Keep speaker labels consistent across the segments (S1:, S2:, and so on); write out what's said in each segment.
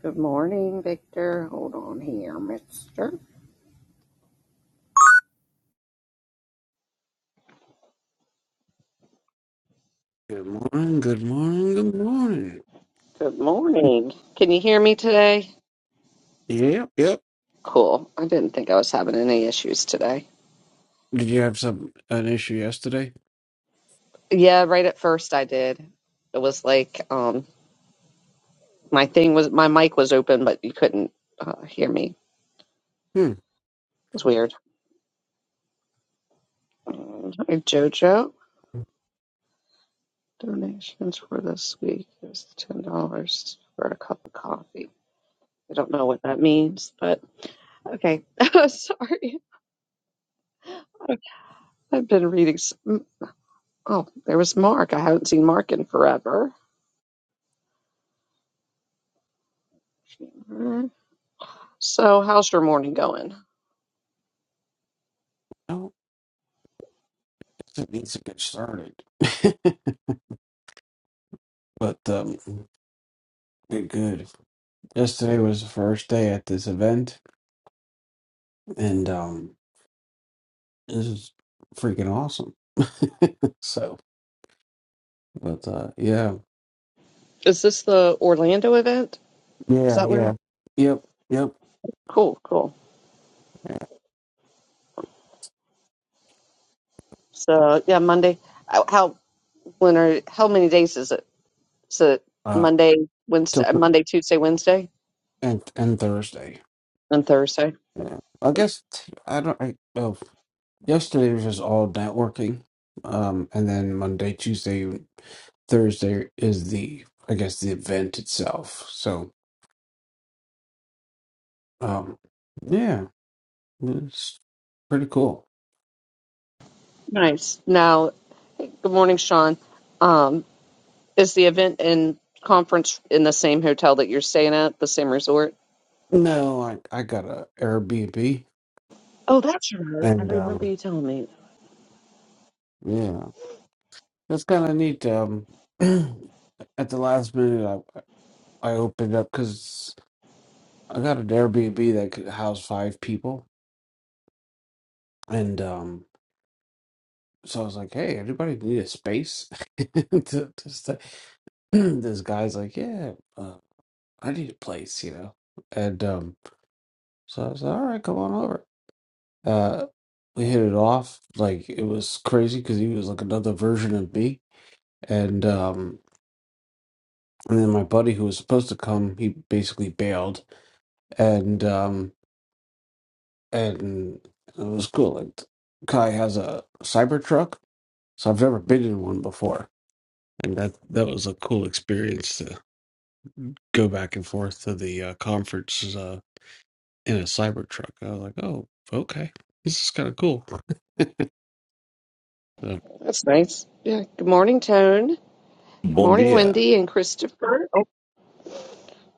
S1: Good morning, Victor. Hold on here, mister.
S2: Good morning, good morning, good morning.
S1: Good morning. Can you hear me today?
S2: Yep, yep.
S1: Cool. I didn't think I was having any issues today.
S2: Did you have some an issue yesterday?
S1: Yeah, right at first I did. It was like um my thing was my mic was open but you couldn't uh, hear me. It
S2: Hmm.
S1: was weird. Um, Hey, Jojo, donations for this week is ten dollars for a cup of coffee. I don't know what that means, but okay. Sorry. I've been reading. Oh, there was Mark. I haven't seen Mark in forever. So, how's your morning going?
S2: No, guess it needs to get started. but um good good. Yesterday was the first day at this event and um this is freaking awesome. so but uh yeah.
S1: Is this the Orlando event? Is
S2: Yeah,
S1: that where?
S2: yeah. Yep, yep.
S1: Cool, cool. So, yeah, Monday. How how- when are how many days is it? Is it
S2: Uh
S1: Monday,
S2: to,
S1: Wednesday, Monday, Tuesday, Wednesday,
S2: and and Thursday.
S1: and Thursday?
S2: Yeah. I guess t- I don't. I, oh, yesterday was just all networking. um, and then Monday, Tuesday, Thursday is the I guess the event itself. So, um, yeah, it's pretty cool.
S1: Nice. Now, good morning, Sean. Um, is the event and conference in the same hotel that you're staying at, the same resort?
S2: No, I I got a Airbnb,
S1: Oh, that's right. I
S2: and
S1: remember
S2: um,
S1: you telling me.
S2: yeah, that's kind of neat. Um, at the last minute, I I opened up because I got an Airbnb that could house five people, and um. so I was like, hey, anybody need a space? to, to stay? this guy's like, yeah, uh, I need a place, you know. And um, so I was like, all right, come on over. Uh, we hit it off. Like it was crazy because he was like another version of me. And um, and then my buddy who was supposed to come, he basically bailed. And um, and it was cool. Like Kai has a cyber truck, so I've never been in one before and that that was a cool experience go back and forth to the uh, conference uh, in a Cybertruck. I was like, oh, okay. This is kind of cool. So,
S1: That's nice. Yeah. Good morning, Tone. Good
S3: Bon
S1: morning,
S3: dia.
S1: Wendy and Christopher. Oh,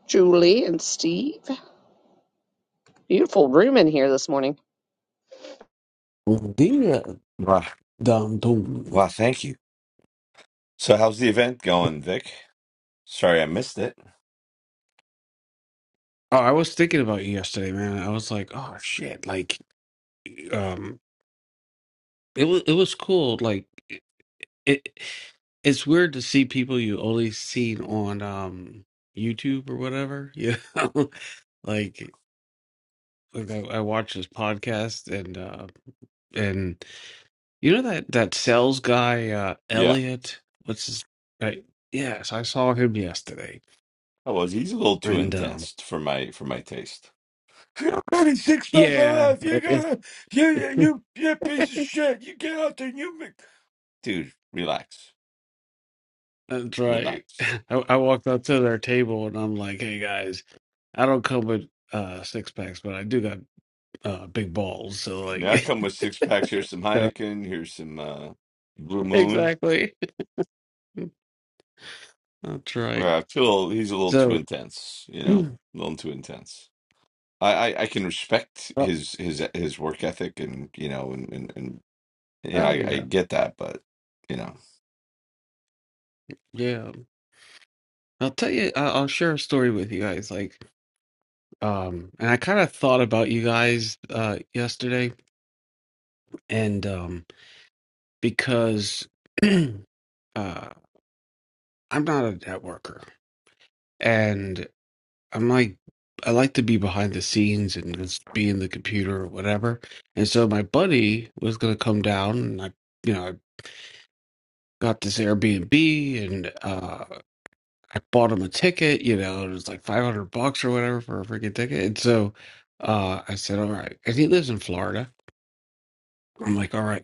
S1: Julie and Steve. Beautiful room in here this morning.
S2: yeah,
S3: Wow.
S2: dum, dum.
S3: Wow, thank you. So, how's the event going, Vic? Sorry, I missed it.
S2: Oh, I was thinking about you yesterday, man. I was like, oh, shit. Like, um, it was, it was cool. Like, it, it, it's weird to see people you only seen on um, YouTube or whatever. You know, like, like I, I watched this podcast and, uh, and You know that that sales guy, uh,
S3: Yeah,
S2: Elliot? What's his? Right. Yes, I saw him yesterday,
S3: I was. He's a little too
S2: and um,
S3: intense for my for my taste. You got a six pack, my
S2: yeah,
S3: life. You got you, you, you, you piece of shit. You get out there and you make. Dude, relax,
S2: that's right.
S3: relax.
S2: I, I walked up to their table, and I'm like, "Hey guys, I don't come with uh six packs, but I do got uh big balls." So
S3: Yeah, I
S2: like,
S3: come with six packs. Here's some
S2: Yeah,
S3: Heineken. Here's some uh, Blue Moon.
S2: exactly. That's right.
S3: Yeah, I feel he's a little too
S2: So,
S3: intense. You know,
S2: oh
S3: a little too intense. I, I I can respect
S2: oh,
S3: his his his work ethic and you know and and, and yeah I, I
S2: yeah,
S3: get that but you know
S2: yeah. I'll tell you. I, I'll share a story with you guys. Like. Um, and I kind of thought about you guys uh, yesterday, and um, because uh, I'm not a networker, and I'm like, I like to be behind the scenes and just be in the computer or whatever. And so my buddy was gonna come down, and I, you know, I got this Airbnb, and uh, I bought him a ticket. You know, it was like 500 bucks or whatever for a freaking ticket. And so uh, I said, all right, and he lives in Florida. I'm like, all right.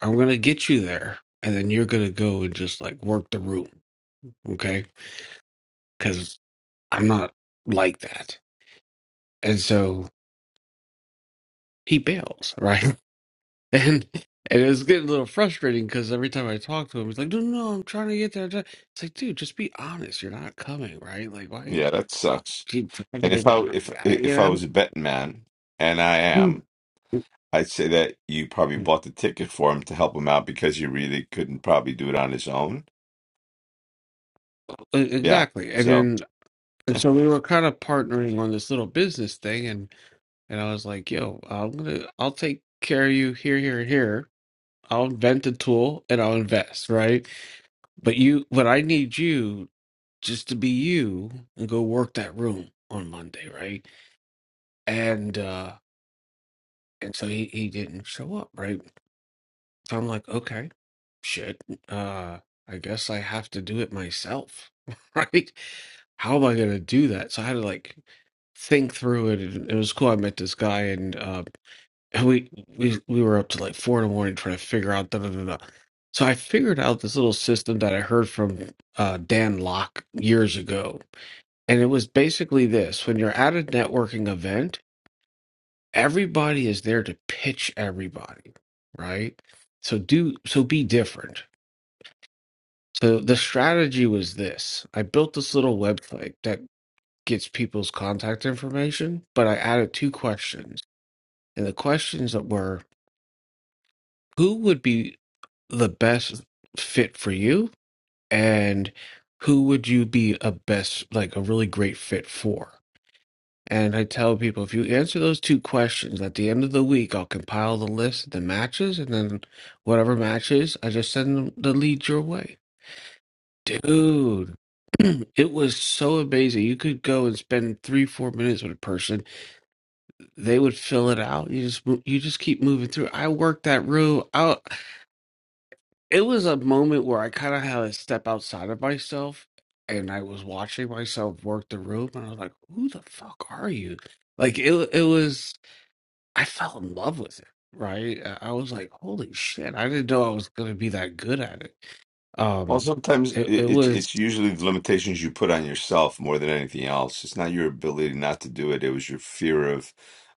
S2: I'm gonna get you there, and then you're gonna go and just like work the room, okay? Because I'm not like that, and so he bails, right? And and it was getting a little frustrating because every time I talk to him, he's like, "No, no, no, I'm trying to get there." I'm trying-" It's like, dude, just be honest. You're not coming, right? Like, why
S3: yeah that sucks
S2: keep dragging
S3: and if
S2: it up?
S3: I if
S2: I- You
S3: if I was a betting man and I
S2: know,
S3: am I'd say that you probably
S2: Mm.
S3: bought the ticket for him to help him out because you really couldn't probably do it on his own
S2: E-
S3: yeah
S2: exactly. And
S3: so.
S2: then and so we were kind of partnering on this little business thing, and and I was like, "Yo, I'm gonna, I'll take." care of you here here and here I'll invent a tool and I'll invest, right? But you, but I need you just to be you and go work that room on Monday, right? And uh and so he he didn't show up, right? So I'm like, okay, shit. Uh I guess I have to do it myself, right? How am I gonna do that? So I had to like think through it. and It was cool. I met this guy in uh and we we we were up to like four in the morning trying to figure out da da da da. So I figured out this little system that I heard from uh, Dan Locke years ago, and it was basically this: when you're at a networking event, everybody is there to pitch everybody, right? So do so be different. So the strategy was this: I built this little website that gets people's contact information, but I added two questions, and the questions that were. Who would be the best fit for you and who would you be a best like a really great fit for and i tell people if you answer those two questions at the end of the week i'll compile the list of the matches and then whatever matches i just send them the lead your way dude it was so amazing you could go and spend three four minutes with a person they would fill it out you just mo- you just keep moving through i worked that room out it was a moment where I kind of had to step outside of myself and I was watching myself work the room and I was like, who the fuck are you? Like it it was I fell in love with it, right? I I was like, holy shit, I didn't know I was gonna be that good at it.
S3: Well,
S2: Um
S3: sometimes
S2: it, it
S3: it- it's
S2: was
S3: it's usually the limitations you put on yourself more than anything else. It's not your ability not to do it. It was your fear of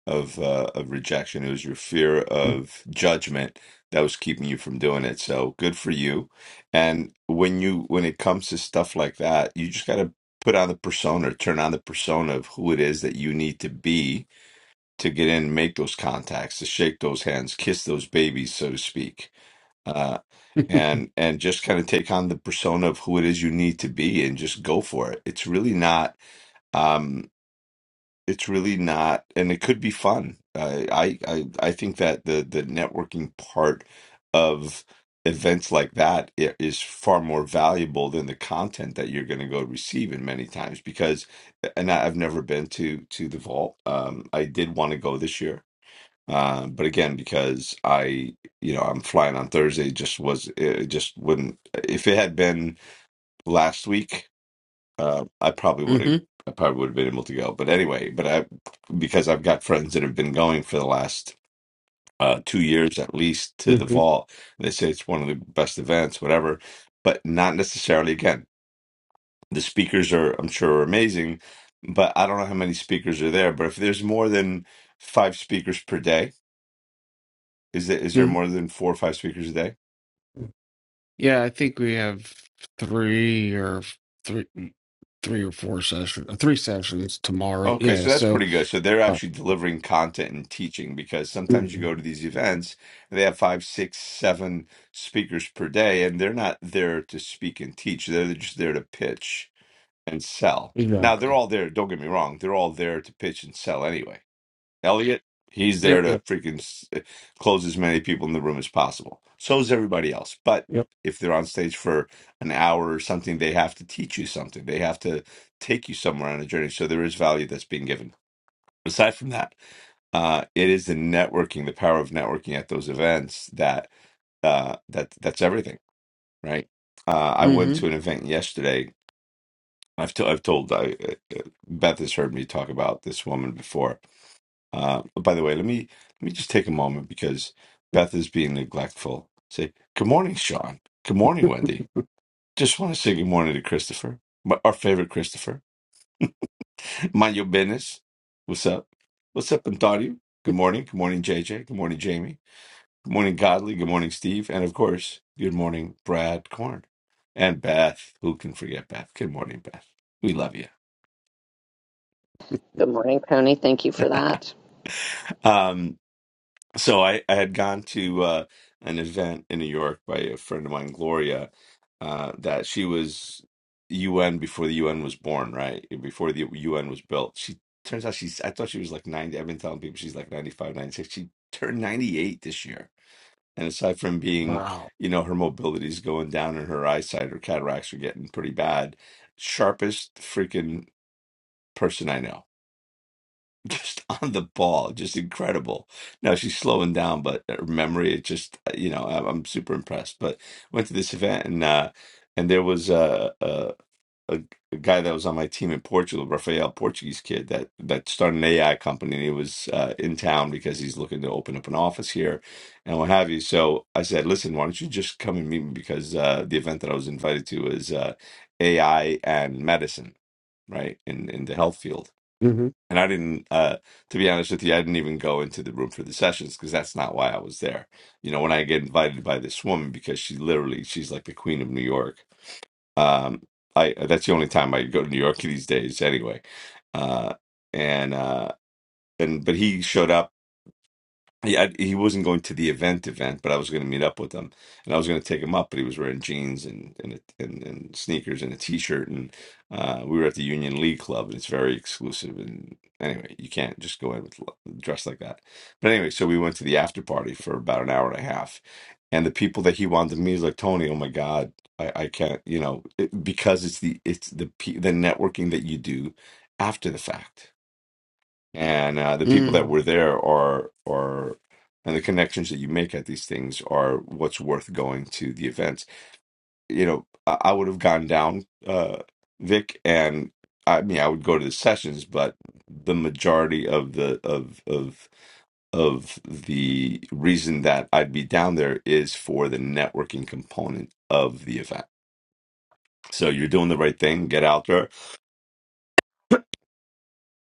S3: of uh, of rejection. It was your fear
S2: hmm
S3: of judgment that was keeping you from doing it. So good for you. And when you when it comes to stuff like that, you just got to put on the persona, turn on the persona of who it is that you need to be to get in, make those contacts, to shake those hands, kiss those babies, so to speak Uh, and and just kind of take on the persona of who it is you need to be and just go for it it's really not um it's really not and it could be fun uh, i i i think that the the networking part of events like that i- is far more valuable than the content that you're going to go receive in many times because and I, i've never been to to the vault um i did want to go this year uh, but again, because I, you know, I'm flying on Thursday, just was it just wouldn't. If it had been last week, uh, I probably would have. I probably would have been able to go. But anyway, but I because I've got friends that have been going for the last uh, two years at least to the
S2: hmm
S3: vault. They say it's one of the best events, whatever. But not necessarily. Again, the speakers are, I'm sure, are amazing. But I don't know how many speakers are there. But if there's more than five speakers per day Is there is there
S2: hmm
S3: more than four or five speakers a day?
S2: yeah, I think we have three or f- three mm, three or four sessions, three sessions tomorrow.
S3: Okay,
S2: Yeah,
S3: so that's
S2: so
S3: pretty good. So they're
S2: uh,
S3: actually delivering content and teaching because sometimes you go to
S2: Mhm.
S3: these events and they have five, six, seven speakers per day, and they're not there to speak and teach. They're just there to pitch and sell. Now
S2: exactly.
S3: they're all there. Don't get me wrong; they're all there to pitch and sell anyway. Elliot, he's
S2: Yep,
S3: there to
S2: yep,
S3: freaking s- close as many people in the room as possible. So is everybody else. But
S2: yep.
S3: if they're on stage for an hour or something, they have to teach you something. They have to take you somewhere on a journey. So there is value that's being given. Aside from that, uh, it is the networking, the power of networking at those events that uh, that that's everything, right? Uh, I went
S2: Mm-hmm.
S3: to an event yesterday. I've to, I've told I, uh, uh, Beth has heard me talk about this woman before uh, by the way, let me let me just take a moment because Beth is being neglectful. Say good morning, Sean. Good morning, Wendy. Just want to say good morning to Christopher, my, our favorite Christopher. Mind your business. What's up? What's up, Antonio? Good morning. Good morning, JJ. Good morning, Jamie. Good morning, Godly. Good morning, Steve. And of course, good morning, Brad Korn. And Beth. Who can forget Beth? Good morning, Beth. We love you.
S1: Good morning, Tony. Thank you for that.
S3: Um, so I, I had gone to uh, an event in New York by a friend of mine, Gloria, uh, that she was UN before the UN was born, right? Eh, Before the UN was built. She turns out she's, I thought she was like 90. I've been telling people she's like 95, 96. She turned 98 this year. And aside from being,
S2: Wow.
S3: you know, her mobility's going down and her eyesight, her cataracts are getting pretty bad. Sharpest freaking person I know just on the ball, just incredible. Now she's slowing down, but her memory, it just uh, you know, I'm, I'm super impressed. But went to this event and uh, and there was a, a a a guy that was on my team in Portugal, Rafael, Portuguese kid that that started an AI company, and he was uh, in town because he's looking to open up an office here and what have you. So I said, listen, why don't you just come and meet me because uh, the event that I was invited to is uh, AI and medicine, right, in in the health field
S2: hmm
S3: and I didn't, uh, to be honest with you, I didn't even go into the room for the sessions because that's not why I was there. You know, when I get invited by this woman because she literally, she's like the queen of New York. Um, I that's the only time I go to New York these days, anyway. Uh, and uh, and but he showed up he I, he wasn't going to the event event, but I was going to meet up with him, and I was going to take him up. But he was wearing jeans and and a- and, and sneakers and a t shirt, and uh, we were at the Union League Club, and it's very exclusive. And anyway, you can't just go in with l- dressed like that. But anyway, so we went to the after party for about an hour and a half, and the people that he wanted to meet is like Tony. Oh my God, I, I can't, you know, it, because it's the it's the pe- the networking that you do after the fact and uh, the people that
S2: Mm.
S3: were there are are and the connections that you make at these things are what's worth going to the events you know i, I would have gone down uh vic and i mean i would go to the sessions but the majority of the of of of the reason that i'd be down there is for the networking component of the event so you're doing the right thing get out there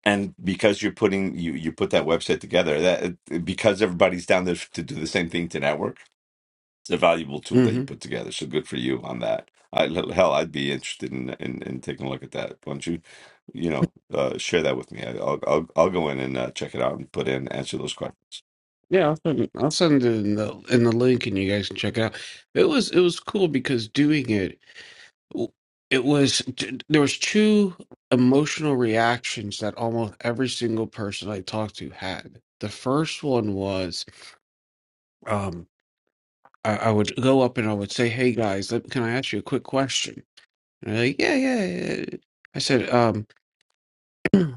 S3: and because you're putting you you put that website together that because everybody's down there to do the same thing to network it's a valuable tool that you
S2: Mm-hmm.
S3: put together so good for you on that I, hell i'd be interested in, in in taking a look at that why don't you you know uh share that with me I, i'll i'll, I'll go in and uh, check it out and put in answer those questions
S2: Yeah, I'll send, I'll send it in the in the link, and you guys can check it out. It was it was cool because doing it, it was there was two emotional reactions that almost every single person I talked to had. The first one was, um, I, I would go up and I would say, "Hey guys, let, can I ask you a quick question?" And they're like, "Yeah, yeah, yeah." yeah." I said, um.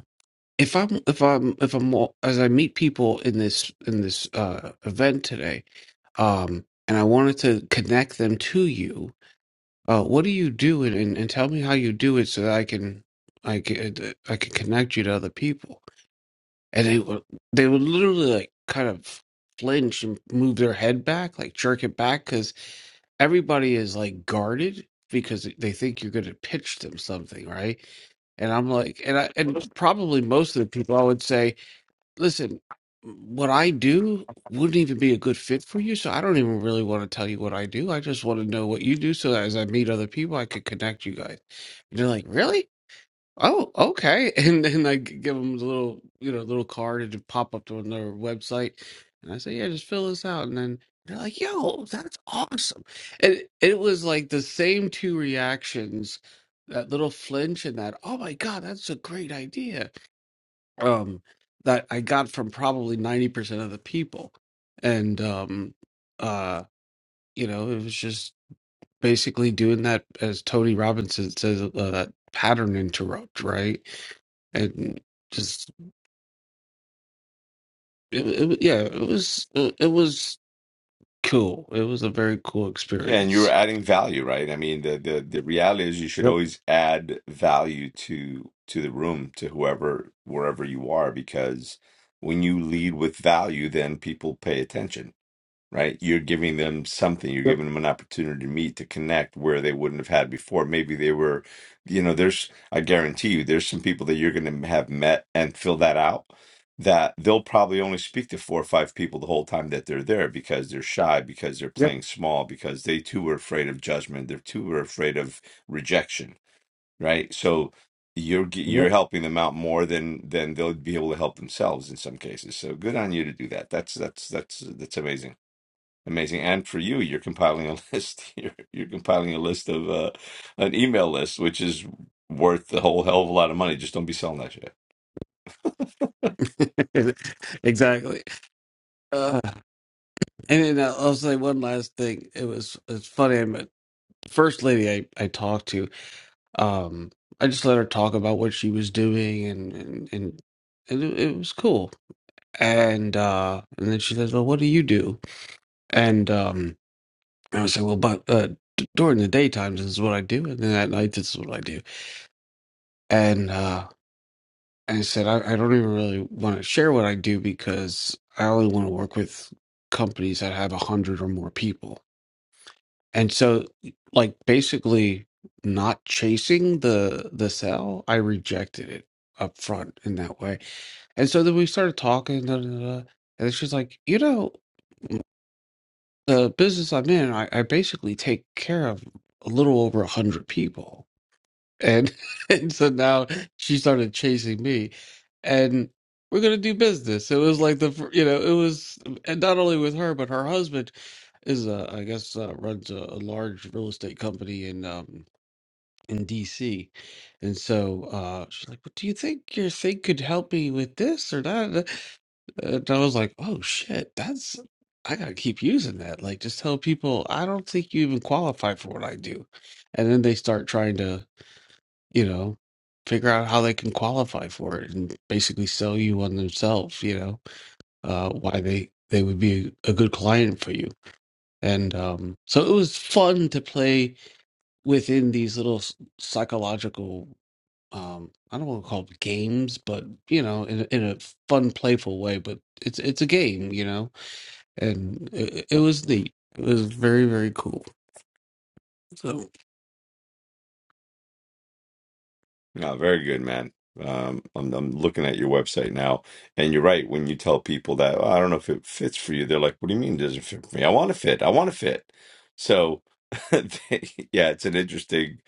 S2: if I'm if I'm if I'm wa- as I meet people in this in this uh, event today, um, and I wanted to connect them to you, uh, what do you do and, and and tell me how you do it so that I can I can I can connect you to other people, and they would they would literally like kind of flinch and move their head back, like jerk it back, because everybody is like guarded because they think you're going to pitch them something, right? And I'm like, and I and probably most of the people I would say listen, what I do wouldn't even be a good fit for you. So I don't even really want to tell you what I do. I just want to know what you do so that as I meet other people, I could connect you guys. And they're like, really? Oh, okay. And then I g- give them the little, you know, little card and it pop up to another website. And I say, yeah, just fill this out. And then they're like, yo, that's awesome. And it was like the same two reactions, that little flinch and that, oh my God, that's a great idea um, that I got from probably 90% of the people. And, um, uh, you know, it was just basically doing that, as Tony Robinson says, uh, that pattern interrupt, right? And just, it, it, yeah, it was, it, it was cool. It was a very cool
S3: Yeah, and you're
S2: experience.
S3: adding value, right? I mean, the the the reality is you should
S2: Yep,
S3: always add value to to the room, to whoever, wherever you are, because when you lead with value, then people pay attention right? You're giving them something. You're
S2: yep,
S3: giving them an opportunity to meet, to connect where they wouldn't have had before. Maybe they were, you know, there's, I guarantee you, there's some people that you're going to have met and fill that out that they'll probably only speak to four or five people the whole time that they're there because they're shy, because they're
S2: yep,
S3: playing small, because they too are afraid of judgment. They're too are afraid of rejection, right? So, you're g-
S2: yep.
S3: you're helping them out more than than they'll be able to help themselves in some cases. So good on you to do that. That's that's that's that's amazing. Amazing. And for you, you're compiling a list. You're, you're compiling a list of uh, an email list, which is worth a whole hell of a lot of money. Just don't be selling that shit.
S2: exactly. Uh, and then I'll say one last thing. It was, it's funny. I'm, a- first lady I, I talked to Um, I just let her talk about what she was doing, and and and it, it was cool. And uh, and then she says, "Well, what do you do?" And um, I was like, "Well, but uh, d- during the daytime, this is what I do, and then at night, this is what I do." And uh, and I said, I, "I don't even really want to share what I do because I only want to work with companies that have a hundred or more people." and so like basically not chasing the the cell i rejected it up front in that way and so then we started talking da, da, da, da. and she's like you know the business i'm in i, I basically take care of a little over a hundred people and and so now she started chasing me and we're gonna do business it was like the fir- you know it was and not only with her but her husband is a I guess uh, runs a, a large real estate company in um in dc and so uh she's like well, do you think your thing could help me with this or that and i was like oh shit that's i gotta keep using that like just tell people i don't think you even qualify for what i do and then they start trying to you know, figure out how they can qualify for it and basically sell you on themselves, you know, uh, why they, they would be a good client for you. And um, so it was fun to play within these little s- psychological, um, I don't want to call it games, but you know, in, a- in a fun, playful way. But it's it's a game, you know, and it, it was neat. It was very very cool. So
S3: No, very good, man. Um, I'm, I'm looking at your website now, and you're right. When you tell people that, "Oh, I don't know if it fits for you, they're like, what do you mean it doesn't fit for me? I want to fit. I want to fit. So, they, yeah, it's an interesting,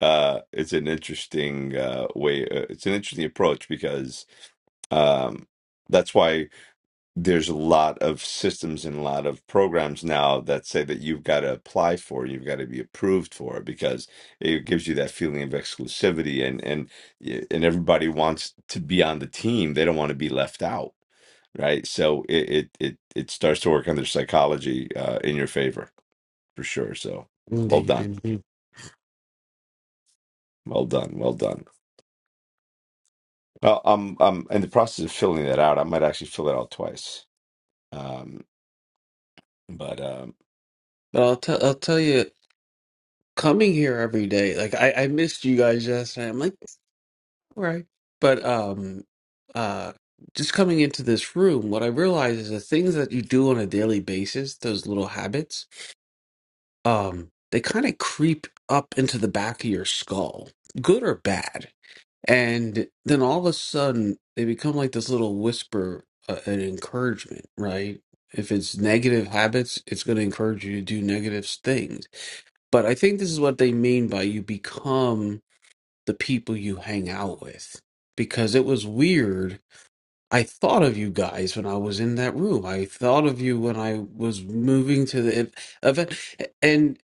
S3: uh, it's an interesting uh, way. Uh, it's an interesting approach because um, that's why. there's a lot of systems and a lot of programs now that say that you've got to apply for, you've got to be approved for because it gives you that feeling of exclusivity and and yeah, and everybody wants to be on the team. They don't want to be left out, right? So it it it, it starts to work on their psychology uh, in your favor for sure. So well
S2: indeed,
S3: done,
S2: indeed.
S3: well done, well done. Well, I'm I'm in the process of filling that out. I might actually fill it out twice. Um, but um,
S2: But I'll tell I'll tell you. coming here every day like i i missed you guys yesterday i'm like all right but um uh just coming into this room what i realize is the things that you do on a daily basis those little habits um they kind of creep up into the back of your skull good or bad and then all of a sudden, they become like this little whisper, uh, an encouragement, right? If it's negative habits, it's going to encourage you to do negative things. But I think this is what they mean by you become the people you hang out with. Because it was weird I thought of you guys when I was in that room. I thought of you when I was moving to the ev- event, and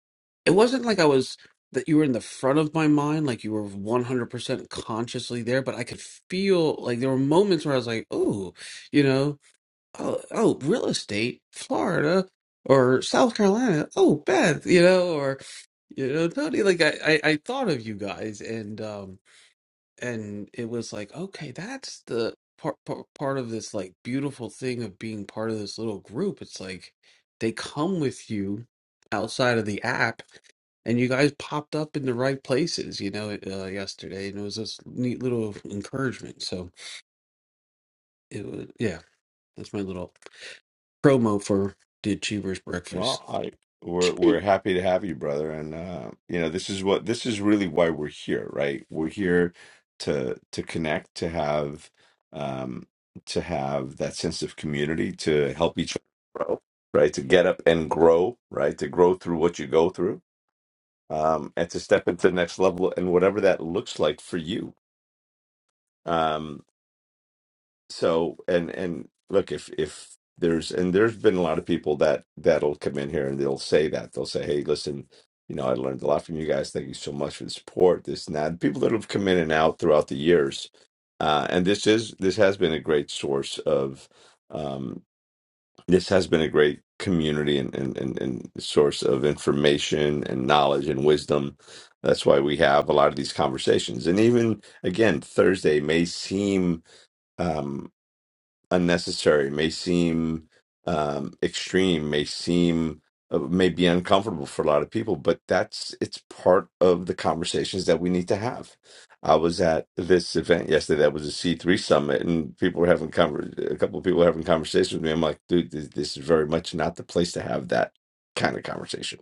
S2: it wasn't like I was that you were in the front of my mind, like you were 100% consciously there, but I could feel like there were moments where I was like, "Oh, you know, oh, oh real estate, Florida or South Carolina. Oh, Beth, you know, or you know, Tony, like I I, I thought of you guys and um and it was like okay that's the part, part part of this like beautiful thing of being part of this little group it's like they come with you outside of the app and you guys popped up in the right places you know uh, yesterday and it was this neat little encouragement so it was yeah that's my little promo for the achievers breakfast
S3: Well, I we're
S2: Achievers
S3: we're happy to have you, brother. And uh, you know, this is what this is really why we're here, right? We're here to to connect, to have um to have that sense of community, to help each other grow, right? To get up and grow, right? To grow through what you go through, um, and to step into the next level and whatever that looks like for you. Um, so and and look if if there's and there's been a lot of people that that'll come in here and they'll say that they'll say hey listen you know i learned a lot from you guys thank you so much for the support this and that people that have come in and out throughout the years uh and this is this has been a great source of um this has been a great community and and and, and source of information and knowledge and wisdom that's why we have a lot of these conversations and even again thursday may seem Um, unnecessary, may seem um, extreme, may seem uh, may be uncomfortable for a lot of people, but that's it's part of the conversations that we need to have. I was at this event yesterday that was a C three summit, and people were having conver- a couple of people were having conversations with me. I'm like, dude, this, this is very much not the place to have that kind of conversation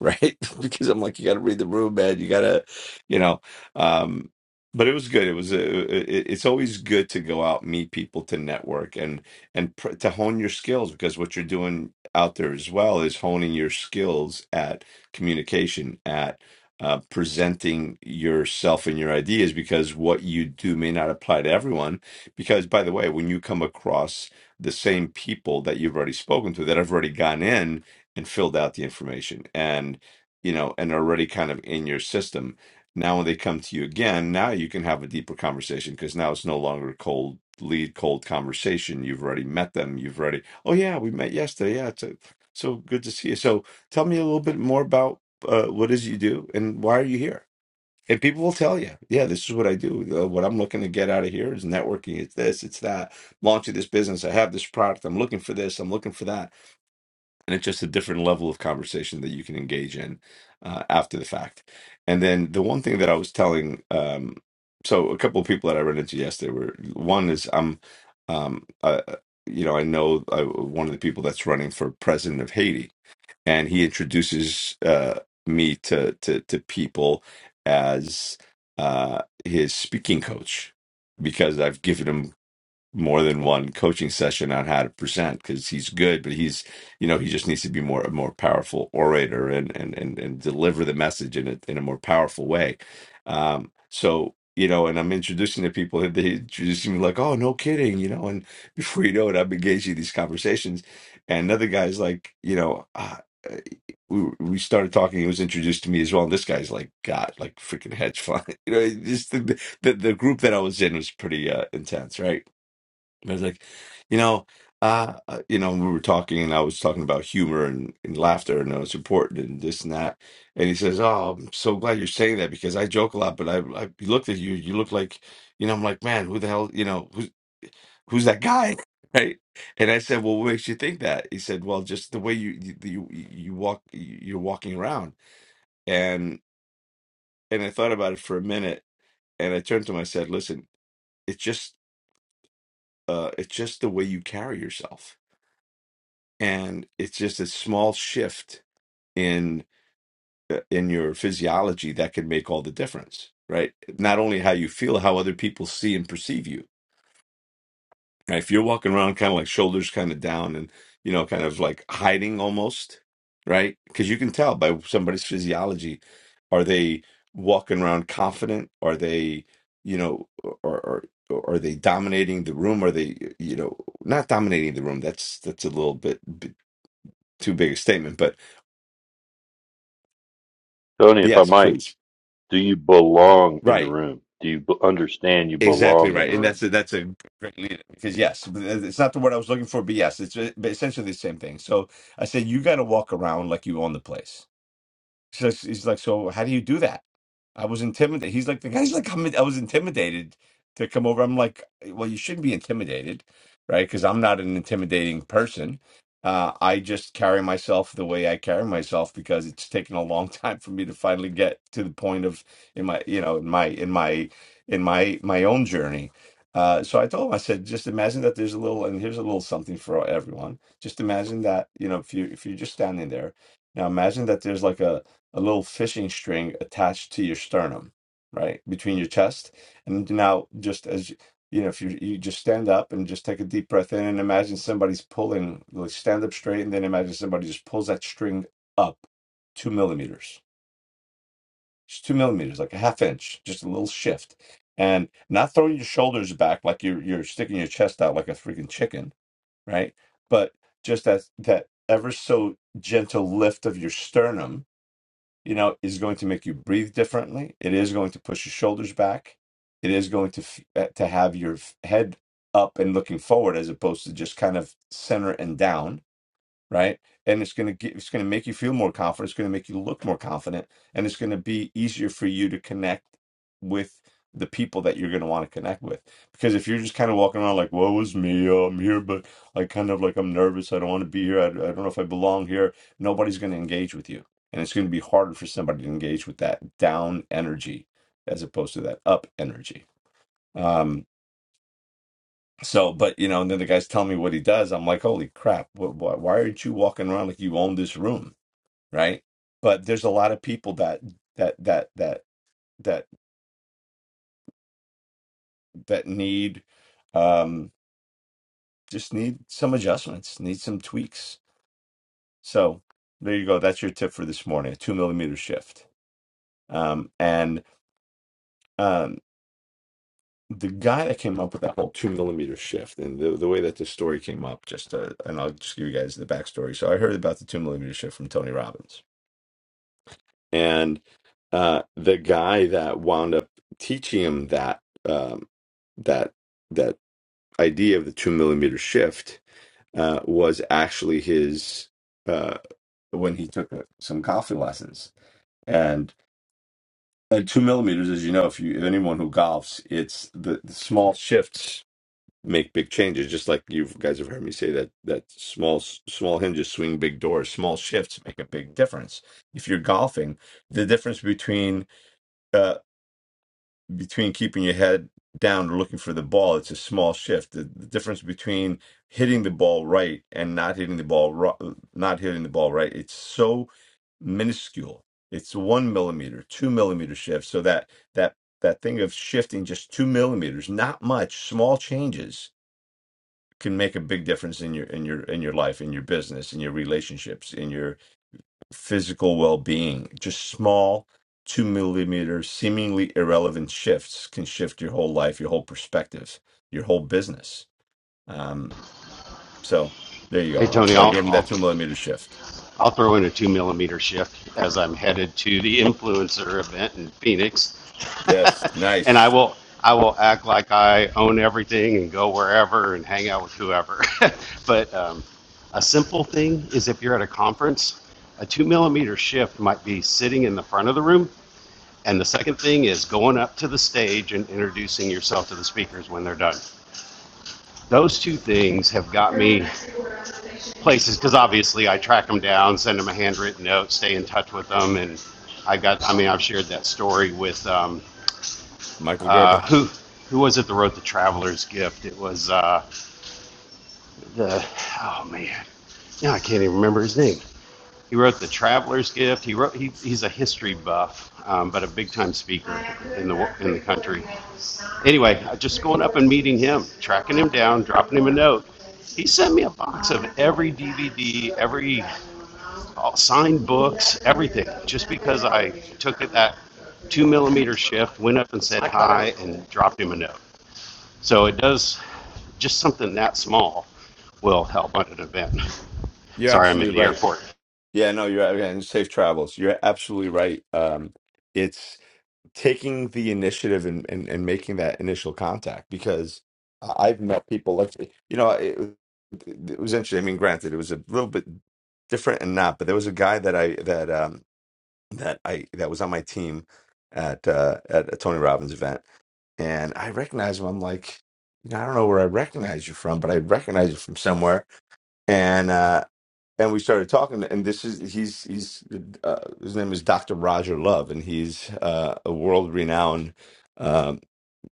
S3: right? because I'm like, you got to read the room, man. You got to, you know. Um, but it was good. It was. A, it, it's always good to go out, meet people, to network, and and pr- to hone your skills because what you're doing out there as well is honing your skills at communication, at uh, presenting yourself and your ideas because what you do may not apply to everyone. Because by the way, when you come across the same people that you've already spoken to that have already gone in, and filled out the information and you know and already kind of in your system now when they come to you again now you can have a deeper conversation because now it's no longer a cold lead cold conversation you've already met them you've already oh yeah we met yesterday yeah it's a, so good to see you so tell me a little bit more about uh, what is you do and why are you here and people will tell you yeah this is what i do uh, what i'm looking to get out of here is networking it's this it's that launching this business i have this product i'm looking for this i'm looking for that and it's just a different level of conversation that you can engage in uh, after the fact. And then the one thing that I was telling, um, so a couple of people that I ran into yesterday were one is I'm, um, uh, you know, I know I, one of the people that's running for president of Haiti, and he introduces uh, me to to to people as uh, his speaking coach because I've given him more than one coaching session on how to present because he's good, but he's you know he just needs to be more a more powerful orator and and and, and deliver the message in a in a more powerful way. Um, so you know, and I'm introducing to people and they introducing me like, oh no kidding, you know, and before you know it, I'm engaging in these conversations, and another guy's like, you know. "Ah, Uh, we we started talking. He was introduced to me as well. And this guy's like, God, like freaking hedge fund. You know, just the, the the group that I was in was pretty uh, intense, right? I was like, you know, uh, uh, you know, we were talking, and I was talking about humor and, and laughter, and how it's important, and this and that. And he says, "Oh, I'm so glad you're saying that because I joke a lot, but I, I he looked at you. You look like, you know, I'm like, man, who the hell, you know, who's who's that guy, right?" And I said, "Well, what makes you think that?" He said, "Well, just the way you you you, you walk, you're walking around." And and I thought about it for a minute, and I turned to him. I said, "Listen, it's just, uh, it's just the way you carry yourself." and it's just a small shift in uh, in your physiology that can make all the difference right not only how you feel how other people see and perceive you Right? if you're walking around kind of like shoulders kind of down and you know kind of like hiding almost right because you can tell by somebody's physiology are they walking around confident are they you know or or or are they dominating the room are they you know not dominating the room that's that's a little bit b- too big a statement but
S4: Tony, if I
S3: Yes,
S4: might,
S3: please.
S4: do you belong in the
S3: Right.
S4: room? Do you b- understand you
S3: Exactly
S4: belong in
S3: right.
S4: the
S3: And
S4: room?
S3: that's a, that's a great lead because yes, it's not the word I was looking for, but yes, it's uh, but essentially the same thing. So I said you got to walk around like you own the place. She's like, he's like, so how do you do that? I was intimidated. He's like, the guy's like, I'm, I was intimidated to come over. I'm like, "Eh, well, you shouldn't be intimidated, right? Because I'm not an intimidating person. Uh, I just carry myself the way I carry myself because it's taken a long time for me to finally get to the point of in my, you know, in my, in my, in my, my own journey. Uh, so I told him, I said, just imagine that there's a little, and here's a little something for everyone. Just imagine that, you know, if you if you're just standing there, now imagine that there's like a, a little fishing string attached to your sternum, right between your chest. And now, just as you you know, if you you just stand up and just take a deep breath in, and imagine somebody's pulling, like stand up straight, and then imagine somebody just pulls that string up two millimeters, just two millimeters, like a half inch, just a little shift, and not throwing your shoulders back like you're you're sticking your chest out like a freaking chicken, right? But just that that ever so gentle lift of your sternum you know, is going to make you breathe differently. It is going to push your shoulders back. It is going to f- uh, to have your f- head up and looking forward as opposed to just kind of center and down right? And it's going to get, it's going to make you feel more confident. It's going to make you look more confident, and it's going to be easier for you to connect with the people that you're going to want to connect with. Because if you're just kind of walking around like, "Woe is me, I'm here," but like kind of like I'm nervous, I don't want to be here, I, I don't know if I belong here. Nobody's going to engage with you, and it's going to be harder for somebody to engage with that down energy as opposed to that up energy. Um, so, but you know, and then the guy's telling me what he does. I'm like, holy crap! Wh- wh- why aren't you walking around like you own this room? right but there's a lot of people that that that that that that need um just need some adjustments need some tweaks so there you go that's your tip for this morning a two millimeter shift um and um the guy that came up with that whole two millimeter shift and the, the way that the story came up just uh, and i'll just give you guys the backstory so i heard about the two millimeter shift from tony robbins and uh, the guy that wound up teaching him that um, that that idea of the two millimeter shift uh, was actually his uh, when he took a, some golfing lessons and. uh two millimeters, as you know, if you if anyone who golfs, it's the, the small shifts make big changes. Just like you guys have heard me say that that small small hinges swing big doors. Small shifts make a big difference. If you're golfing, the difference between uh, between keeping your head down or looking for the ball. It's a small shift. The, the difference between hitting the ball right and not hitting the ball ro- not hitting the ball right. It's so minuscule. It's one millimeter, two millimeter shift. So that that that thing of shifting just two millimeters, not much, small changes can make a big difference in your in your in your life, in your business, in your relationships, in your physical well being. Just small, two millimeter, seemingly irrelevant shifts can shift your whole life, your whole perspective, your whole business. Um, so there you
S5: Hey,
S3: go.
S5: Tony,
S3: So I
S5: I'll,
S3: gave him
S5: I'll,
S3: that two millimeter shift.
S5: I'll throw in a two millimeter shift as I'm headed to the influencer event in Phoenix.
S3: Yes,
S5: and I
S3: nice,
S5: will, I will act like I own everything and go wherever and hang out with whoever. but um, a simple thing is if you're at a conference, a two millimeter shift might be sitting in the front of the room. And the second thing is going up to the stage and introducing yourself to the speakers when they're done those two things have got me places because obviously I track them down, send them a handwritten note, stay in touch with them, and I got. I mean, I've shared that story with um,
S3: Michael
S5: uh,
S3: Gerber.
S5: who who was it that wrote the Traveler's Gift? It was uh, the oh man, yeah, I can't even remember his name. He wrote The Traveler's Gift. He wrote he, he's a history buff, um, but a big time speaker in the in the country. Anyway, just going up and meeting him, tracking him down, dropping him a note. He sent me a box of every DVD, every all signed books, everything, just because I took it that two millimeter shift, went up and said hi, and dropped him a note. So it does just something that small will help at an event.
S3: You're
S5: Sorry, I'm in
S3: absolutely
S5: the
S3: right.
S5: airport.
S3: Yeah, no, you're yeah, and safe travels. You're absolutely right. Um, it's taking the initiative and, and, and making that initial contact because I- I've met people like you know it, it was interesting. I mean, granted, it was a little bit different and not, but there was a guy that I that um that I that was on my team at uh at a Tony Robbins event, and I recognized him. I'm like, you know, I don't know where I recognize you from, but I recognize you from somewhere. And uh, and we started talking and this is he's he's uh, his name is dr roger love and he's uh, a world renowned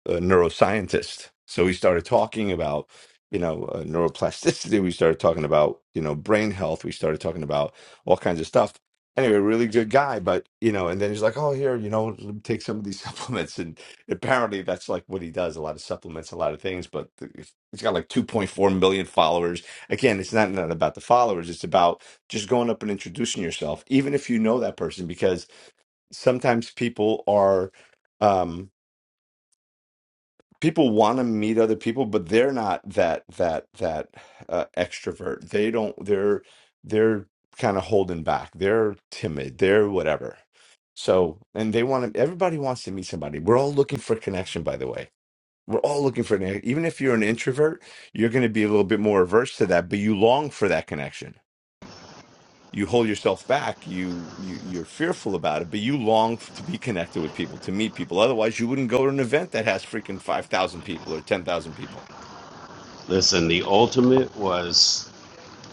S3: a neuroscientist. So we started talking about, you know, uh, neuroplasticity. We started talking about, you know, brain health. We started talking about all kinds of stuff. Anyway, really good guy, but you know, and then he's like, "Oh, here, you know, let me take some of these supplements." And apparently, that's like what he does—a lot of supplements, a lot of things. But he's got like 2.4 million followers. Again, it's not not about the followers; it's about just going up and introducing yourself, even if you know that person, because sometimes people are. Um, people want to meet other people but they're not that that that uh, extrovert they don't they're they're kind of holding back they're timid they're whatever so and they want to everybody wants to meet somebody we're all looking for connection by the way we're all looking for an even if you're an introvert you're going to be a little bit more averse to that but you long for that connection you hold yourself back you, you you're fearful about it but you long f- to be connected with people to meet people otherwise you wouldn't go to an event that has freaking 5000 people or 10000 people
S5: Listen, the ultimate was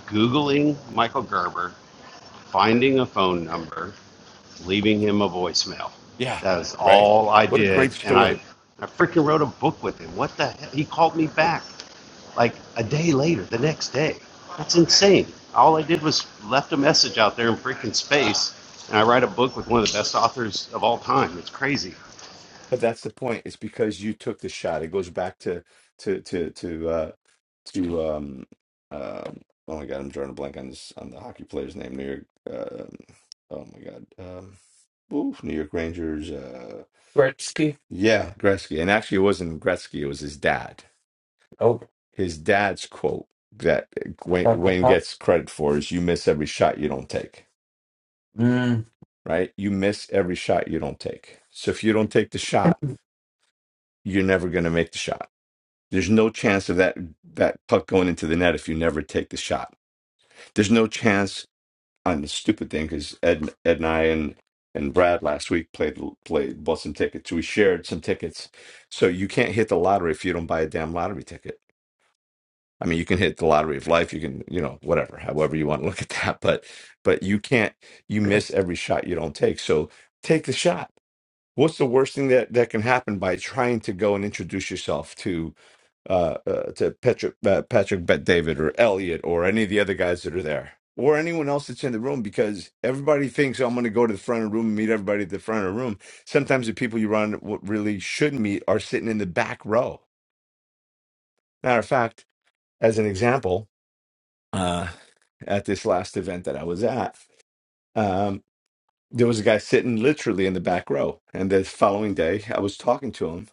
S5: Googling Michael Gerber, finding a phone number, leaving him a voicemail.
S3: yeah
S5: That was
S3: right
S5: all I
S3: what a
S5: did.
S3: great
S5: And I,
S3: story
S5: I freaking wrote a book with him. What the hell? He called me back like a day later, the next day. That's insane. All I did was left a message out there in freaking space. And I write a book with one of the best authors of all time. It's crazy.
S3: but that's the point it's because you took the shot it goes back to to to to uh to um um oh my god i'm drawing a blank on this on the hockey player's name new york um oh my god um oof, new york rangers uh
S2: breakfast
S3: yeah, Gretzky. And actually, it wasn't Gretzky, it was his dad
S2: oh
S3: his dad's quote that Wayne,
S2: pop, pop,
S3: Wayne
S2: pop.
S3: gets credit for is you miss every shot you don't take,
S2: mm.
S3: right? You miss every shot you don't take. So if you don't take the shot, you're never going to make the shot. There's no chance of that that puck going into the net if you never take the shot. There's no chance on the stupid thing because Ed, Ed and I and and Brad last week played played bought some tickets. We shared some tickets, so you can't hit the lottery if you don't buy a damn lottery ticket I mean, you can hit the lottery of life. You can, you know, whatever, however you want to look at that. But, but you can't, you miss every shot you don't take. So take the shot. What's the worst thing that, that can happen by trying to go and introduce yourself to uh, uh to Patrick uh, Patrick Bet David or Elliot or any of the other guys that are there or anyone else that's in the room because everybody thinks oh, I'm going to go to the front of the room and meet everybody at the front of the room. Sometimes the people you run what really should meet are sitting in the back row. Matter of fact, as an example, uh, at this last event that I was at, um, there was a guy sitting literally in the back row. And the following day, I was talking to him,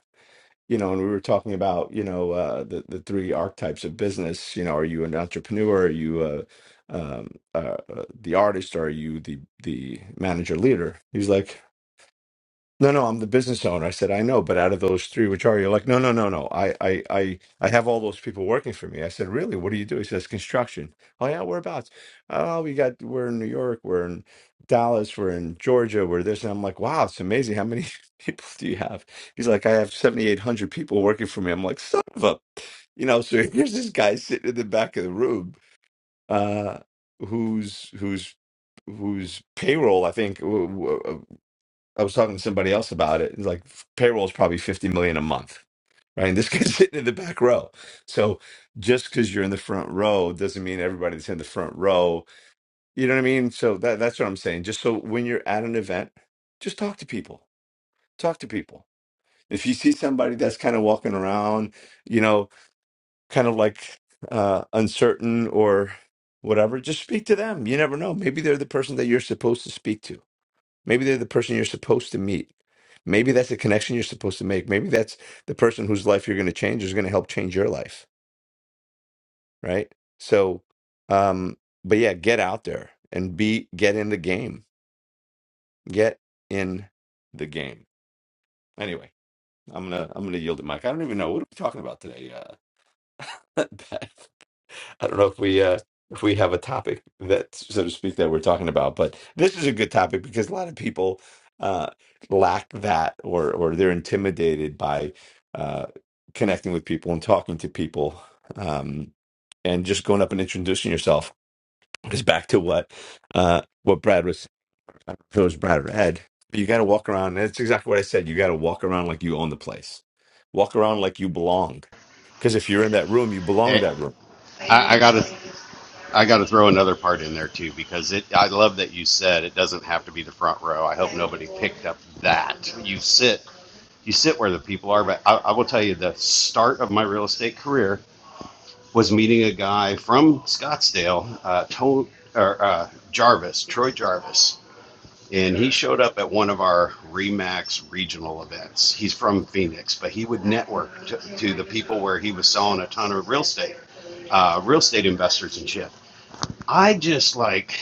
S3: you know, and we were talking about, you know, uh, the the three archetypes of business. You know, are you an entrepreneur? Are you uh, um, uh, uh, the artist? Are you the the manager leader? He's like, no, no, I'm the business owner. I said, I know, but out of those three, which are you? Like, no, no, no, no. I, I, I, I have all those people working for me. I said, really? What do you do? He says, construction. Oh yeah, whereabouts? Oh, we got, we're in New York, we're in Dallas, we're in Georgia, we're this. And I'm like, wow, it's amazing. How many people do you have? He's like, I have 7,800 people working for me. I'm like, son of a, you know. So here's this guy sitting in the back of the room, uh, who's who's whose payroll I think I was talking to somebody else about it. It's like payroll is probably 50 million a month, right? And this guy's sitting in the back row. So just because you're in the front row doesn't mean everybody that's in the front row, you know what I mean? So that, that's what I'm saying. Just so when you're at an event, just talk to people, talk to people. If you see somebody that's kind of walking around, you know, kind of like uh, uncertain or whatever, just speak to them. You never know. Maybe they're the person that you're supposed to speak to Maybe they're the person you're supposed to meet. Maybe that's the connection you're supposed to make. Maybe that's the person whose life you're going to change is going to help change your life, right? So, um, but yeah, get out there and be get in the game. Get in the game. Anyway, I'm gonna I'm gonna yield the mic. I don't even know what are we talking about today. Uh, I don't know if we uh, if we have a topic that, so to speak, that we're talking about, but this is a good topic because a lot of people uh, lack that, or or they're intimidated by uh, connecting with people and talking to people, um, and just going up and introducing yourself. Because back to what uh, what Brad was, I don't know if it was Brad or Ed, but you got to walk around. And it's exactly what I said. You got to walk around like you own the place. Walk around like you belong. Because if you're in that room, you belong in
S5: Hey,
S3: that room
S5: I, I got to. I got to throw another part in there too because it. I love that you said it doesn't have to be the front row. I hope nobody picked up that you sit you sit where the people are. But I, I will tell you, the start of my real estate career was meeting a guy from Scottsdale, uh, to, or, uh, Jarvis, Troy Jarvis, and he showed up at one of our Remax regional events. He's from Phoenix, but he would network to, to the people where he was selling a ton of real estate uh, real estate investors and shit. I just like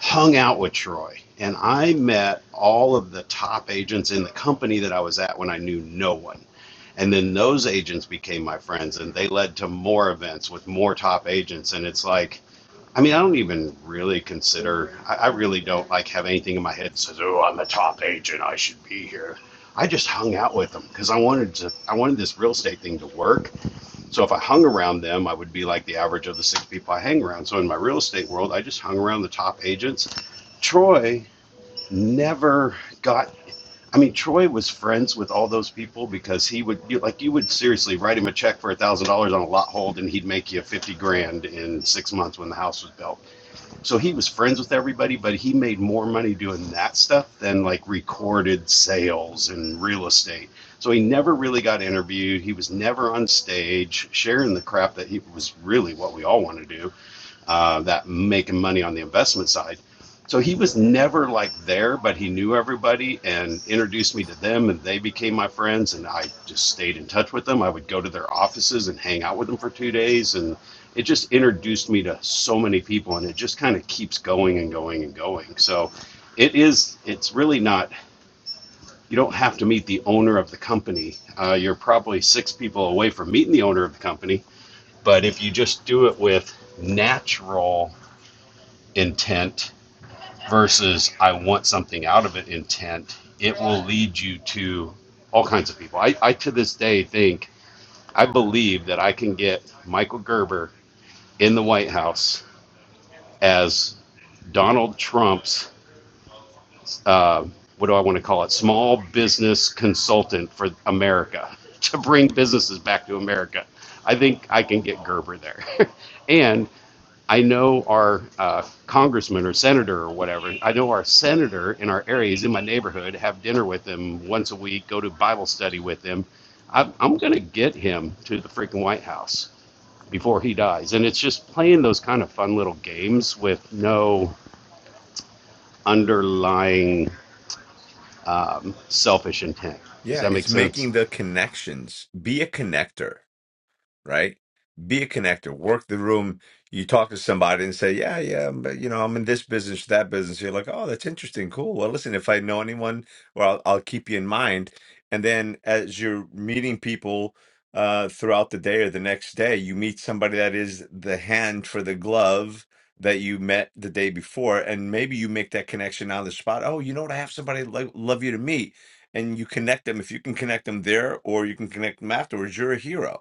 S5: hung out with Troy and I met all of the top agents in the company that I was at when I knew no one. And then those agents became my friends and they led to more events with more top agents. And it's like, I mean, I don't even really consider, I, I really don't like have anything in my head that says, oh, I'm a top agent. I should be here. I just hung out with them because I wanted to, I wanted this real estate thing to work so if I hung around them, I would be like the average of the six people I hang around. So in my real estate world, I just hung around the top agents. Troy never got. I mean, Troy was friends with all those people because he would, you, like, you would seriously write him a check for a thousand dollars on a lot hold, and he'd make you fifty grand in six months when the house was built so he was friends with everybody, but he made more money doing that stuff than like recorded sales and real estate. So he never really got interviewed. He was never on stage sharing the crap that he was really what we all want to do uh, that making money on the investment side. So he was never like there, but he knew everybody and introduced me to them, and they became my friends. And I just stayed in touch with them. I would go to their offices and hang out with them for two days, and it just introduced me to so many people, and it just kind of keeps going and going and going. So it is, it's really not. You don't have to meet the owner of the company. Uh, you're probably six people away from meeting the owner of the company. But if you just do it with natural intent versus I want something out of it intent, it will lead you to all kinds of people. I, I to this day think I believe that I can get Michael Gerber in the White House as Donald Trump's uh, what do I want to call it? Small business consultant for America to bring businesses back to America. I think I can get Gerber there, and I know our uh, congressman or senator or whatever. I know our senator in our area is in my neighborhood. Have dinner with him once a week. Go to Bible study with him. I, I'm gonna get him to the freaking White House before he dies. And it's just playing those kind of fun little games with no underlying selfish intent. Does
S3: Yeah,
S5: that make
S3: it's
S5: sense?
S3: making the connections. Be a connector. right? Be a connector, work the room. You talk to somebody and say, Yeah, yeah, but you know, I'm in this business, that business. You're like, Oh, that's interesting, cool. Well, listen, if I know anyone, well, I'll, I'll keep you in mind. And then as you're meeting people uh, throughout the day or the next day, you meet somebody that is the hand for the glove that you met the day before. And maybe you make that connection on the spot. Oh, you know what? I have somebody lo- love you to meet. And you connect them. If you can connect them there or you can connect them afterwards, you're a hero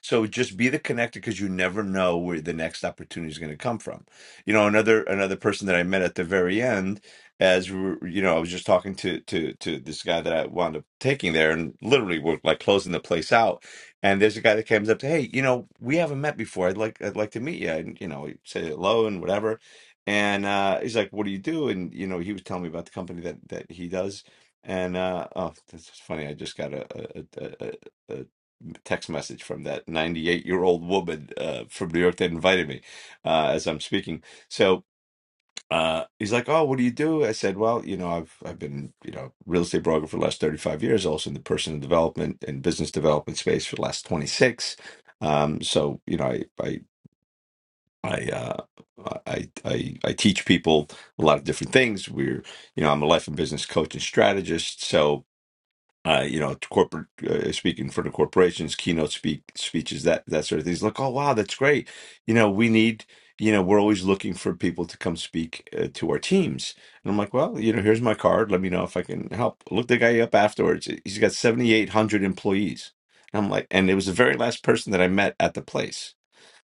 S3: so just be the connector because you never know where the next opportunity is going to come from. You know, another another person that I met at the very end, as we were, you know, I was just talking to to to this guy that I wound up taking there, and literally we're like closing the place out. And there's a guy that comes up to, hey, you know, we haven't met before. I'd like I'd like to meet you. And you know, he said hello and whatever. And uh, he's like, what do you do? And you know, he was telling me about the company that that he does. And uh, oh, that's funny. I just got a, a, a, text message from that 98 year old woman uh, from New York that invited me uh, as I'm speaking. So uh, he's like, "Oh, what do you do?" I said, "Well, you know, I've I've been you know real estate broker for the last 35 years, also in the personal development and business development space for the last 26." Um, so you know, I I I, uh, I I I teach people a lot of different things. We're you know, I'm a life and business coach and strategist, so uh, you know, corporate uh, speaking for the corporations, keynote speak speeches, that that sort of things. like, oh wow, that's great. You know, we need, you know, we're always looking for people to come speak uh, to our teams. And I'm like, well, you know, here's my card. Let me know if I can help. Look the guy up afterwards. He's got 7,800 employees. And I'm like, and it was the very last person that I met at the place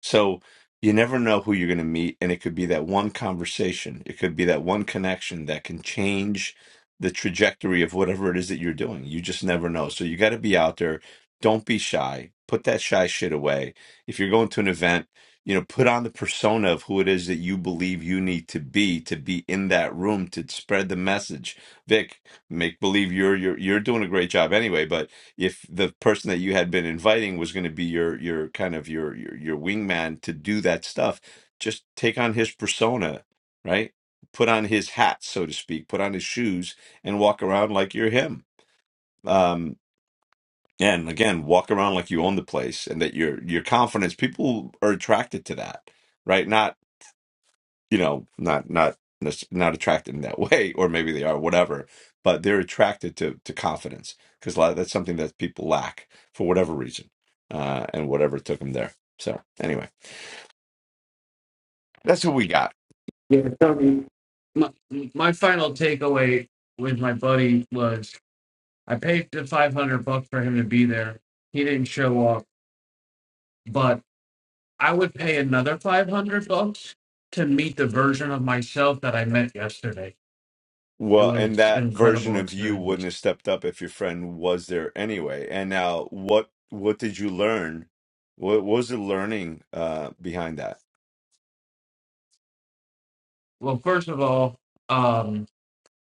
S3: so you never know who you're going to meet. And it could be that one conversation, it could be that one connection that can change the trajectory of whatever it is that you're doing. You just never know. So you got to be out there. Don't be shy. Put that shy shit away. If you're going to an event, you know, put on the persona of who it is that you believe you need to be to be in that room to spread the message. Vic, make believe you're you're you're doing a great job anyway, but if the person that you had been inviting was going to be your your kind of your your your wingman to do that stuff just take on his persona right put on his hat so to speak put on his shoes and walk around like you're him um and again walk around like you own the place and that your your confidence people are attracted to that right you know not not not attracted in that way or maybe they are whatever but they're attracted to to confidence because a lot that's something that people lack for whatever reason uh and whatever took them there so anyway that's who we got
S2: Yeah, Tony. My, my final takeaway with my buddy was I paid the 500 bucks for him to be there. He didn't show up, but I would pay another 500 bucks to meet the version of myself that I met yesterday. It
S3: well and
S2: was an
S3: that version
S2: incredible
S3: of you wouldn't
S2: experience.
S3: have stepped up if your friend was there anyway and now what what did you learn what, what was the learning uh behind that
S2: Well, first of all, um,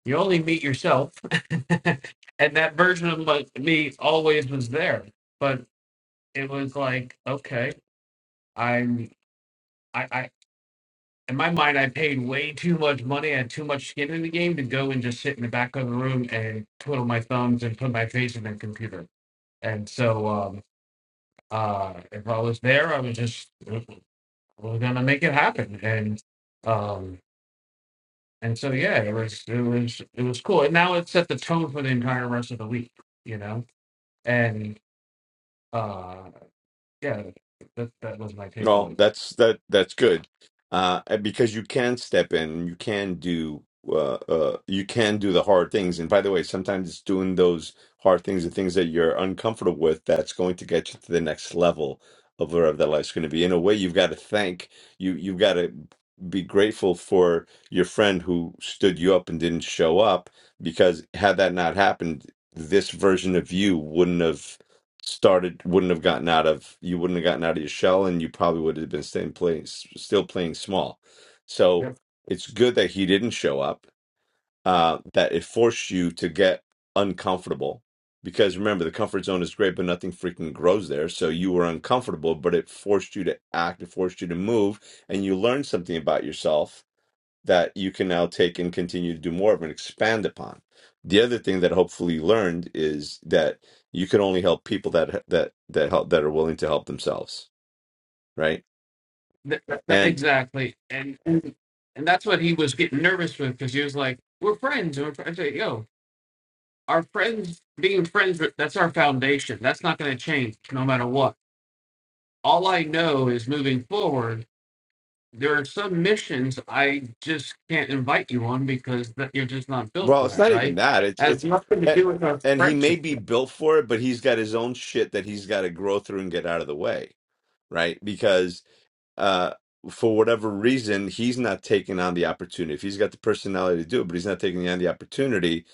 S2: you only meet yourself, and that version of my, me always was there. But it was like, okay, I'm. i in my mind, I paid way too much money and too much skin in the game to go and just sit in the back of the room and twiddle my thumbs and put my face in the computer. And so, um, uh, if I was there, I was just we're gonna make it happen. And um, and so yeah, it was it was it was cool. And now it set the tone for the entire rest of the week, you know. And uh, yeah, that that was my
S3: Well,
S2: takeaway.
S3: that's that that's good, uh, because you can step in, you can do uh, uh, you can do the hard things. And by the way, sometimes it's doing those hard things, the things that you're uncomfortable with, that's going to get you to the next level of wherever that life's going to be. In a way, you've got to thank you. You've got to be grateful for your friend who stood you up and didn't show up, because had that not happened, this version of you wouldn't have started wouldn't have gotten out of you wouldn't have gotten out of your shell and you probably would have been staying playing still playing small so
S2: Yep.
S3: it's good that he didn't show up uh that it forced you to get uncomfortable because remember the comfort zone is great but nothing freaking grows there so you were uncomfortable but it forced you to act it forced you to move and you learned something about yourself that you can now take and continue to do more of and expand upon. The other thing that hopefully you learned is that you can only help people that that that help that are willing to help themselves, right?
S2: Th- th- th-
S3: And
S2: exactly, and and and that's what he was getting nervous with because he was like, "We're friends," and we're friends. I say, "Yo, our friends being friends, with- that's our foundation. That's not going to change no matter what." All I know is moving forward. There are some missions I just can't invite you on because that you're just not built for
S3: well, it's
S2: that,
S3: not even
S2: right?
S3: that. It's
S2: That has
S3: it's
S2: nothing to
S3: and
S2: do with our
S3: and he may
S2: friendship.
S3: be
S2: Uh,
S3: built for it, but he's got his own shit that he's got to grow through and get out of the way, right? Because uh for whatever reason, he's not taking on the opportunity. If he's got the personality to do it, but he's not taking on the opportunity,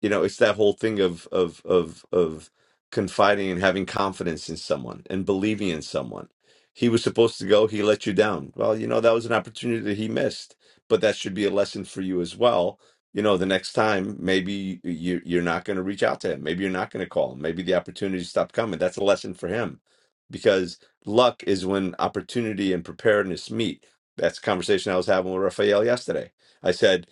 S3: you know it's that whole thing of of of of confiding and having confidence in someone and believing in someone he was supposed to go he let you down well you know that was an opportunity that he missed but that should be a lesson for you as well you know the next time maybe you you're not going to reach out to him maybe you're not going to call him maybe the opportunity stopped coming that's a lesson for him because luck is when opportunity and preparedness meet that's a conversation i was having with raphael yesterday i said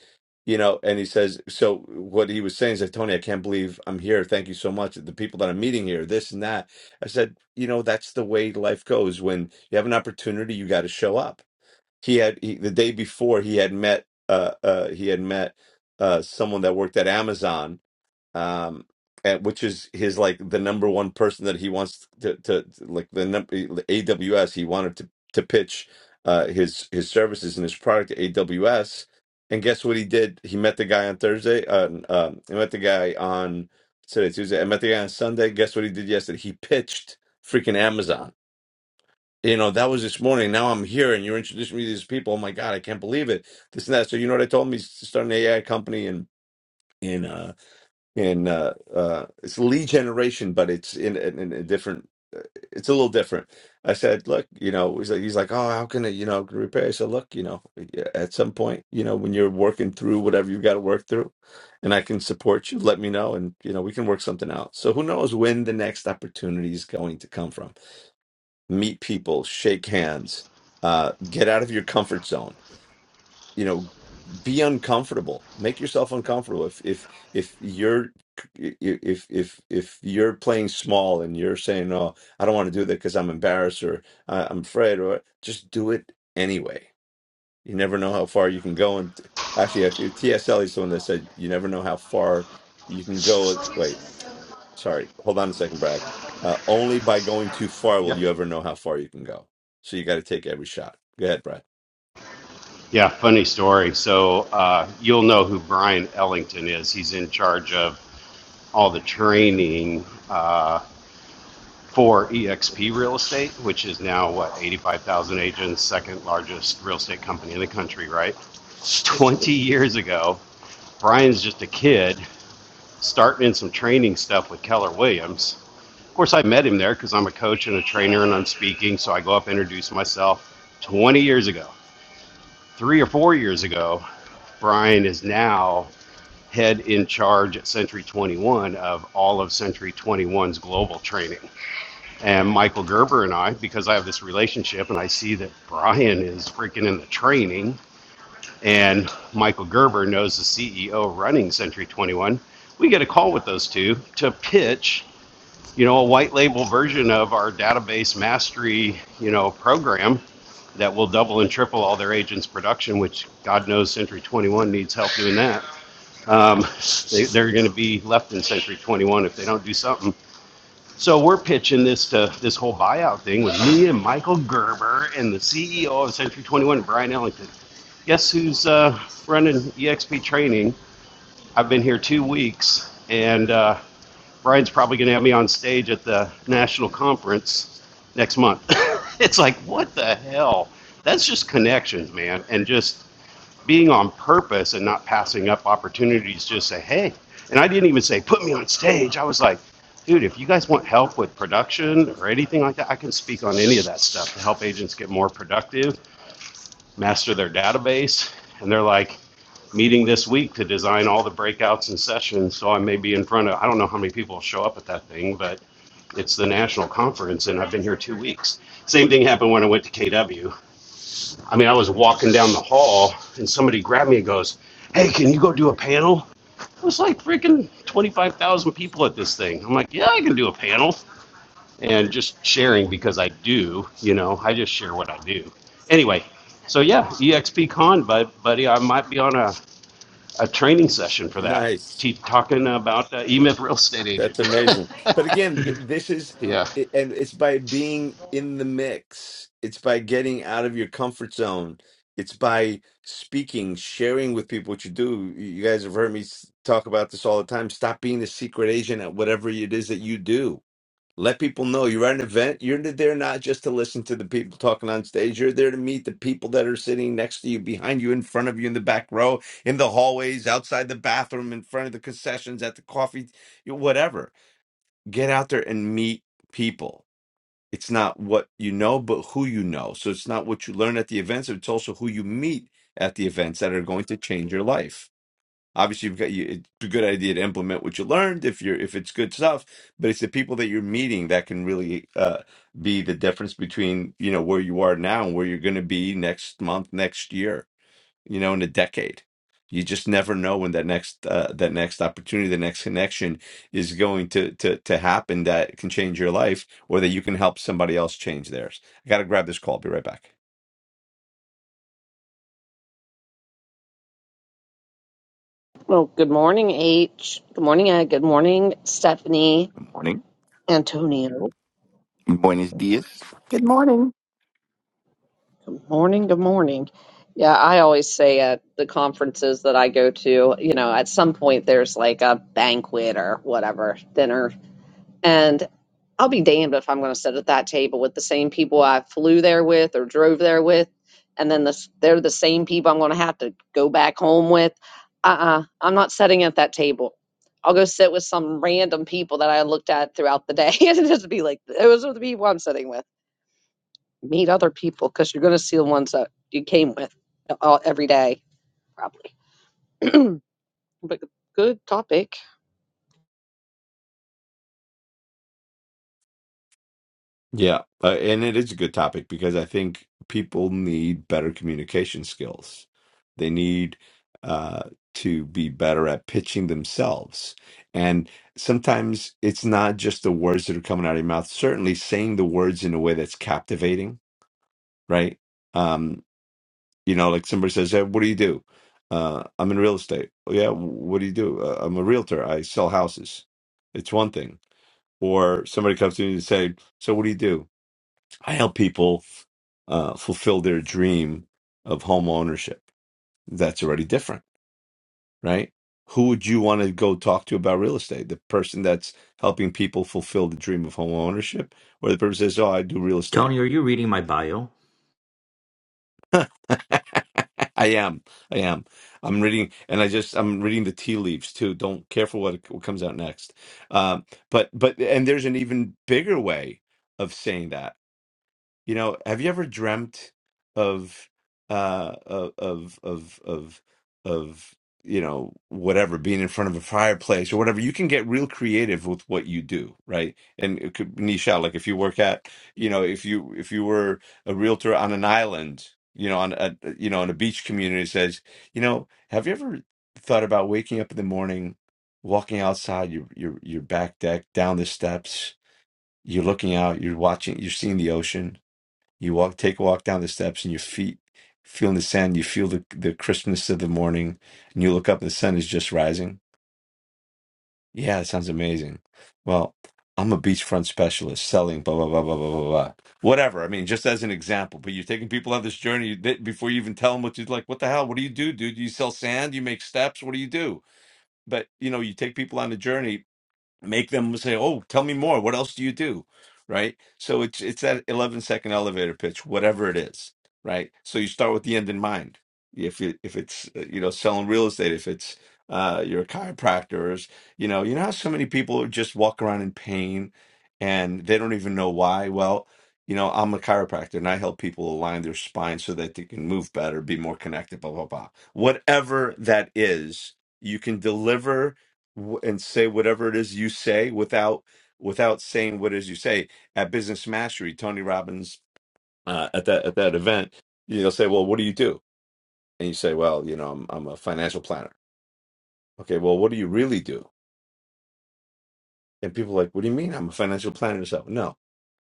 S3: you know and he says so what he was saying is like tony i can't believe i'm here thank you so much the people that i'm meeting here this and that i said you know that's the way life goes when you have an opportunity you got to show up he had he, the day before he had met uh uh he had met uh someone that worked at amazon um and which is his like the number one person that he wants to to, like the num- AWS he wanted to to pitch uh his his services and his product to AWS and guess what he did he met the guy on Thursday uh, um he met the guy on today Tuesday I met the guy on Sunday guess what he did yesterday he pitched freaking Amazon you know that was this morning now I'm here and you're introducing me to these people oh my god I can't believe it this and that so you know what I told him he's starting an AI company and. in in, uh, in uh, uh, it's lead generation, but it's in, in, in a different. uh, It's a little different. I said, look, you know, he's like, he's like, oh, how can it, you know, repair? I said, look, you know, at some point, you know, when you're working through whatever you've got to work through, and I can support you, let me know, and you know, we can work something out. So who knows when the next opportunity is going to come from? Meet people, shake hands, uh, get out of your comfort zone you know be uncomfortable make yourself uncomfortable if if if you're if if if you're playing small and you're saying oh i don't want to do that because i'm embarrassed or I- i'm afraid or just do it anyway you never know how far you can go and actually i think ts Eliot's the one that said you never know how far you can go wait sorry hold on a second brad uh, only by going too far will
S5: Yep.
S3: you ever know how far you can go so you got to take every shot go ahead brad
S5: Yeah, funny story. So uh, you'll know who Brian Ellington is. He's in charge of all the training. Uh, for EXP Real Estate, which is now what, 85,000 agents, second largest real estate company in the country, right? 20 years ago, Brian's just a kid starting in some training stuff with Keller Williams. Of course, I met him there because I'm a coach and a trainer and I'm speaking, so I go up introduce myself. 20 years ago, three or four years ago, Brian is now head in charge at Century 21 of all of Century 21's global training. and Michael Gerber and I, because I have this relationship and I see that Brian is freaking in the training and Michael Gerber knows the CEO running Century 21, we get a call with those two to pitch, you know, a white label version of our database mastery, you know, program that will double and triple all their agents' production, which God knows Century 21 needs help doing that. Um, they, they're going to be left in Century 21 if they don't do something. So we're pitching this to this whole buyout thing with me and Michael Gerber and the CEO of Century 21, Brian Ellington. Guess who's uh, running EXP training? I've been here two weeks, and uh, Brian's probably going to have me on stage at the national conference next month. it's like, what the hell? That's just connections, man, and just being on purpose and not passing up opportunities to just say, hey, and I didn't even say, put me on stage. I was like, dude, if you guys want help with production or anything like that, I can speak on any of that stuff to help agents get more productive, master their database. And they're like, meeting this week to design all the breakouts and sessions. So I may be in front of, I don't know how many people show up at that thing, but it's the national conference and I've been here two weeks. Same thing happened when I went to KW. I mean, I was walking down the hall and somebody grabbed me and goes, Hey, can you go do a panel? It was like freaking 25,000 people at this thing. I'm like, Yeah, I can do a panel. And just sharing because I do, you know, I just share what I do. Anyway, so yeah, EXP Con, bud, buddy, I might be on a, a training session for that,
S3: nice
S5: te- talking about uh, E Myth real estate agent.
S3: That's amazing. But again, th- this is,
S5: yeah,
S3: i- and it's by being in the mix, it's by getting out of your comfort zone, it's by speaking, sharing with people what you do. You you guys have heard me s- talk about this all the time. Stop being the secret agent at whatever it is that you do. Let people know you're at an event. You're n- there not just to listen to the people talking on stage. You're there to meet the people that are sitting next to you, behind you, in front of you, in the back row, in the hallways, outside the bathroom, in front of the concessions, at the coffee, whatever get out there and meet people. It's not what you know, but who you know. So it's not what you learn at the events, it's also who you meet at the events that are going to change your life. Obviously, you've got you, it's a good idea to implement what you learned if you're if it's good stuff, but it's the people that you're meeting that can really uh, be the difference between you know where you are now and where you're going to be next month, next year you know, in a decade. You just never know when that next uh, that next opportunity, the next connection is going to to to happen that can change your life, or that you can help somebody else change theirs. I got to grab this call. be right back.
S1: Well, good morning, H. Good morning, Ed. Good morning, Stephanie.
S6: Morning.
S1: Antonio.
S6: Buenos dias.
S7: Good morning.
S1: Good morning. Good morning. Yeah, I always say at the conferences that I go to, you know, at some point there's like a banquet or whatever dinner And I'll be damned if I'm going to sit at that table with the same people I flew there with or drove there with, and then this, they're the same people I'm going to have to go back home with. Uh-uh, I'm not sitting at that table. I'll go sit with some random people that I looked at throughout the day and just be like, those are the people I'm sitting with. Meet other people because you're going to see the ones that you came with all, every day, probably. but good topic.
S3: Yeah, uh, and it is a good topic because I think people need better communication skills. They need uh, to be better at pitching themselves, and sometimes it's not just the words that are coming out of your mouth. Certainly, saying the words in a way that's captivating right? Um, you know, like somebody says, "Hey, what do you do?" Uh, I'm in real estate. "Oh, yeah, what do you do? Uh, I'm a realtor. I sell houses. It's one thing. Or somebody comes to me and say, "So what do you do?" I help people uh, fulfill their dream of home ownership. That's already different, right? Who would you want to go talk to about real estate? The person that's helping people fulfill the dream of home ownership, or the person says, "Oh, I do real estate."
S8: Tony, are you reading my bio?
S3: I am. I am. I'm reading, and I just I'm reading the tea leaves too. Don't care for what, what comes out next. Um, but but and there's an even bigger way of saying that. You know, have you ever dreamt of uh of of of of of you know whatever being in front of a fireplace or whatever you can get real creative with what you do right and it could niche out like if you work at you know if you if you were a realtor on an island you know on a you know on a beach community says you know have you ever thought about waking up in the morning walking outside your your your back deck down the steps you're looking out you're watching you're seeing the ocean you walk, take a walk down the steps, and your feet feel in the sand. You feel the the crispness of the morning, and you look up, and the sun is just rising. Yeah, that sounds amazing. Well, I'm a beachfront specialist selling blah blah blah blah blah blah blah. Whatever. I mean, just as an example. But you're taking people on this journey you- that- before you even tell them what you like. What the hell? What do you do, dude? Do You sell sand? You make steps? What do you do? But you know, you take people on the journey make them say, "Oh, tell me more. What else do you do?" Right? So it's it's that 11 second elevator pitch, whatever it is, right? So you start with the end in mind. If it, if it's uh, you know selling real estate, if it's uh, you're a chiropractor, or, is- you know, you know how so many people just walk around in pain and they don't even know why. Well, you know, I'm a chiropractor and I help people align their spine so that they can move better, be more connected, blah blah blah. Whatever that is, you can deliver w- and say whatever it is you say without without saying what it is you say at business mastery tony robbins uh, at that at that event you'll say well what do you do and you say well you know i'm, I'm a financial planner okay well what do you really do and people are like what do you mean i'm a financial planner so no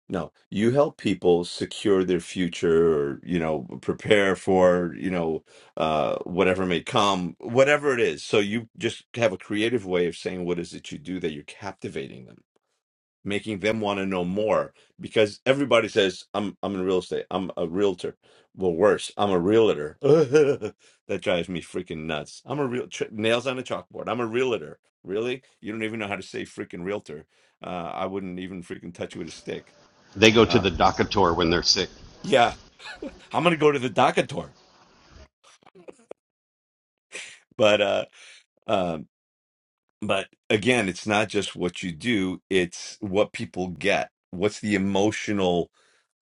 S3: no you help people secure their future or you know prepare for you know uh whatever may come whatever it is so you just have a creative way of saying what is it you do that you're captivating them making them want to know more because everybody says I'm I'm in real estate. I'm a realtor. Well, worse, I'm a realtor. that drives me freaking nuts. I'm a real ch- nails on a chalkboard. I'm a realtor. Really? You don't even know how to say freaking realtor. Uh, I wouldn't even freaking touch you with a stick.
S5: they go to
S3: Uh,
S5: the docator when they're sick.
S3: yeah, I'm gonna go to the docator. But uh, um But again, it's not just what you do, it's what people get. What's the emotional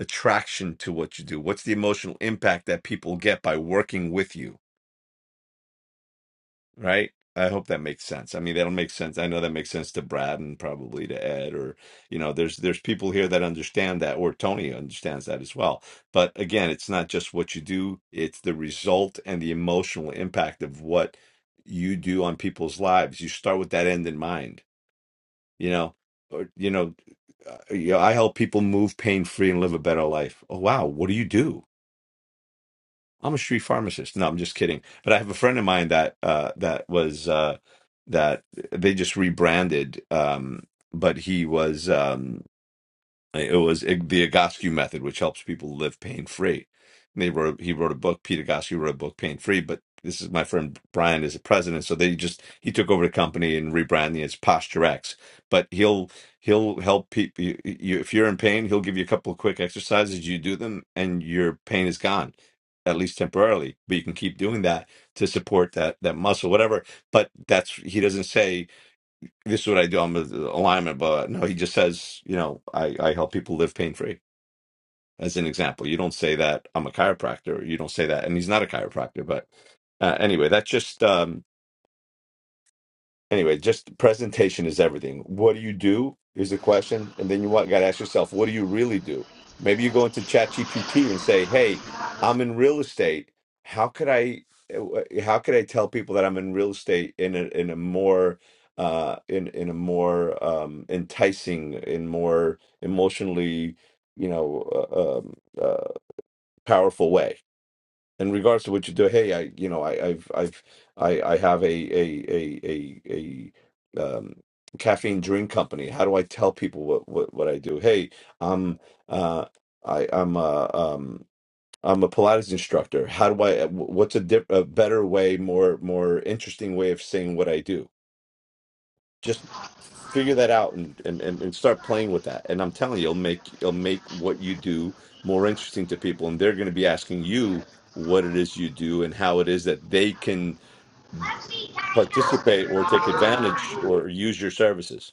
S3: attraction to what you do? What's the emotional impact that people get by working with you, right? I hope that makes sense. I mean, that'll make sense. I know that makes sense to Brad and probably to Ed or, you know, there's there's people here that understand that or Tony understands that as well. But again, it's not just what you do, it's the result and the emotional impact of what you do on people's lives. You start with that end in mind you know or you know uh, you know, I help people move pain free and live a better life. Oh wow, what do you do? I'm a street pharmacist. No, I'm just kidding. But I have a friend of mine that uh, that was uh, that uh, they just rebranded, um, but he was. Um, like, It was it, the Egoscue method, which helps people live pain free. They wrote he wrote a book. Peter Egoscue wrote a book, Pain Free. But this is my friend Brian is the president, so they just he took over the company and rebranded it as Posture X. But he'll he'll help people. You, you, if you're in pain, he'll give you a couple of quick exercises. You do them, and your pain is gone, at least temporarily. But you can keep doing that to support that that muscle, whatever. But that's he doesn't say this is what I do. I'm an alignment, but no, he just says, you know, I, I help people live pain free. As an example, you don't say that I'm a chiropractor. You don't say that, and he's not a chiropractor. But uh, anyway, that's just um, anyway, just presentation is everything. What do you do is the question, and then you want got to ask yourself, what do you really do? Maybe you go into ChatGPT and say, "Hey, I'm in real estate. How could I, eh, how could I tell people that I'm in real estate in a in a more uh, in in a more um, enticing, in more emotionally, you know, uh, um, uh, powerful way?" in regards to what you do hey i you know i i've i've i i have a a a a, a um caffeine drink company how do i tell people what what, what i do hey i'm uh i i'm uh um I'm a Pilates instructor. How do I? What's a, dip, a better way, more more interesting way of saying what I do? just figure that out and, and and and start playing with that and i'm telling you it'll make it'll make what you do more interesting to people and they're going to be asking you what it is you do and how it is that they can participate or take advantage or use your services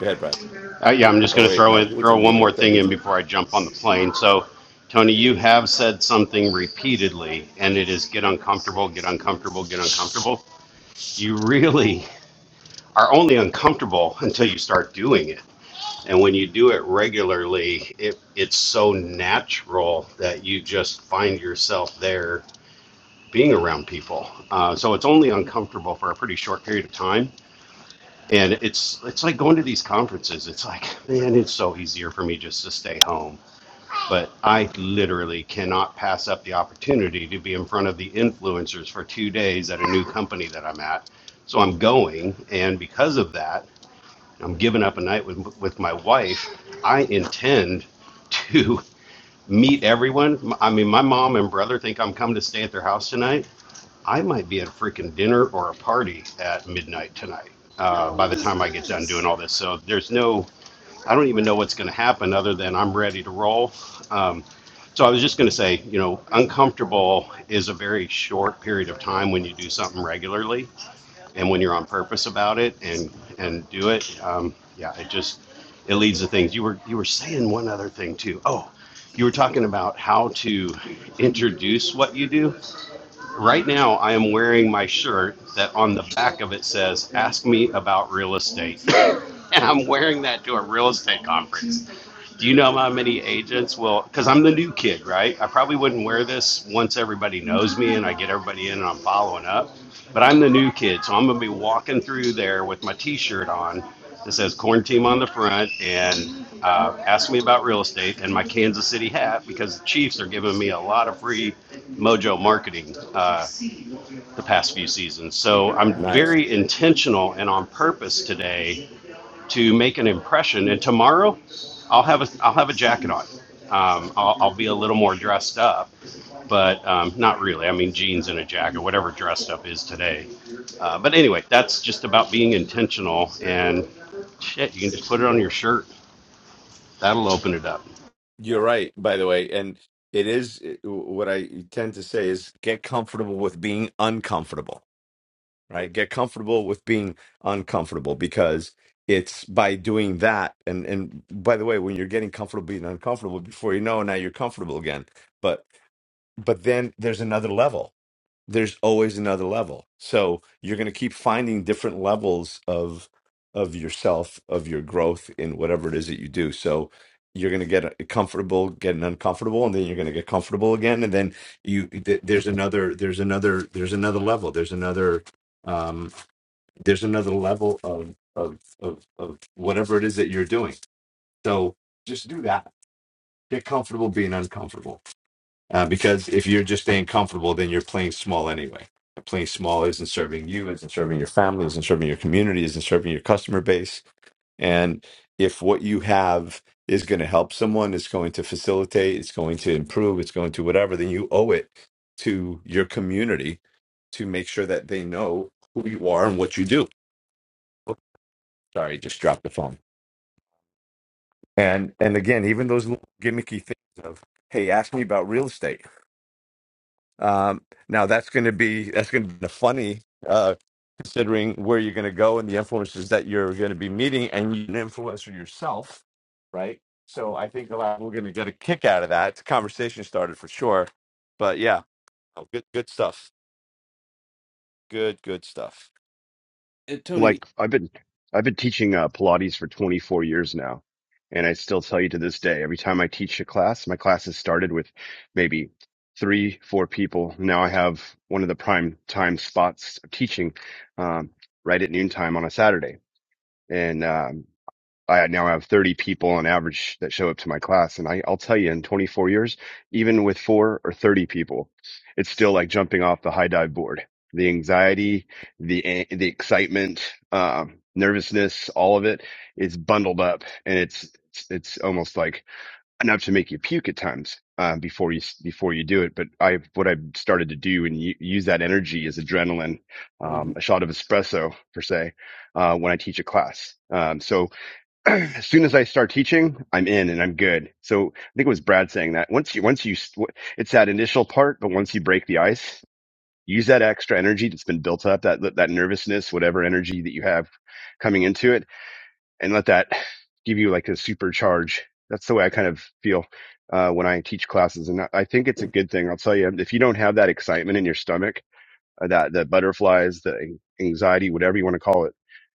S3: go ahead brad
S5: Uh, yeah, I'm just
S3: oh
S5: going to
S3: wait
S5: throw
S3: no
S5: in,
S3: who was
S5: throw
S3: the
S5: one
S3: meeting i
S5: more
S3: thought it
S5: thing
S3: was
S5: in
S3: you
S5: before I jump on the plane. So, Tony, you have said something repeatedly, and it is get uncomfortable, get uncomfortable, get uncomfortable. You really are only uncomfortable until you start doing it. And when you do it regularly, it, it's so natural that you just find yourself there being around people. Uh, so it's only uncomfortable for a pretty short period of time. And it's it's like going to these conferences. It's like, man, it's so easier for me just to stay home But I literally cannot pass up the opportunity to be in front of the influencers for two days at a new company that I'm at. So I'm going, and because of that, I'm giving up a night with, with my wife. I intend to meet everyone. I mean, my mom and brother think I'm coming to stay at their house tonight. I might be at a freaking dinner or a party at midnight tonight uh, by the time I get done doing all this. So there's no I don't even know what's going to happen other than I'm ready to roll. Um, so I was just going to say, you know, uncomfortable is a very short period of time when you do something regularly and when you're on purpose about it and and do it. Um, yeah, it just it leads to things. You were you were saying one other thing too. Oh, you were talking about how to introduce what you do. Right now, I am wearing my shirt that on the back of it says, Ask me about real estate. And I'm wearing that to a real estate conference. Do you know how many agents will? Because I'm the new kid, right? I probably wouldn't wear this once everybody knows me and I get everybody in and I'm following up. But I'm the new kid, so I'm gonna be walking through there with my T-shirt on that says "Corn Team" on the front, and uh, ask me about real estate and my Kansas City hat because the Chiefs are giving me a lot of free mojo marketing. Uh, the past few seasons. So I'm
S3: nice
S5: very intentional and on purpose today to make an impression. And tomorrow, I'll have a I'll have a jacket on. Um, I'll, I'll be a little more dressed up, but um, not really. I mean, jeans and a jacket, whatever dressed up is today. Uh, but anyway, that's just about being intentional. And shit, you can just put it on your shirt. That'll open it up.
S3: you're right by the way and it is it- what i tend to say is get comfortable with being uncomfortable right? Get comfortable with being uncomfortable because it's by doing that. And and by the way, when you're getting comfortable being uncomfortable, before you know, now you're comfortable again. But but then there's another level. There's always another level. So you're going to keep finding different levels of of yourself, of your growth in whatever it is that you do. So you're going to get comfortable, getting uncomfortable, and then you're going to get comfortable again, and then you th- there's another there's another there's another level. There's another um, there's another level of of of of whatever it is that you're doing. So just do that. Get comfortable being uncomfortable, uh, because if you're just staying comfortable, then you're playing small anyway. And Playing small isn't serving you, isn't serving your family, isn't serving your community, isn't serving your customer base. And if what you have is going to help someone, it's going to facilitate, it's going to improve, it's going to whatever, then you owe it to your community to make sure that they know who you are and what you do Sorry, just dropped the phone. And and again, even those little gimmicky things of hey, ask me about real estate. Um, now that's going to be that's going to be funny uh, considering where you're going to go and the influences that you're going to be meeting, and you're an influencer yourself, right? So I think a lot we're going to get a kick out of that. It's a conversation started for sure, but yeah, oh, good good stuff. Good good stuff.
S2: Tony.
S9: Like I've been I've been teaching uh, Pilates for 24 years now, and I still tell you to this day, every time I teach a class, my classes started with maybe three, four people. Now I have one of the prime time spots of teaching um, right at noontime on a Saturday, and um, I now have 30 people on average that show up to my class. And I, I'll tell you in 24 years, even with four or 30 people, it's still like jumping off the high dive board. The anxiety, the, a- the excitement, um, nervousness, all of it is bundled up and it's, it's, it's almost like enough to make you puke at times, uh, before you, s- before you do it. But I, what I've started to do and u- use that energy is adrenaline, um,
S2: yep.
S9: a shot of espresso per se, uh, when I teach a class. Um, so as soon as I start teaching, I'm in and I'm good. So I think it was Brad saying that once you, once you, it's that initial part, but once you break the ice, use that extra energy that's been built up, that, that nervousness, whatever energy that you have coming into it and let that give you like a supercharge. That's the way I kind of feel, uh, when I teach classes. And I I think it's a good thing. I'll tell you, if you don't have that excitement in your stomach, uh, that the butterflies, the anxiety, whatever you want to call it,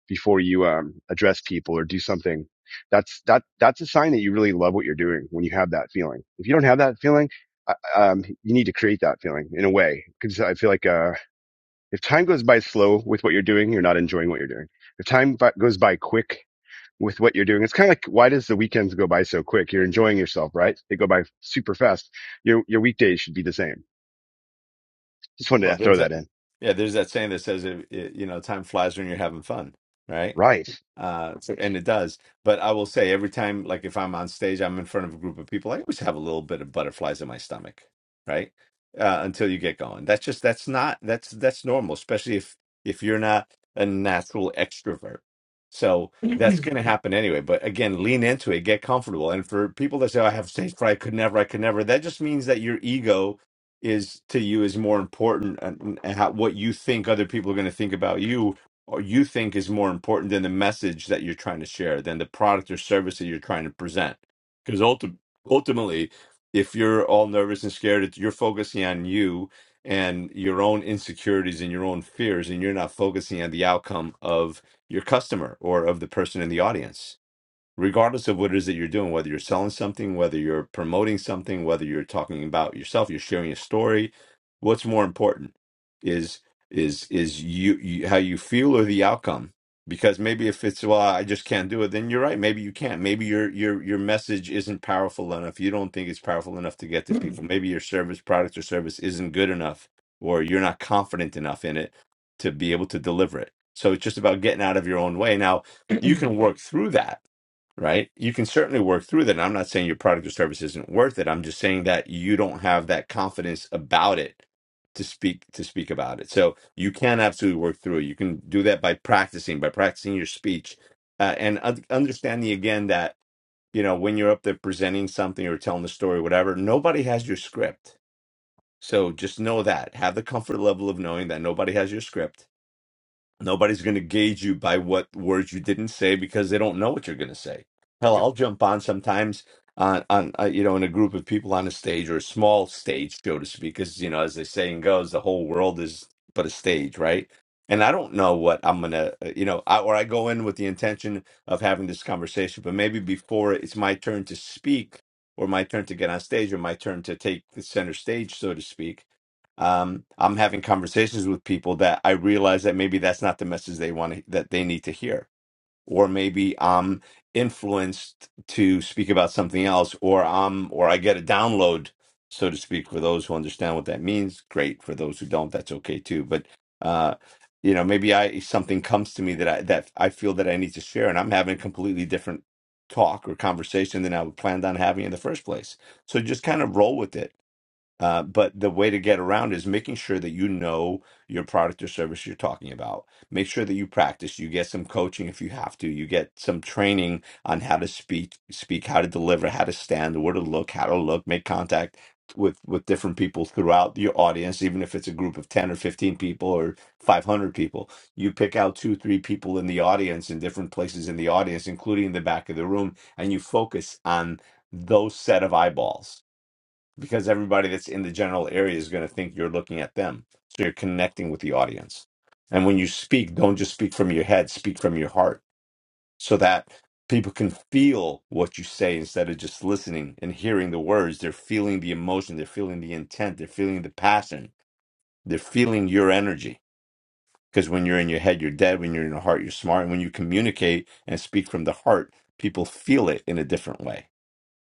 S9: before you um, address people or do something. That's that that's a sign that you really love what you're doing when you have that feeling. If you don't have that feeling, I- um, you need to create that feeling in a way because I feel like uh, if time goes by slow with what you're doing, you're not enjoying what you're doing. If time bi- goes by quick with what you're doing, it's kind of like why does the weekends go by so quick? You're enjoying yourself, right? They go by super fast. Your your weekdays should be the same. Just wanted
S3: Well,
S9: to
S3: there's
S9: throw
S3: that.
S9: that in.
S3: Yeah, there's that saying that says, it, it, you know, time flies when you're having fun, right?
S9: Right.
S3: Uh, so, and it does. But I will say, every time, like if I'm on stage, I'm in front of a group of people, I always have a little bit of butterflies in my stomach, right? Uh, until you get going. That's just that's not that's that's normal, especially if if you're not a natural extrovert. So that's going to happen anyway. But again, lean into it, get comfortable. And for people that say, "Oh, "I have stage fright, I could never, I could never," that just means that your ego is to you is more important and, and how, what you think other people are going to think about you or you think is more important than the message that you're trying to share, than the product or service that you're trying to present. Because ulti- ultimately, if you're all nervous and scared, it's- you're focusing on you and your own insecurities and your own fears, and you're not focusing on the outcome of your customer or of the person in the audience regardless of what it is that you're doing, whether you're selling something, whether you're promoting something, whether you're talking about yourself, you're sharing a story, what's more important is is is you, you how you feel or the outcome. Because maybe if it's well, I just can't do it, then you're right. Maybe you can't. Maybe your your your message isn't powerful enough. You don't think it's powerful enough to get to people. Maybe your service, product, or service isn't good enough, or you're not confident enough in it to be able to deliver it. So it's just about getting out of your own way. Now you can work through that right? You can certainly work through that. And I'm not saying your product or service isn't worth it. I'm just saying that you don't have that confidence about it to speak to speak about it. So you can absolutely work through it. You can do that by practicing, by practicing your speech, uh, and un- understanding again that you know when you're up there presenting something or telling the story, whatever, nobody has your script. So just know that. Have the comfort level of knowing that nobody has your script Nobody's going to gauge you by what words you didn't say because they don't know what you're going to say. Hell, I'll jump on sometimes on on uh, you know in a group of people on a stage or a small stage so to speak, because you know as the saying goes, the whole world is but a stage, right? And I don't know what I'm gonna, uh, you know, I, or I go in with the intention of having this conversation, but maybe before it's my turn to speak, or my turn to get on stage, or my turn to take the center stage, so to speak um, I'm having conversations with people that I realize that maybe that's not the message they want to, that they need to hear, or maybe I'm influenced to speak about something else, or I'm or I get a download, so to speak, for those who understand what that means. Great for those who don't, that's okay too. But uh, you know, maybe I something comes to me that I that I feel that I need to share, and I'm having a completely different talk or conversation than I planned on having in the first place. So just kind of roll with it uh, but the way to get around is making sure that you know your product or service you're talking about. Make sure that you practice. You get some coaching if you have to. You get some training on how to speak, speak, how to deliver, how to stand, where to look, how to look, make contact with with different people throughout your audience, even if it's a group of ten or fifteen people or five hundred people. You pick out two, three people in the audience in different places in the audience, including in the back of the room, and you focus on those set of eyeballs because everybody that's in the general area is going to think you're looking at them. So you're connecting with the audience. And when you speak, don't just speak from your head, speak from your heart so that people can feel what you say instead of just listening and hearing the words. They're feeling the emotion, they're feeling the intent, they're feeling the passion, they're feeling your energy. Because when you're in your head, you're dead. When you're in your heart, you're smart. And when you communicate and speak from the heart, people feel it in a different way.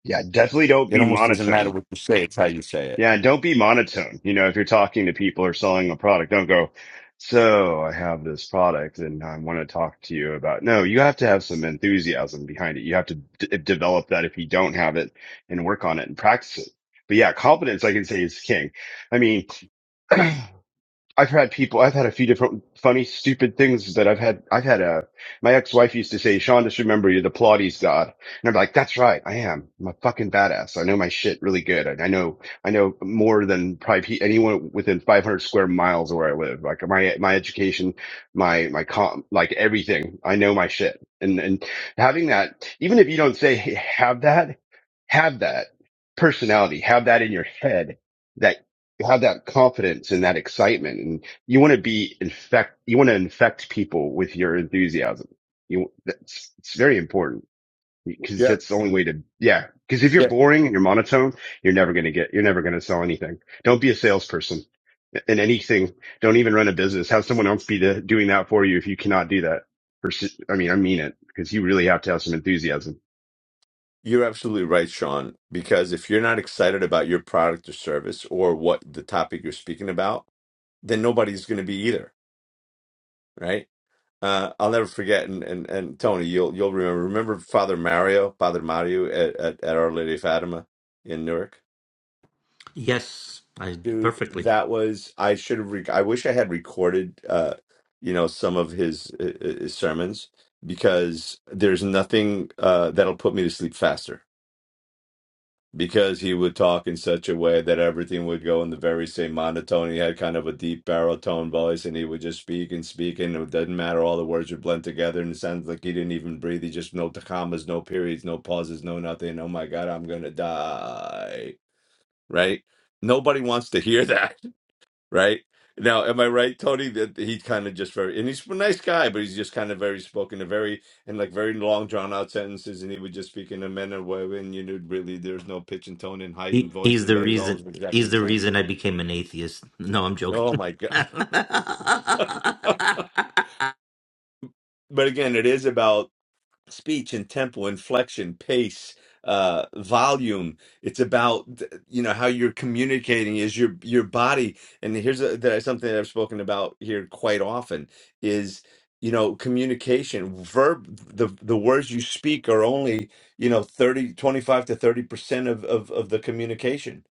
S9: Yeah, definitely don't
S3: It
S9: be
S3: almost doesn't matter
S9: monotone.
S3: what you say, it's how you say it.
S9: Yeah, don't be monotone. You know, if you're talking to people or selling a product, don't go, so I have this product and I want to talk to you about. No, you have to have some enthusiasm behind it. You have to d- eh, develop that if you don't have it and work on it and practice it. But yeah, confidence, I can say is king. I mean, I've had people, I've had a few different funny, stupid things that I've had. I've had a, my ex-wife used to say, Sean, just remember you're the Pilates god. And I'm like, that's right. I am. I'm a fucking badass. I know my shit really good. I, I know, I know more than probably pe- anyone within 500 square miles of where I live. Like my, my education, my, my com, like everything. I know my shit. And, and having that, even if you don't say "Hey, have that, have that personality, have that in your head have that confidence and that excitement and you want to be infect you want to infect people with your enthusiasm you that's it's very important because
S3: Yeah.
S9: that's the only way to yeah because if you're boring and you're monotone you're never going to get you're never going to sell anything don't be a salesperson in anything don't even run a business have someone else be the, doing that for you if you cannot do that Pers- i mean i mean it because you really have to have some enthusiasm
S3: You're absolutely right, Sean, because if you're not excited about your product or service or what the topic you're speaking about, then nobody's going to be either, right? Uh, I'll never forget, and, and and Tony, you'll you'll remember. Remember Father Mario, Father Mario at, at, at Our Lady of Fatima in Newark,
S8: Yes, I
S3: dude.
S8: perfectly.
S3: That was I should have. Rec- I wish I had recorded, uh, you know, some of his, uh, uh, his sermons because there's nothing uh, that'll put me to sleep faster because he would talk in such a way that everything would go in the very same monotone. He had kind of a deep baritone voice, and he would just speak and speak, and it doesn't matter. All the words would blend together, and it sounds like he didn't even breathe. He just no commas, no periods, no pauses, no nothing. Oh my God, I'm gonna die! Right? Nobody wants to hear that right? Now, am I right, Tony? That he kind of just very and he's a nice guy, but he's just kind of very spoken, a very and like very long drawn out sentences, and he would just speak in a manner where when you knew really there's no pitch and tone and height and
S8: He,
S3: voice,
S8: he's
S3: and
S8: the
S3: but it all was
S8: reason.
S3: exactly
S8: He's
S3: the
S8: the
S3: same.
S8: reason I became an atheist. No, I'm joking.
S3: Oh my god! but again, it is about speech and tempo, inflection, pace, uh, volume. It's about you know how you're communicating is your your body. And here's a, that is something that I've spoken about here quite often is you know communication verb the the words you speak are only you know 30 25 to 30 percent of, of of the communication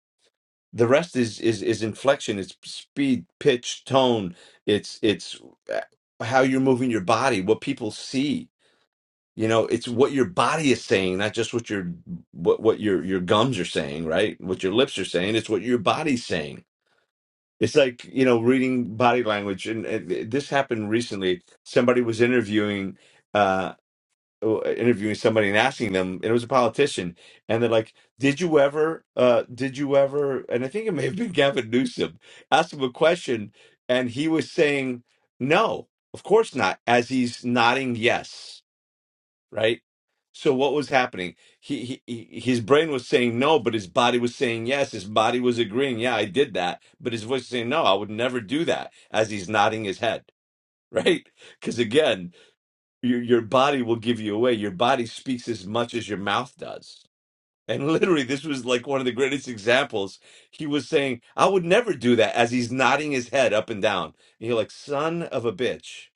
S3: the rest is is is inflection it's speed pitch tone it's it's uh, how you're moving your body what people see you know, it's what your body is saying, not just what your what what your your gums are saying, right? What your lips are saying, it's what your body's saying. It's like, you know, reading body language and, and eh, this happened recently. Somebody was interviewing uh interviewing somebody and asking them, and it was a politician, and they're like, "Did you ever uh did you ever?" And I think it may have been Gavin Newsom asked him a question and he was saying, "No, of course not," as he's nodding yes right? So what was happening? He, he he- his brain was saying no, but his body was saying yes. His body was agreeing, yeah, I did that, but his voice was saying no, I would never do that. As he's nodding his head, right? Because again, your your body will give you away. Your body speaks as much as your mouth does and literally, this was like one of the greatest examples. He was saying, I would never do that as he's nodding his head up and down. And you're like, son of a bitch.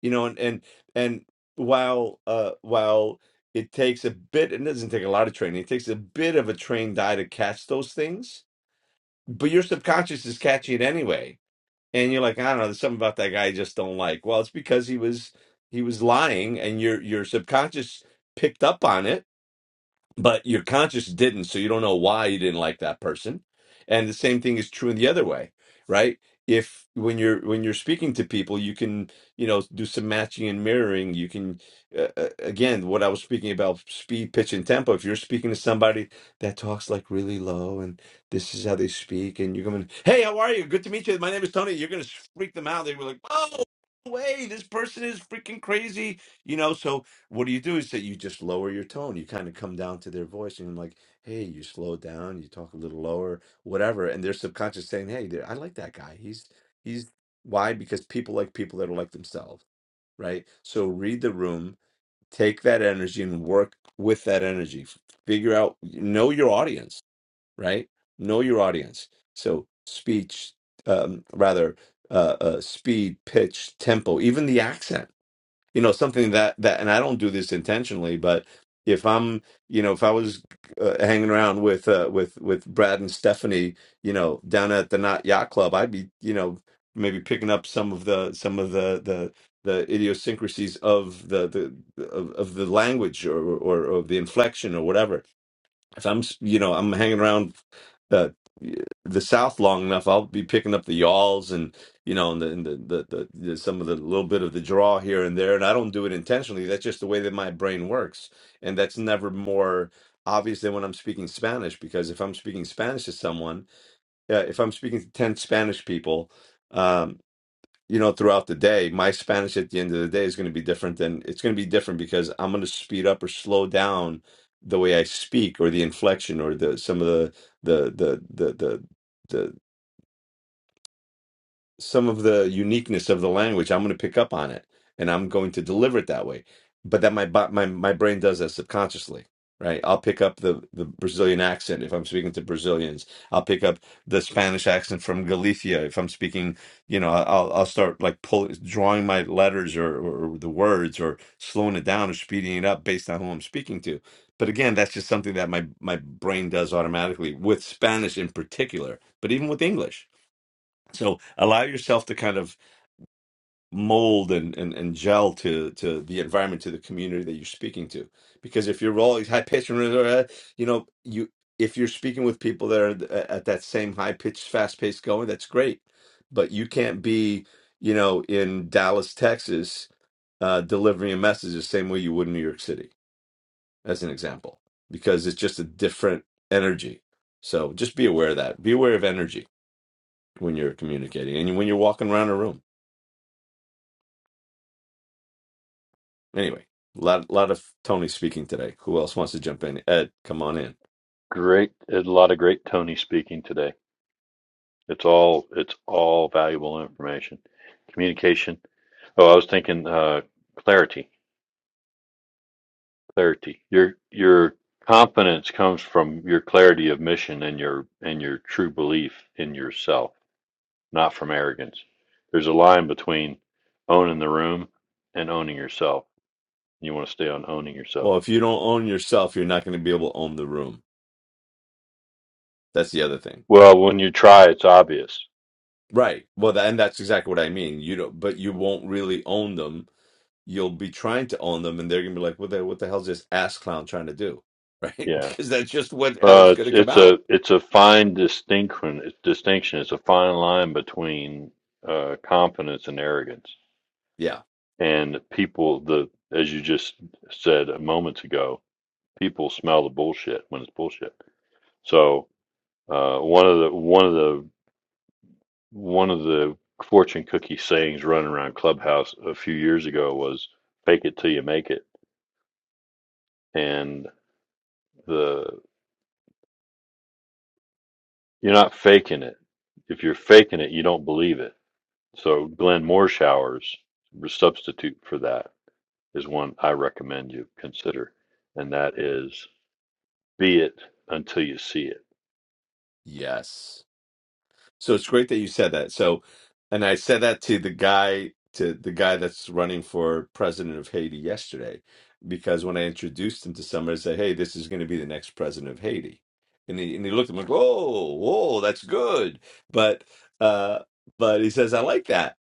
S3: You know, and and and while uh while it takes a bit, and it doesn't take a lot of training, it takes a bit of a trained eye to catch those things, but your subconscious is catching it anyway. And you're like, I don't know, there's something about that guy I just don't like. Well, it's because he was he was lying and your your subconscious picked up on it but your conscience didn't so you don't know why you didn't like that person and the same thing is true in the other way right if when you're when you're speaking to people you can you know do some matching and mirroring you can uh, uh, again what i was speaking about speed pitch and tempo if you're speaking to somebody that talks like really low and this is how they speak and you're going hey how are you good to meet you my name is tony you're going to freak them out they were like oh no way this person is freaking crazy you know so what do you do is that you just lower your tone you kind of come down to their voice and like hey you slow down you talk a little lower whatever and their subconscious saying hey there i like that guy he's he's why because people like people that are like themselves right so read the room take that energy and work with that energy F- figure out know your audience right know your audience so speech um rather uh, uh speed pitch tempo even the accent you know something that that and i don't do this intentionally but if i'm you know if i was uh, hanging around with uh with with brad and stephanie you know down at the not yacht club i'd be you know maybe picking up some of the some of the the the idiosyncrasies of the the of, of the language or or of the inflection or whatever if I'm, s- you know, I'm hanging around uh, the South long enough, I'll be picking up the yalls and you know, and the, and the, the, the, the some of the little bit of the draw here and there. And I don't do it intentionally. That's just the way that my brain works, and that's never more obvious than when I'm speaking Spanish. Because if I'm speaking Spanish to someone, uh, if I'm speaking to ten Spanish people. um, you know, throughout the day, my Spanish at the end of the day is going to be different than it's going to be different because I'm going to speed up or slow down the way I speak or the inflection or the some of the the the the the the, some of the uniqueness of the language. I'm going to pick up on it and I'm going to deliver it that way. But that my bo- my my brain does that subconsciously, right? I'll pick up the the Brazilian accent if I'm speaking to Brazilians. I'll pick up the Spanish accent from Galicia if I'm speaking. You know, I'll I'll start like pulling, drawing my letters or, or the words or slowing it down or speeding it up based on who I'm speaking to. But again, that's just something that my my brain does automatically with Spanish in particular, but even with English so allow yourself to kind of mold and, and, and gel to, to the environment, to the community that you're speaking to. Because if you're always high pitched, you know, you if you're speaking with people that are th- at that same high pitched, fast paced going, that's great. But you can't be, you know, in Dallas, Texas, uh, delivering a message the same way you would in New York City, as an example, because it's just a different energy. So just be aware of that. Be aware of energy when you're communicating and when you're walking around a room. Anyway, a lot lot of Tony speaking today. Who else wants to jump in? Ed, come on in.
S4: Great, a lot of great Tony speaking today. It's all it's all valuable information. Communication. Oh, I was thinking uh, clarity. Clarity. Your your confidence comes from your clarity of mission and your and your true belief in yourself, not from arrogance. There's a line between owning the room and owning yourself. You want to stay on owning yourself.
S3: Well, if you don't own yourself, you're not going to be able to own the room. That's the other thing,
S4: Well, when you try, it's obvious.
S3: right? Well, tha- and that's exactly what I mean. You don't, but you won't really own them. You'll be trying to own them, and they're going to be like, "What the what the hell's this ass clown trying to do?" Right?
S4: Yeah.
S3: because that's just what how
S4: Well,
S3: it's going
S4: it's
S3: to come
S4: it's a
S3: out.
S4: it's a fine distinction. Distinction. It's a fine line between uh, confidence and arrogance.
S3: Yeah.
S4: And people, the as you just said moments ago, people smell the bullshit when it's bullshit. So uh, one of the one of the one of the fortune cookie sayings running around Clubhouse a few years ago was "fake it till you make it," and the You're not faking it. If you're faking it, you don't believe it. So Glenn Moorshowers substitute for that is one I recommend you consider, and that is be it until you see
S3: Yes. So it's great that you said that. So, and I said that to the guy to the guy that's running for president of Haiti yesterday, because when I introduced him to somebody, I said, "Hey, this is going to be the next president of Haiti," and he and he looked at me like, "Whoa, whoa, that's good," but uh, but he says, "I like that."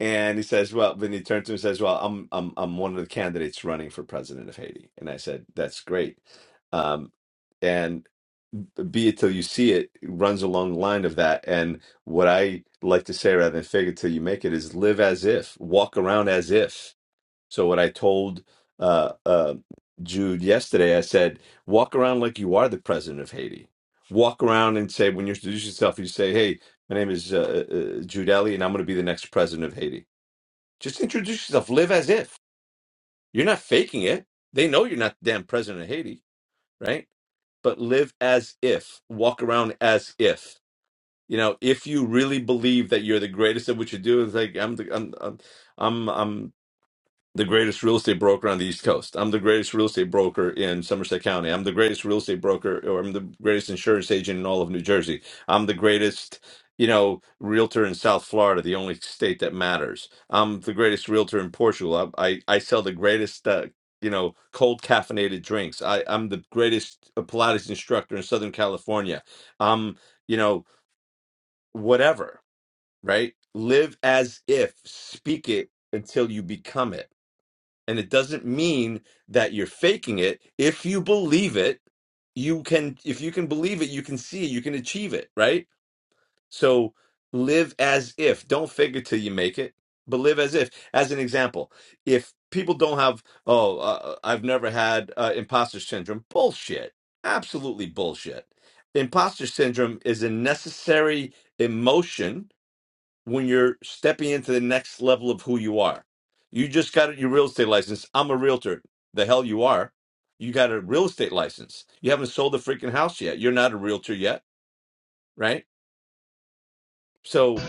S3: And he says, "Well," when he turns to me and says, "Well, I'm I'm I'm one of the candidates running for president of Haiti." And I said, "That's great." Um, be it till you see it runs along the line of that. And what I like to say rather than fake it till you make it is live as if, walk around as if. So what I told uh, uh, Jude yesterday, I said, walk around like you are the president of Haiti. Walk around and say, when you introduce yourself, you say, hey, my name is uh, uh, uh, Jude Ellie, and I'm going to be the next president of Haiti. Just introduce yourself. Live as if. You're not faking it. They know you're not the damn president of Haiti, right? But live as if. Walk around as if you know if you really believe that you're the greatest at what you do it's like i'm the i'm i'm i'm, I'm the greatest real estate broker on the east coast i'm the greatest real estate broker in somerset county i'm the greatest real estate broker or i'm the greatest insurance agent in all of new jersey i'm the greatest you know realtor in south florida the only state that matters i'm the greatest realtor in portugal i i, I sell the greatest uh, you know cold caffeinated drinks i i'm the greatest pilates instructor in southern california i'm you know whatever right? Live as if, speak it until you become it. And it doesn't mean that you're faking it. If you believe it, you can, if you can believe it, you can see it, you can achieve it, right? So live as if. Don't fake it till you make it, but live as if. As an example, if people don't have, oh, uh, uh, I've never had uh, imposter syndrome, bullshit. Absolutely bullshit. Imposter syndrome is a necessary emotion when you're stepping into the next level of who you are. You just got your real estate license. I'm a realtor. The hell you are. You got a real estate license. You haven't sold a freaking house yet. You're not a realtor yet, right? So,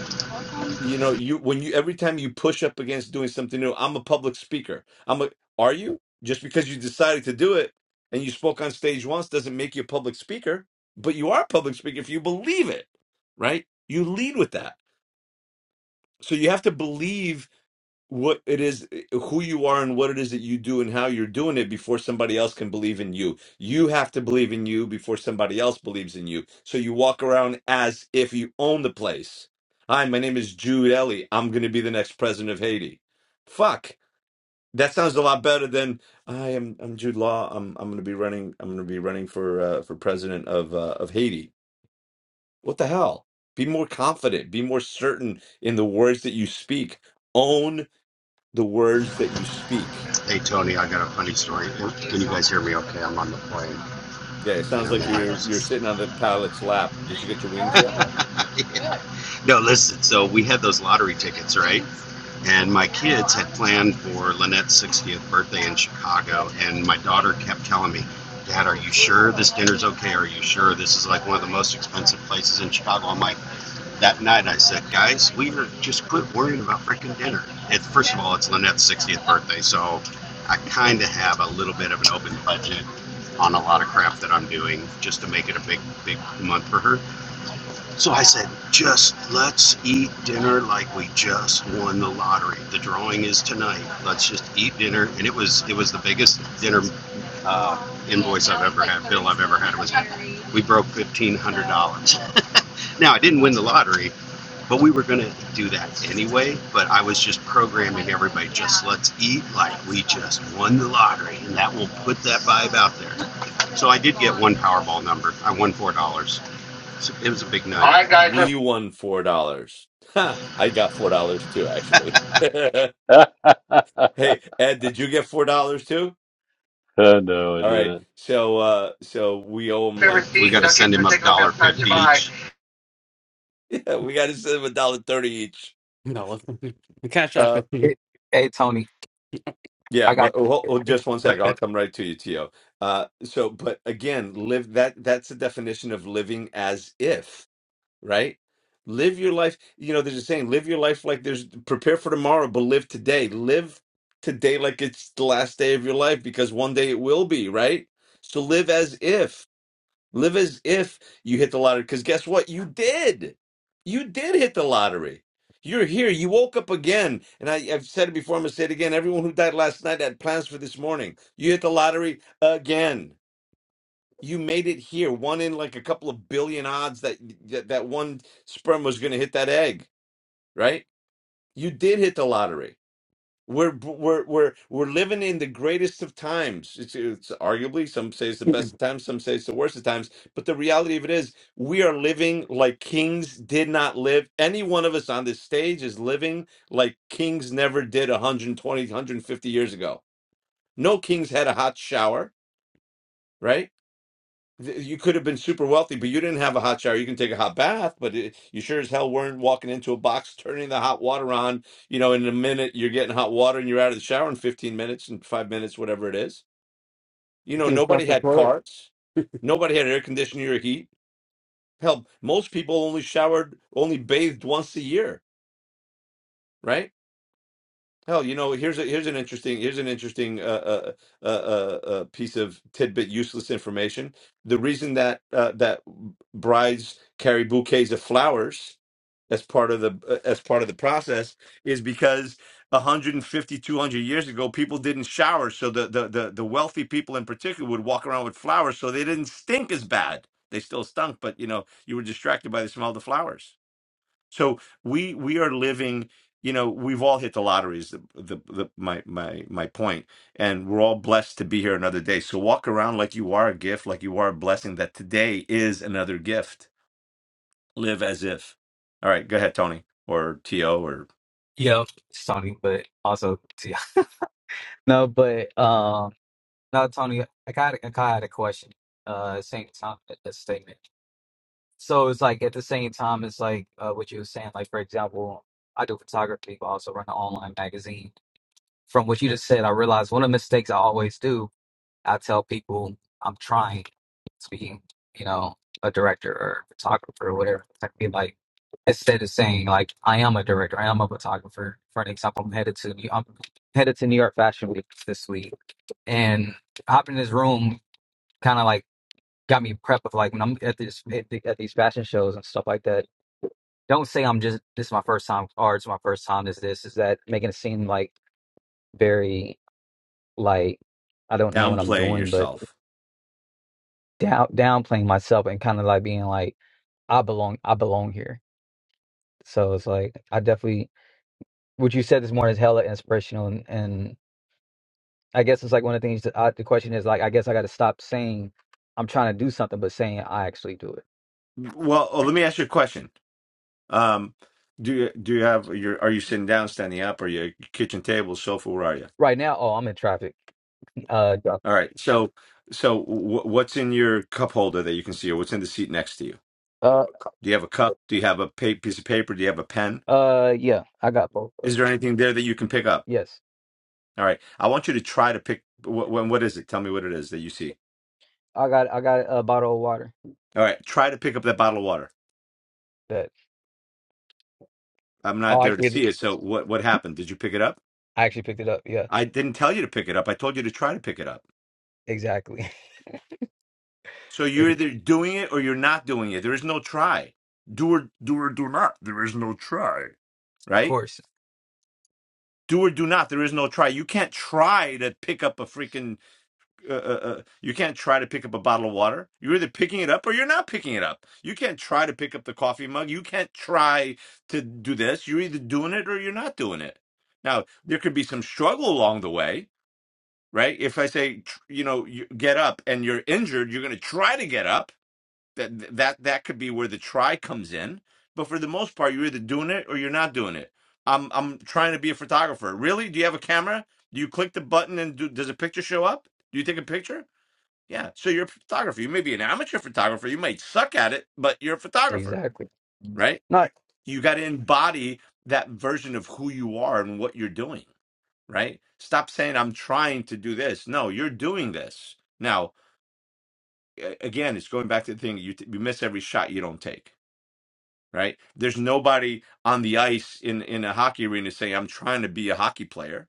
S3: you know, you when you every time you push up against doing something new, I'm a public speaker. I'm a are you? Just because you decided to do it and you spoke on stage once doesn't make you a public speaker, but you are a public speaker if you believe it, right? You lead with that. So you have to believe what it is who you are and what it is that you do and how you're doing it before somebody else can believe in you you have to believe in you before somebody else believes in you so you walk around as if you own the place hi my name is jude ellie i'm going to be the next president of haiti fuck that sounds a lot better than i am i'm jude law i'm i'm going to be running i'm going to be running for uh, for president of uh, of haiti what the hell be more confident be more certain in the words that you speak own the words that you speak.
S5: Hey Tony, I got a funny story. Can you guys hear me? Okay, I'm on the plane
S3: Yeah, it
S5: and
S3: sounds
S5: I'm
S3: like
S5: in my
S3: you're you're
S5: ears.
S3: sitting on the pilot's lap. Did you get your wings yet?
S5: Yeah. No, listen. So we had those lottery tickets, right? And my kids had planned for Lynette's 60th birthday in Chicago, and my daughter kept telling me, "Dad, are you sure this dinner's okay? Are you sure this is like one of the most expensive places in Chicago?" I'm like, that night I said, "Guys, we are just quit worrying about freaking dinner." It's first of all, it's Lynette's 60th birthday, so I kind of have a little bit of an open budget on a lot of crap that I'm doing just to make it a big, big month for her. So I said, just let's eat dinner like we just won the lottery. The drawing is tonight. Let's just eat dinner. And it was it was the biggest dinner uh, invoice I've ever had, bill I've ever had. It was we broke fifteen hundred dollars. now I didn't win the lottery, but we were gonna do that anyway. But I was just programming everybody, just let's eat like we just won the lottery, and that will put that vibe out there. So I did get one Powerball number. I won four dollars. It was a big night. All right, guys, let's
S3: We won four dollars. Ha! I got four dollars too, actually. hey,
S4: it.
S3: Ed, did you get four dollars too?
S4: Oh, no, I
S3: All right.
S4: didn't.
S3: So uh so we owe him
S5: We
S3: like two
S5: gotta send
S3: fifty.
S5: him up particular, dollar fifty each.
S3: Yeah, we gotta send him a dollar thirty each.
S2: No, listen. the cash app.
S3: Uh
S2: is-
S10: Hey, hey, Tony,
S3: yeah,
S10: I got
S3: but hold, just one second. I'll come right to you, Tio. Uh so but again, live that that's the definition of living as if right? Live your life. You know, there's a saying, live your life like there's prepare for tomorrow, but live today. Live today like it's the last day of your life because one day it will be, right? So live as if, live as if you hit the lottery. Because guess what? You did. You did hit the lottery. You're here. You woke up again. And I, I've said it before, I'm going to say it again. Everyone who died last night had plans for this morning. You hit the lottery again you made it here. One in like a couple of billion odds that that, that one sperm was going to hit that egg, right? You did hit the lottery. We're we're we're we're living in the greatest of times. It's, it's arguably some say it's the
S2: You
S3: best of times, some say it's the worst of times. But the reality of it is, we are living like kings did not live. Any one of us on this stage is living like kings never did 120, 150 years ago. No kings had a hot shower, right? Th- You could have been super wealthy, but you didn't have a hot shower. You can take a hot bath, but it, you sure as hell weren't walking into a box, turning the hot water on. You know, in a minute, you're getting hot water and you're out of the shower in 15 minutes and five minutes, whatever it is. You know,
S2: could have brought
S3: nobody
S2: the
S3: had
S2: toilet
S3: carts, nobody had air conditioning or heat. Hell, most people only showered, only bathed once a year, right? Hell, you know, here's a here's an interesting here's an interesting uh, uh, uh, uh, uh, piece of tidbit, useless information. The reason that uh, that brides carry bouquets of flowers as part of the uh, as part of the process is because 150 200 years ago people didn't shower so the, the the the wealthy people in particular would walk around with flowers so they didn't stink as bad they still stunk but you know you were distracted by the smell of the flowers so we we are living, you know, we've all hit the lotteries. The, the the my my my point, and we're all blessed to be here another day. So walk around like you are a gift, like you are a blessing. That today is another gift. Live as if. All right, go ahead, Tony or To or
S10: yeah, it's Tony, but also yeah. No, but um, no, Tony, I got I got a question. Uh, at the same time a statement. So it's like at the same time, it's like uh, what you were saying. Like for example, I do photography, but I also run an online magazine. From what you just said, I realized one of the mistakes I always do I tell people I'm trying to be, you know, a director or a photographer or whatever. I feel like, instead of saying like I am a director, I am a photographer. For an example, I'm headed to New- I'm headed to New York Fashion Week this week, and hopping in this room kind of like got me prepped with like when I'm at this at, the, at these fashion shows and stuff like that. Don't say I'm just this is my first time, or it's my first time. Is this is that making it seem like very like I don't know what I'm
S3: downplaying
S10: doing, but
S3: yourself.
S10: down downplaying myself and kind of like being like I belong I belong here. So it's like I definitely what you said this morning is hella inspirational and, and I guess it's like one of the things that I, the question is like I guess I got to stop saying I'm trying to do something but saying I actually do it.
S3: Well, oh, let me ask you a question. Um, do you do you have your are you sitting down, standing up, or your kitchen table, sofa? Where are you?
S10: Right now, oh, I'm in traffic. Uh yeah.
S3: All right, so. So, wh- what's in your cup holder that you can see, or what's in the seat next to you?
S10: uh
S3: Do you have a cup? Do you have a pa- piece of paper? Do you have a pen?
S10: uh yeah, I got both. of-
S3: Is there anything there that you can pick up?
S10: Yes.
S3: All right. I want you to try to pick. What, what is it? Tell me what it is that you see.
S10: I got I got a bottle of water
S3: All right. Try to pick up that bottle of water.
S10: that
S3: I'm
S10: oh
S3: not
S10: I
S3: there to
S10: did
S3: see it. So what what happened? Did you pick it up?
S10: I actually picked it up. Yeah.
S3: I didn't tell you to pick it up. I told you to try to pick it up.
S10: Exactly.
S3: So
S10: of
S3: you're either doing it or you're not doing it. There is no try. Do or do or do not. There is no try. Right?
S10: course.
S3: Do or do not. There is no try. You can't try to pick up a freaking uh, uh, uh, you can't try to pick up a bottle of water. You're either picking it up or you're not picking it up. You can't try to pick up the coffee mug. You can't try to do this. You're either doing it or you're not doing it. Now, there could be some struggle along the way, right? If I say, tr- you know, you get up and you're injured, you're going to try to get up. That that that could be where the try comes in. But for the most part, you're either doing it or you're not doing it. I'm I'm trying to be a photographer. Really? Do you have a camera? Do you click the button and do, does a picture show up? Do you take a picture? Yeah. So you're a photographer. You may be an amateur photographer. You might suck at it, but you're a photographer,
S10: Exactly.
S3: right?
S10: No,
S3: You got to embody that version of who you are and what you're doing, right? Stop saying, I'm trying to do this. No, you're doing this. Now, a- again, it's going back to the thing you, t- you miss every shot you don't take, right? There's nobody on the ice in, in a hockey arena saying, I'm trying to be a hockey player.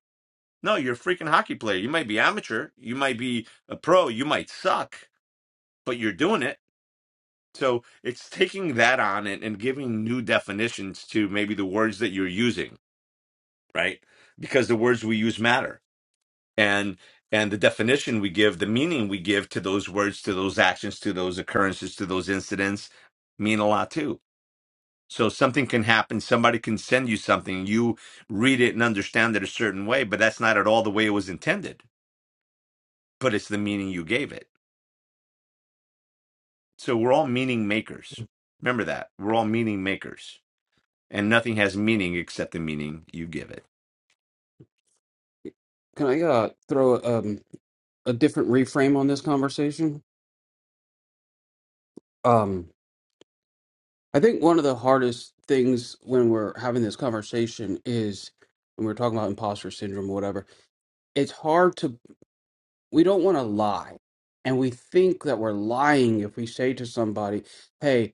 S3: No, you're a freaking hockey player. You might be amateur. You might be a pro. You might suck, but you're doing it So it's taking that on and, and giving new definitions to maybe the words that you're using, right? Because the words we use matter. And and the definition we give, the meaning we give to those words, to those actions, to those occurrences, to those incidents mean a lot too. So something can happen, somebody can send you something, you read it and understand it a certain way, but that's not at all the way it was intended. But it's the meaning you gave it. So we're all meaning makers. Remember that. We're all meaning makers and nothing has meaning except the meaning you give it.
S2: Can I uh, throw um, a different reframe on this conversation? Um, I think one of the hardest things when we're having this conversation is when we're talking about imposter syndrome or whatever, it's hard to, we don't want to lie. And we think that we're lying if we say to somebody, hey,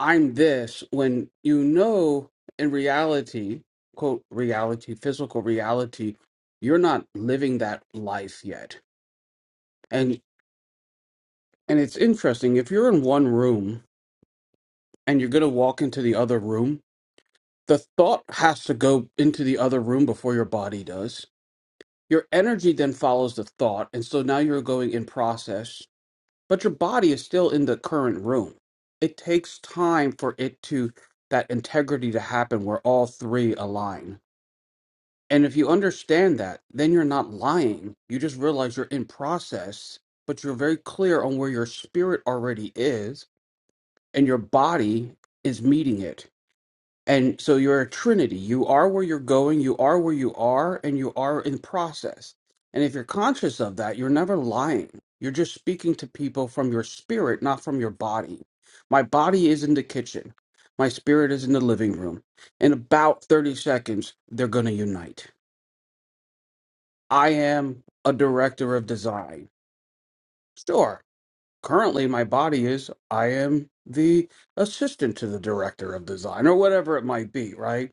S2: I'm this, when you know in reality, quote, reality, physical reality, you're not living that life yet And it's interesting if you're in one room and you're going to walk into the other room, the thought has to go into the other room before your body does. Your energy then follows the thought. And so now you're going in process, but your body is still in the current room. It takes time for it to, that integrity to happen where all three align. And if you understand that, then you're not lying. You just realize you're in process, but you're very clear on where your spirit already is and your body is meeting it. And so you're a trinity. You are where you're going, you are where you are, and you are in process. And if you're conscious of that, you're never lying. You're just speaking to people from your spirit, not from your body. My body is in the kitchen. My spirit is in the living room. In about 30 seconds, they're going to unite. I am a director of design. Sure, currently my body is i am the assistant to the director of design or whatever it might be right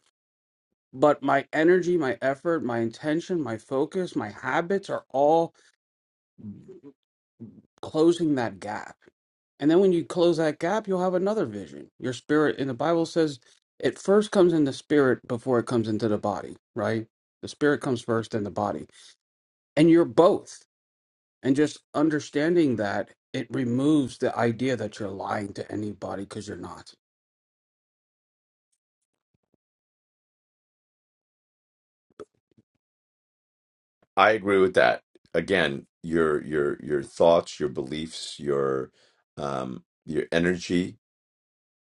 S2: but my energy my effort my intention my focus my habits are all closing that gap and then when you close that gap you'll have another vision your spirit in the bible says it first comes in the spirit before it comes into the body right the spirit comes first then the body and you're both and just understanding that it removes the idea that you're lying to anybody because you're not
S3: I agree with that. Again, your your your thoughts, your beliefs, your um your energy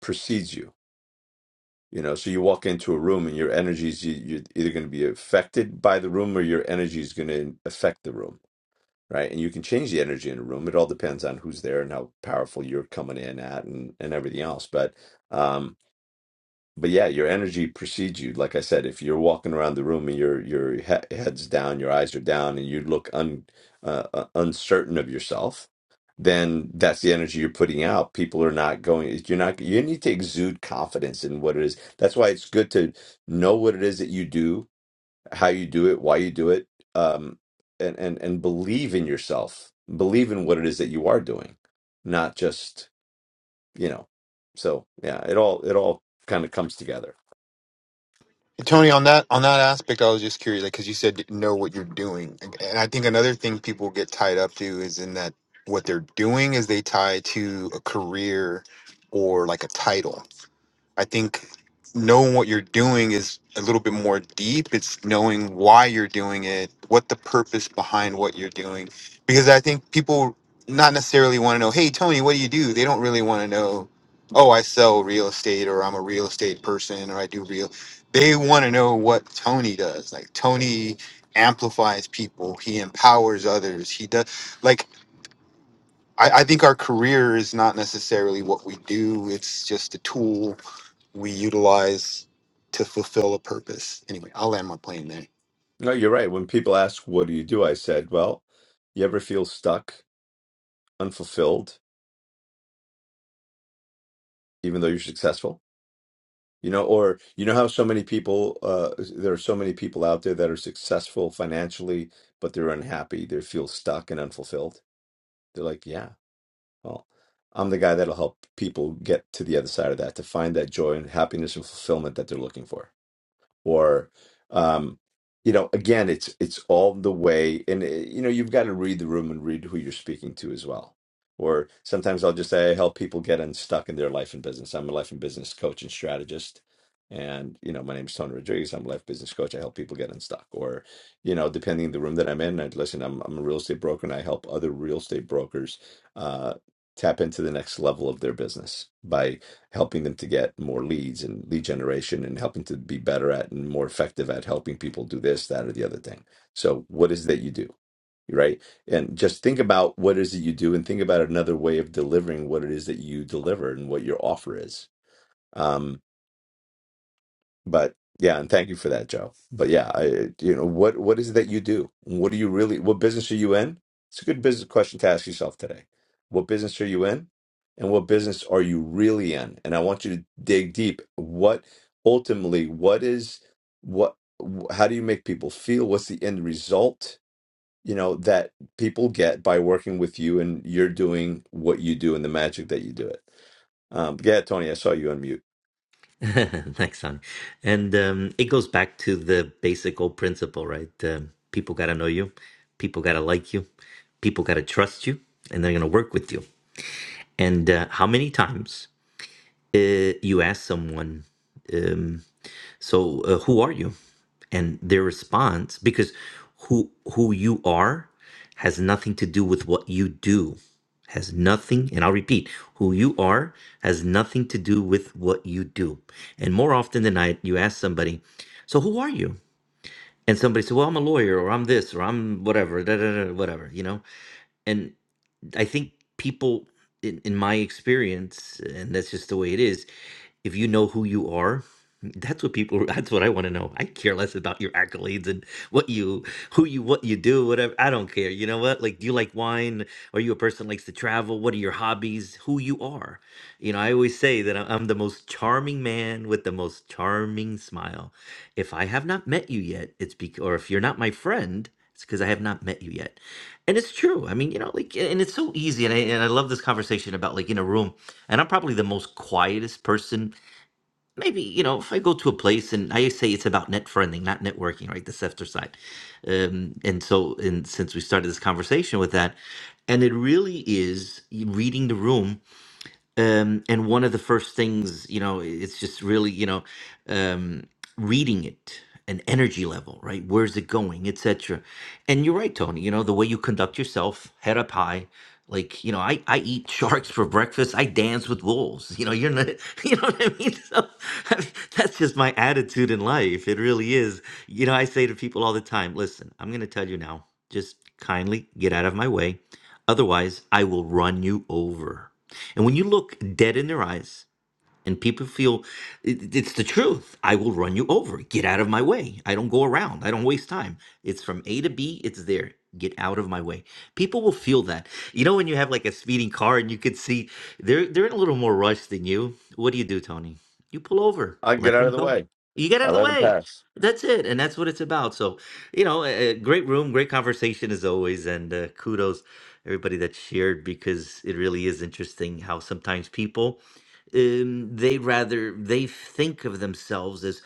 S3: precedes you. You know, so you walk into a room and your energy is you, you're either going to be affected by the room or your energy is going to affect the room, right? And you can change the energy in a room. It all depends on who's there and how powerful you're coming in at and and everything else. But um but yeah, your energy precedes you. Like I said, if you're walking around the room and your your he head's down, your eyes are down, and you look un uh, uh, uncertain of yourself, then that's the energy you're putting out. People are not going. You're not. You need to exude confidence in what it is. That's why it's good to know what it is that you do, how you do it, why you do it, um, and and and believe in yourself. Believe in what it is that you are doing, not just you know. So yeah, it all it all kind of comes together.
S11: Tony, on that on that aspect, I was just curious, like, because you said know what you're doing, and and I think another thing people get tied up to is in that what they're doing is they tie to a career or like a title. I think knowing what you're doing is a little bit more deep. It's knowing why you're doing it, what the purpose behind what you're doing. Because I think people not necessarily want to know, hey, Tony, what do you do? They don't really want to know, oh, I sell real estate or I'm a real estate person or I do real. They want to know what Tony does. Like Tony amplifies people, he empowers others. He does, like, I, I think our career is not necessarily what we do, it's just a tool we utilize to fulfill a purpose. Anyway, I'll land my plane there.
S3: No, you're right. When people ask, what do you do? I said, well, you ever feel stuck, unfulfilled, even though you're successful? You know, or you know how so many people, uh, there are so many people out there that are successful financially, but they're unhappy. They feel stuck and unfulfilled. They're like, yeah, well, I'm the guy that'll help people get to the other side of that, to find that joy and happiness and fulfillment that they're looking for. or um you know again it's it's all the way and uh, you know you've got to read the room and read who you're speaking to as well or sometimes i'll just say i help people get unstuck in their life and business i'm a life and business coach and strategist and you know my name is tony rodriguez i'm a life business coach i help people get unstuck or you know depending on the room that i'm in i listen i'm, I'm a real estate broker and i help other real estate brokers uh, tap into the next level of their business by helping them to get more leads and lead generation and helping to be better at and more effective at helping people do this, that, or the other thing. So, what is it that you do? Right. And just think about what is it you do and think about another way of delivering what it is that you deliver and what your offer is. Um, but yeah, and thank you for that, Joe. But yeah, I, you know, what what is it that you do? What do you really? What business are you in? It's a good business question to ask yourself today. What business are you in, and what business are you really in? And I want you to dig deep. What ultimately, what is what? wh- How do you make people feel? What's the end result? You know that people get by working with you, and you're doing what you do and the magic that you do it. Um, yeah, Tony, I saw you unmute.
S8: Thanks, Tony. And um, it goes back to the basic old principle, right? Um, people got to know you. People got to like you. People got to trust you, and they're going to work with you. And uh, how many times uh, you ask someone? um, So, uh, who are you? And their response, because who who you are has nothing to do with what you do, has nothing. And I'll repeat, who you are has nothing to do with what you do. And more often than not, you ask somebody, "So who are you?" And somebody said, "Well, I'm a lawyer, or I'm this, or I'm whatever, da, da, da, whatever," you know. And I think people, in, in my experience, and that's just the way it is if you know who you are that's what people that's what i want to know i care less about your accolades and what you who you what you do whatever i don't care you know what like do you like wine are you a person that likes to travel what are your hobbies who you are you know i always say that I- i'm the most charming man with the most charming smile if i have not met you yet it's because or if you're not my friend it's because i have not met you yet and it's true i mean you know like and it's so easy and I, and I love this conversation about like in a room and i'm probably the most quietest person maybe you know if i go to a place and i say it's about net friending not networking right the sefter side um, and so and since we started this conversation with that and it really is reading the room um, and one of the first things you know it's just really you know um, reading it an energy level right where's it going et cetera? and you're right tony you know the way you conduct yourself head up high like you know i i eat sharks for breakfast i dance with wolves you know you're not you know what i mean so I mean, that's just my attitude in life it really is you know i say to people all the time listen i'm going to tell you now just kindly get out of my way otherwise i will run you over and when you look dead in their eyes and people feel it, it's the truth i will run you over get out of my way i don't go around i don't waste time it's from a to b it's there get out of my way people will feel that you know when you have like a speeding car and you could see they're they're in a little more rush than you what do you do tony you pull over
S3: I get
S8: let
S3: out
S8: them
S3: of the
S8: go
S3: way.
S8: you get out
S3: I
S8: of the
S3: let him
S8: way
S3: pass.
S8: that's it and that's what it's about so you know a, a great room great conversation as always and uh, kudos everybody that shared because it really is interesting how sometimes people um, they rather they think of themselves as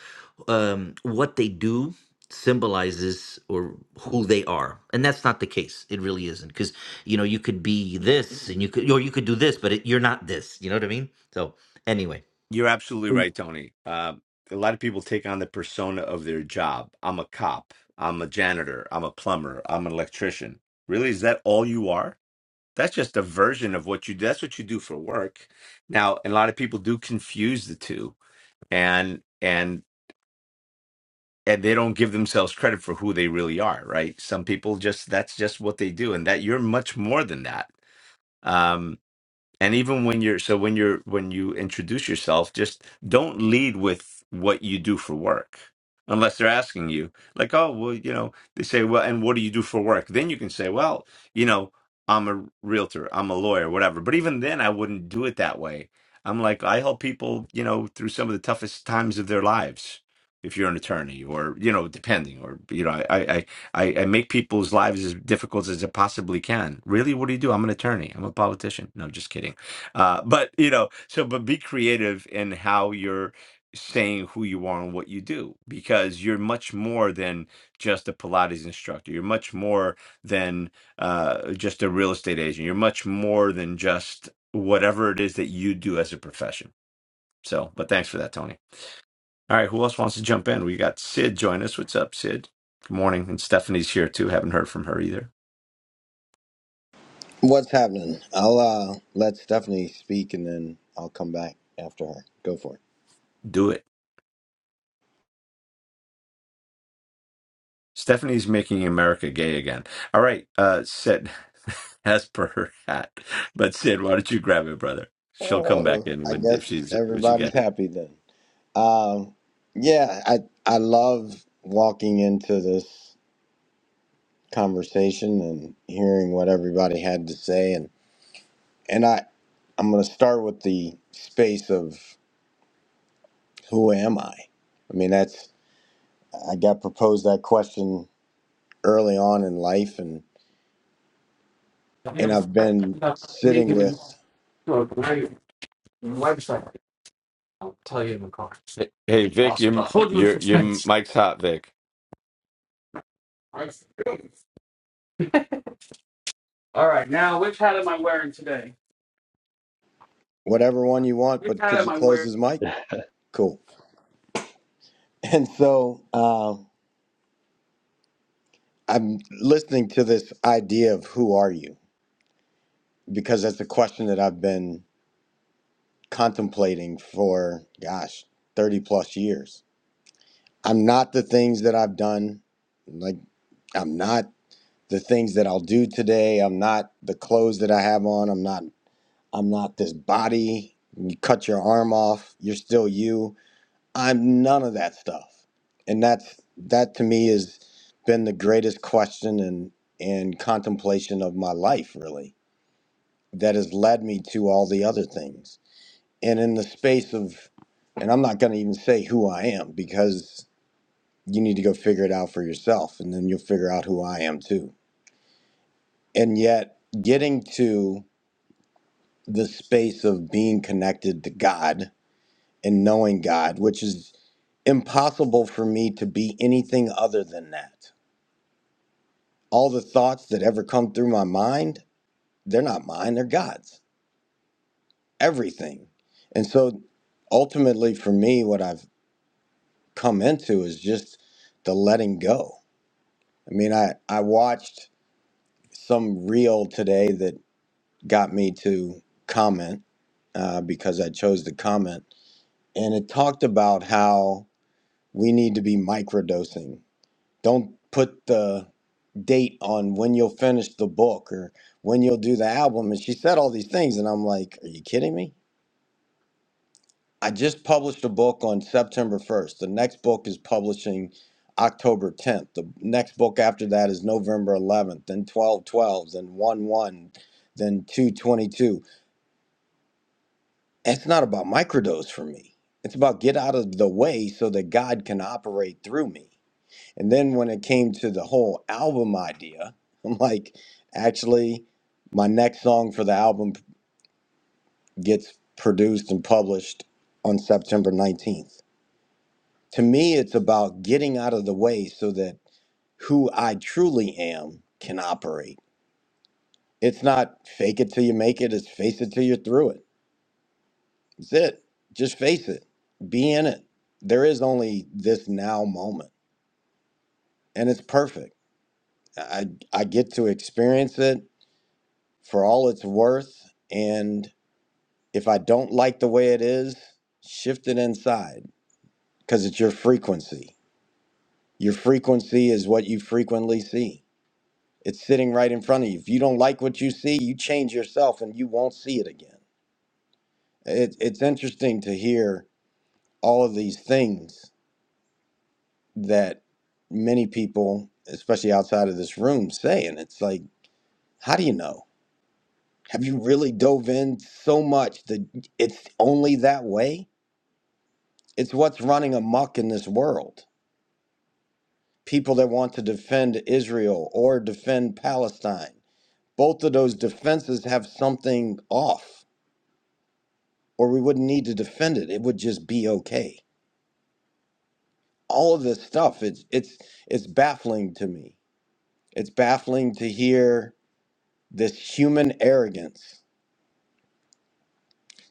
S8: um, what they do symbolizes or who they are and that's not the case it really isn't because you know you could be this and you could or you could do this but it, you're not this you know what i mean so anyway
S3: You're absolutely right, Tony. Uh, a lot of people take on the persona of their job. I'm a cop. I'm a janitor. I'm a plumber. I'm an electrician. Really, is that all you are? That's just a version of what you do. That's what you do for work. Now, and a lot of people do confuse the two, and and and they don't give themselves credit for who they really are. Right? Some people just that's just what they do, and that you're much more than that. Um, and even when you're so when you're when you introduce yourself just don't lead with what you do for work unless they're asking you like oh well you know they say well and what do you do for work then you can say well you know i'm a realtor i'm a lawyer whatever but even then i wouldn't do it that way i'm like i help people you know through some of the toughest times of their lives if you're an attorney or you know depending or you know i i I, I make people's lives as difficult as it possibly can. Really, what do you do? I'm an attorney. I'm a politician. No, just kidding. Uh, but you know, so but be creative in how you're saying who you are and what you do, because you're much more than just a Pilates instructor. You're much more than uh, just a real estate agent. You're much more than just whatever it is that you do as a profession. So, but thanks for that, Tony. All right, who else wants to jump in? We got Sid join us. What's up, Sid? Good morning. And Stephanie's here too. Haven't heard from her either.
S12: What's happening? I'll uh, let Stephanie speak and then I'll come back after her. Go for it.
S3: Do it. Stephanie's making America gay again. All right, uh, Sid, as per her hat. But Sid, why don't you grab it, brother? She'll come back
S12: Oh,
S3: in
S12: I
S3: when if
S12: guess
S3: she's when she
S12: everybody's
S3: get
S12: happy then. Um, yeah, I I love walking into this conversation and hearing what everybody had to say and and I I'm going to start with the space of who am I? I mean, that's I got proposed that question early on in life and and
S2: Yeah,
S12: I've
S2: I
S12: been
S2: end up
S12: sitting
S2: reading
S12: with
S2: to a great website. I'll tell you in the car.
S3: it. Hey, Vic,
S2: Awesome. I'll
S3: your
S2: hold you in
S3: your your
S2: suspense.
S3: mic's hot, Vic.
S2: All right, now which hat am I wearing today?
S12: whatever one you want, but could you close his mic? Cool. And so uh, I'm listening to this idea of who are you? Because that's a question that I've been contemplating for, gosh, 30 plus years. I'm not the things that I've done. Like, I'm not the things that I'll do today. I'm not the clothes that I have on. I'm not, I'm not this body. You cut your arm off, you're still you I'm none of that stuff. And that's that to me has been the greatest question and and contemplation of my life really that has led me to all the other things. And in the space of and I'm not going to even say who I am because you need to go figure it out for yourself and then you'll figure out who I am too. And yet getting to the space of being connected to God and knowing God, which is impossible for me to be anything other than that all the thoughts that ever come through my mind, they're not mine, they're God's. Everything. And so ultimately for me, what I've come into is just the letting go. I mean, I, I watched some reel today that got me to comment uh, because I chose to comment. And it talked about how we need to be microdosing. Don't put the date on when you'll finish the book or when you'll do the album. And she said all these things. And I'm like, are you kidding me? I just published a book on September 1st. The next book is publishing October 10th. The next book after that is November 11th, then 12 12, then 1 1, then 2 22. It's not about microdose for me. It's about get out of the way so that God can operate through me. And then when it came to the whole album idea, I'm like, actually, my next song for the album gets produced and published on September 19th. To me, it's about getting out of the way so that who I truly am can operate. It's not fake it till you make it, it's face it till you're through it. That's it. Just face it, be in it. There is only this now moment, and it's perfect. I, I get to experience it for all it's worth. And if I don't like the way it is, shift it inside because it's your frequency. Your frequency is what you frequently see. It's sitting right in front of you. If you don't like what you see, you change yourself and you won't see it again. It, it's interesting to hear all of these things that many people, especially outside of this room, say. And it's like, how do you know? Have you really dove in so much that it's only that way? It's what's running amok in this world. People that want to defend Israel or defend Palestine. Both of those defenses have something off, or we wouldn't need to defend it. It would just be okay. All of this stuff, it's it's it's baffling to me. It's baffling to hear this human arrogance,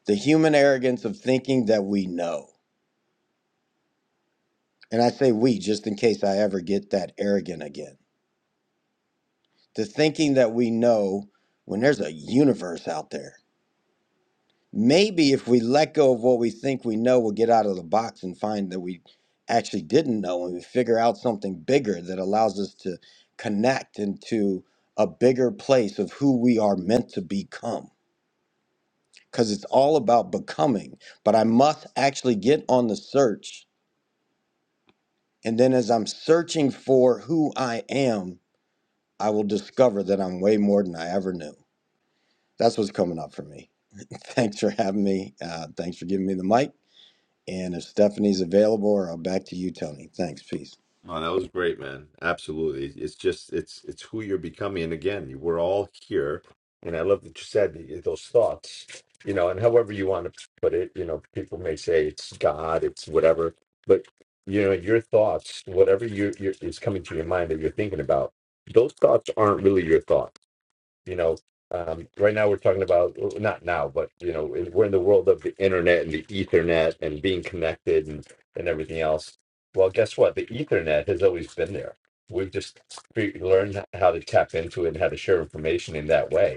S12: the human arrogance of thinking that we know. And I say we just in case I ever get that arrogant again. The thinking that we know when there's a universe out there Maybe if we let go of what we think we know, we'll get out of the box and find that we actually didn't know, and we figure out something bigger that allows us to connect into a bigger place of who we are meant to become. Because it's all about becoming, but I must actually get on the search. And then as I'm searching for who I am, I will discover that I'm way more than I ever knew. That's what's coming up for me. Thanks for having me. Uh, thanks for giving me the mic. And if Stephanie's available, or I'll back to you, Tony. Thanks. Peace.
S3: Oh, that was great, man. Absolutely. It's just it's it's who you're becoming. And again, we're all here. And I love that you said th- those thoughts, you know, and however you want to put it, you know, people may say it's God, it's whatever, but you know, your thoughts, whatever you you is coming to your mind that you're thinking about, those thoughts aren't really your thoughts you know um, right now we're talking about well, not now but you know in- we're in the world of the internet and the ethernet and being connected and and everything else well guess what the ethernet has always been there we've just fig- learned how to tap into it and how to share information in that way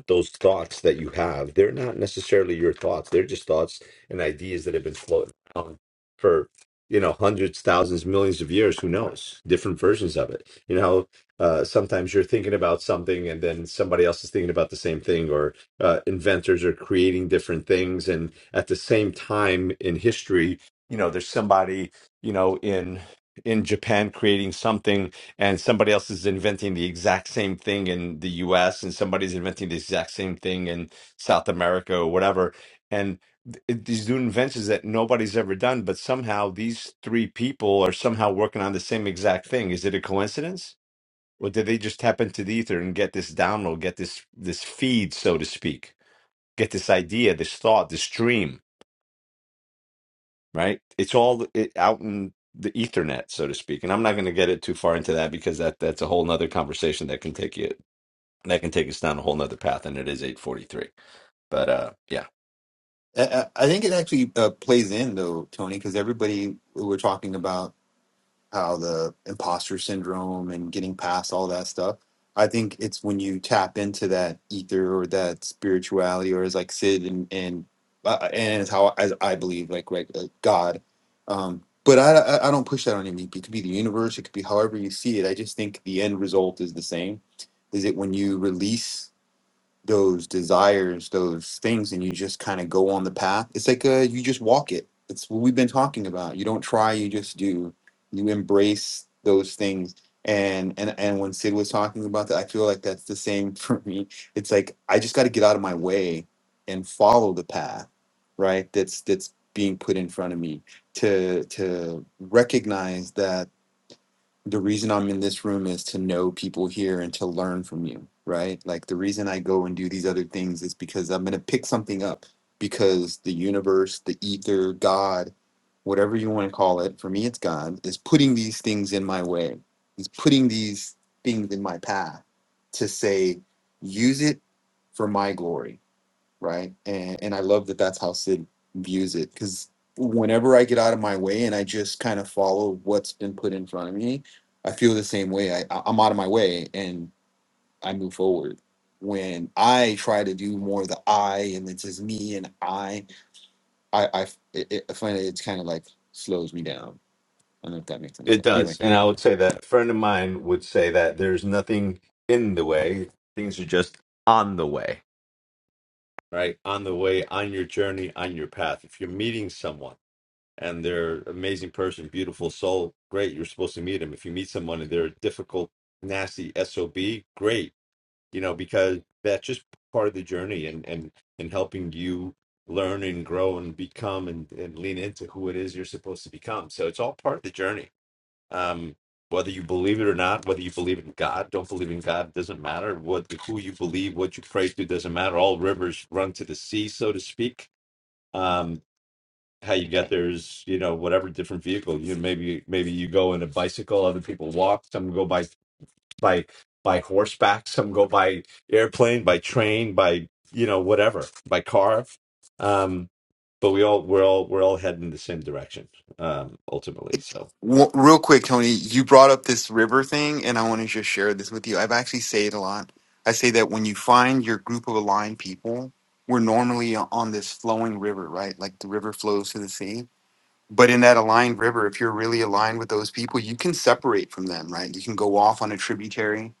S3: but those thoughts that you have, they're not necessarily your thoughts. They're just thoughts and ideas that have been floating around for, you know, hundreds, thousands, millions of years. Who knows? Different versions of it. You know, uh, sometimes you're thinking about something and then somebody else is thinking about the same thing, or uh, inventors are creating different things. And at the same time in history, you know, there's somebody, you know, in in Japan creating something and somebody else is inventing the exact same thing in the US and somebody's inventing the exact same thing in South America or whatever and th- these new inventions that nobody's ever done but somehow these three people are somehow working on the same exact thing is it a coincidence or did they just tap into the ether and get this download get this this feed so to speak get this idea this thought this dream right? It's all it, out in the ethernet, so to speak. And I'm not going to get it too far into that because that that's a whole nother conversation that can take you that can take us down a whole nother path. And it is 843. But uh, yeah,
S11: I, I I think it actually uh, plays in though, Tony, because everybody we're talking about how the imposter syndrome and getting past all that stuff. I think it's when you tap into that ether or that spirituality, or as like Sid and and uh, and it's how as I believe, like like, like God. Um, but I, I I don't push that on anybody. It could be the universe. It could be however you see it. I just think the end result is the same. Is it when you release? those desires, those things, and you just kind of go on the path. It's like uh, you just walk it. It's what we've been talking about. You don't try, you just do. You embrace those things. And and and when Sid was talking about that, I feel like that's the same for me. It's like I just got to get out of my way and follow the path, right? That's that's being put in front of me to to recognize that the reason I'm in this room is to know people here and to learn from you, right? Like the reason I go and do these other things is because I'm going to pick something up because the universe, the ether, God, whatever you want to call it, for me it's God, is putting these things in my way. He's putting these things in my path to say, use it for my glory right? And and I love that that's how Sid views it because whenever I get out of my way and I just kind of follow what's been put in front of me, I feel the same way. I I- I'm out of my way and I move forward. When I try to do more the I and it's just me and I, I I it, it, I find it's kind of like slows me down. I don't know if that makes any
S3: it
S11: sense. Anyway,
S3: does. And I would say that a friend of mine would say that there's nothing in the way; things are just on the way, right? On the way, on your journey, on your path. If you're meeting someone and they're an amazing person, beautiful soul, great. You're supposed to meet them. If you meet someone and they're a difficult, nasty sob, great you know because that's just part of the journey and and and helping you learn and grow and become and, and lean into who it is you're supposed to become so it's all part of the journey um whether you believe it or not whether you believe in god don't believe in god doesn't matter what who you believe what you pray to doesn't matter all rivers run to the sea so to speak um how you get there is you know whatever different vehicle you maybe maybe you go in a bicycle other people walk some go by by by horseback. Some go by airplane, by train, by you know whatever, by car. Um, but we all we're all we're all heading in the same direction um, ultimately. So
S11: W- Real quick, Tony, you brought up this river thing, and I want to just share this with you. I've actually say it a lot. I say that when you find your group of aligned people, we're normally on this flowing river, right? Like the river flows to the sea. But in that aligned river, if you're really aligned with those people, you can separate from them, right? You can go off on a tributary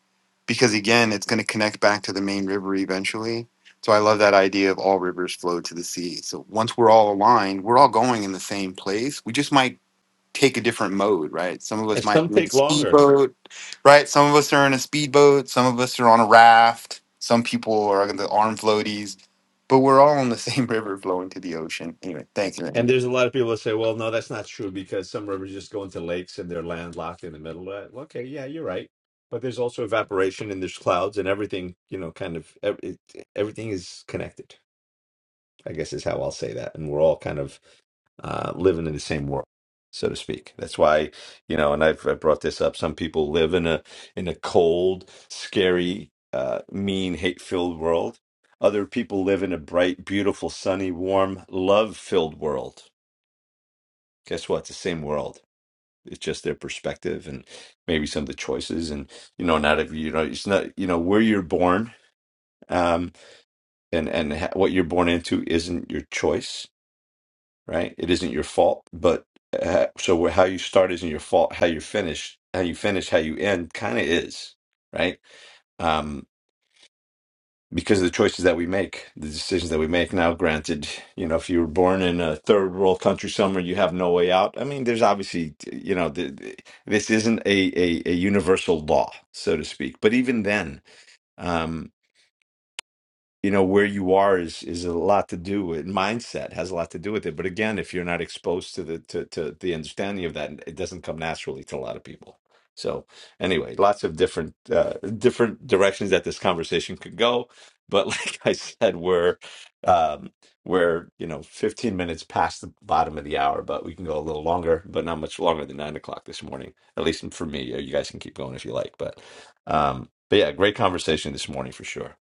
S11: because, again, it's going to connect back to the main river eventually. So I love that idea of all rivers flow to the sea. So once we're all aligned, we're all going in the same place. We just might take a different mode, right? Some of
S3: and
S11: us might
S3: some
S11: be in a
S3: take longer.
S11: speedboat, right? Some of us are in a speedboat. Some of us are on a raft. Some people are on the arm floaties, but we're all on the same river flowing to the ocean. Anyway, thank you. man.
S3: And there's a lot of people that say, "Well, no, that's not true because some rivers just go into lakes and they're landlocked in the middle." of it." Okay, yeah, you're right. But there's also evaporation and there's clouds and everything. You know, kind of ev- it- everything is connected. I guess is how I'll say that. And we're all kind of uh, living in the same world, so to speak. That's why, you know, and I've, I've brought this up. Some people live in a in a cold, scary, uh, mean, hate-filled world. Other people live in a bright, beautiful, sunny, warm, love-filled world. Guess what? It's the same world. It's just their perspective and maybe some of the choices. And you know, not every you know, it's not you know where you're born. Um, and and ha- what you're born into isn't your choice right? It isn't your fault, but uh, so how you start isn't your fault. How you finish, how you finish, how you end, kind of is, right? Um, because of the choices that we make, the decisions that we make. Now, granted, you know, if you were born in a third world country somewhere, you have no way out. I mean, there's obviously, you know, the, the- this isn't a, a a universal law, so to speak. But even then. um, you know where you are is is a lot to do with mindset has a lot to do with it but again if you're not exposed to the to, to the understanding of that it doesn't come naturally to a lot of people so anyway lots of different uh, different directions that this conversation could go but like i said we're um we're you know 15 minutes past the bottom of the hour but we can go a little longer but not much longer than nine o'clock this morning at least for me you guys can keep going if you like but um but yeah great conversation this morning for sure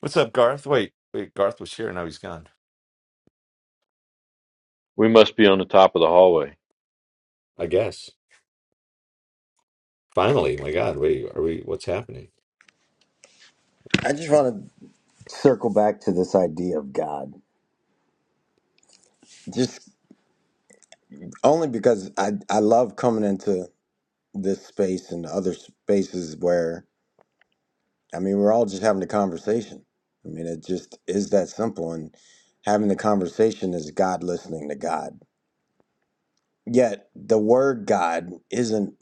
S3: What's up, Garth? Wait, wait, Garth was here. Now he's gone.
S4: We must be on the top of the hallway.
S3: I guess. Finally, my God, wait, are we? What's happening?
S12: I just want to circle back to this idea of God, just only because I, I love coming into this space and other spaces where, I mean, we're all just having a conversation. I mean, it just is that simple. And having the conversation is God listening to God. Yet the word God isn't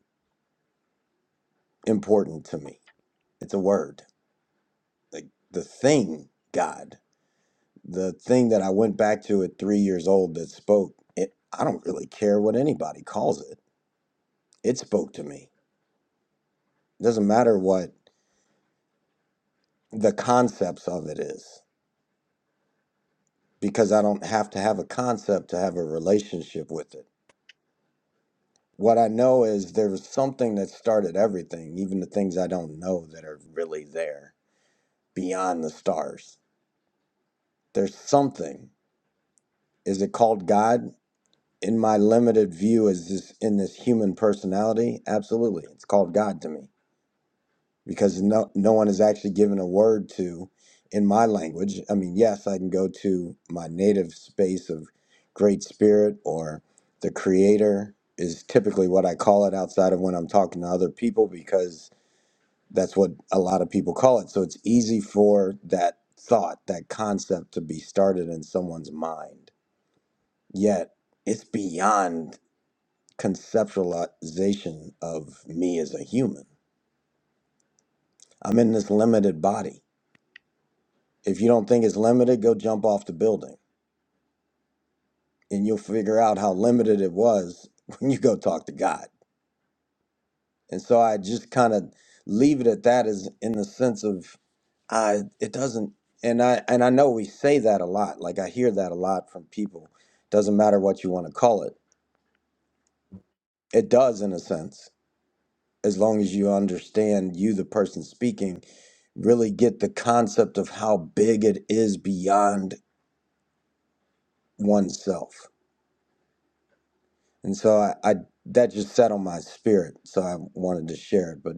S12: important to me, it's a word, like the thing God. the thing that I went back to at three years old that spoke, it I don't really care what anybody calls it. It spoke to me. It doesn't matter what the concepts of it is, because I don't have to have a concept to have a relationship with it. What I know is there was something that started everything, even the things I don't know that are really there beyond the stars. There's something. Is it called God? In my limited view, is this in this human personality? Absolutely. It's called God to me because no, no one is actually given a word to in my language. I mean, yes, I can go to my native space of Great Spirit or the Creator is typically what I call it outside of when I'm talking to other people because that's what a lot of people call it. So it's easy for that thought, that concept to be started in someone's mind. Yet it's beyond conceptualization of me as a human. I'm in this limited body If you don't think it's limited, go jump off the building and you'll figure out how limited it was when you go talk to God. And so I just kind of leave it at that as in the sense of uh, it doesn't and I and I know we say that a lot. Like I hear that a lot from people. Doesn't matter what you want to call it. It does in a sense, as long as you understand you the person speaking, really get the concept of how big it is beyond oneself and so I, I that just settled my spirit so i wanted to share it but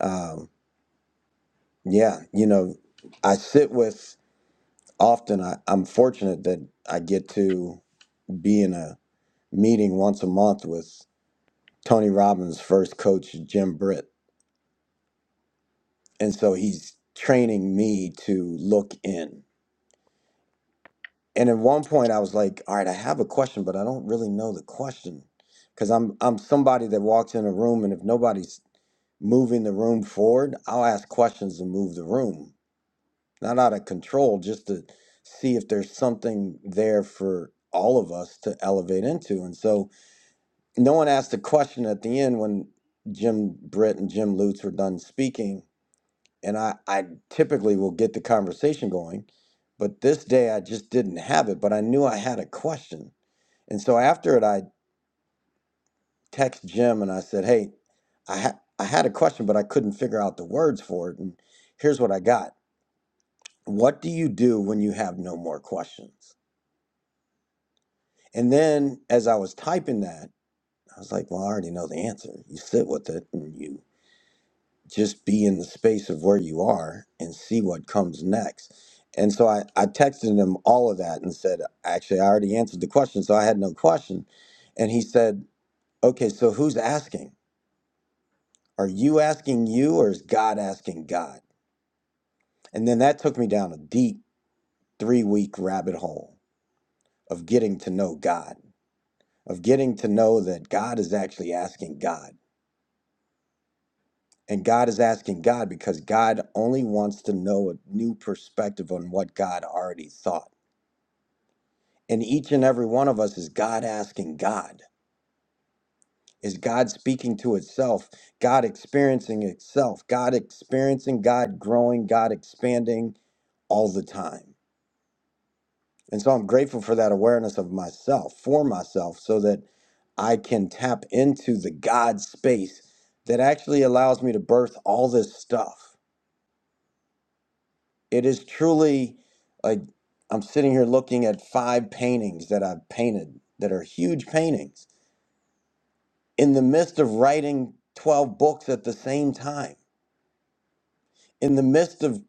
S12: um, yeah you know i sit with often I, i'm fortunate that i get to be in a meeting once a month with tony robbins first coach jim britt and so he's training me to look in and at one point i was like all right i have a question but i don't really know the question because i'm i'm somebody that walks in a room and if nobody's moving the room forward, I'll ask questions to move the room, not out of control, just to see if there's something there for all of us to elevate into. And so no one asked a question at the end when Jim Britt and Jim Lutz were done speaking. And I, I typically will get the conversation going, but this day I just didn't have it, but I knew I had a question. And so after it, I text Jim and I said, "Hey, I ha- I had a question, but I couldn't figure out the words for it, and here's what I got. What do you do when you have no more questions?" And then as I was typing that, I was like, "Well, I already know the answer. You sit with it and you just be in the space of where you are and see what comes next." And so I, I texted him all of that and said, actually, I already answered the question, so I had no question. And he said, okay, so who's asking? Are you asking you or is God asking God? And then that took me down a deep three week rabbit hole of getting to know God, of getting to know that God is actually asking God. And God is asking God because God only wants to know a new perspective on what God already thought. And each and every one of us is God asking God. Is God speaking to itself? God experiencing itself? God experiencing, God growing, God expanding all the time. And so I'm grateful for that awareness of myself, for myself, so that I can tap into the God space that actually allows me to birth all this stuff. It is truly like I'm sitting here looking at five paintings that I've painted that are huge paintings in the midst of writing 12 books at the same time, in the midst of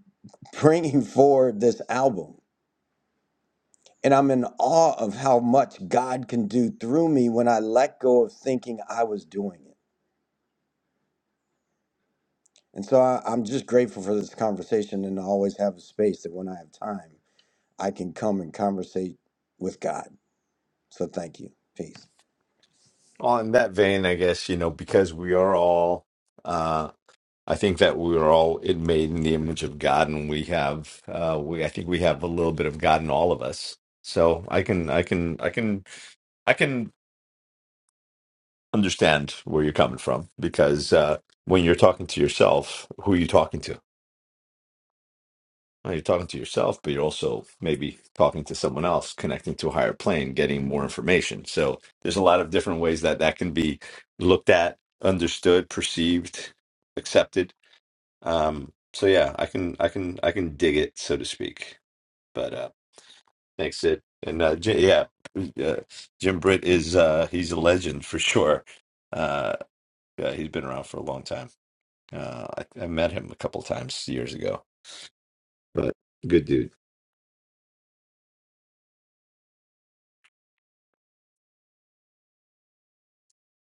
S12: bringing forward this album. And I'm in awe of how much God can do through me when I let go of thinking I was doing it. And so I, I'm just grateful for this conversation and I always have a space that when I have time, I can come and conversate with God. So thank you. Peace.
S3: Well, in that vein, I guess, you know, because we are all, uh, I think that we are all made in the image of God, and we have uh, we I think we have a little bit of God in all of us. So I can I can I can I can understand where you're coming from because uh, when you're talking to yourself, who are you talking to? Well, you're talking to yourself, but you're also maybe talking to someone else, connecting to a higher plane, getting more information. So there's a lot of different ways that that can be looked at, understood, perceived, accepted Um, so yeah, I can I can I can dig it, so to speak. But uh thanks, Sid. And uh J yeah, uh, Jim Britt is uh he's a legend for sure. Uh yeah, he's been around for a long time. Uh I, I met him a couple times years ago. But good dude.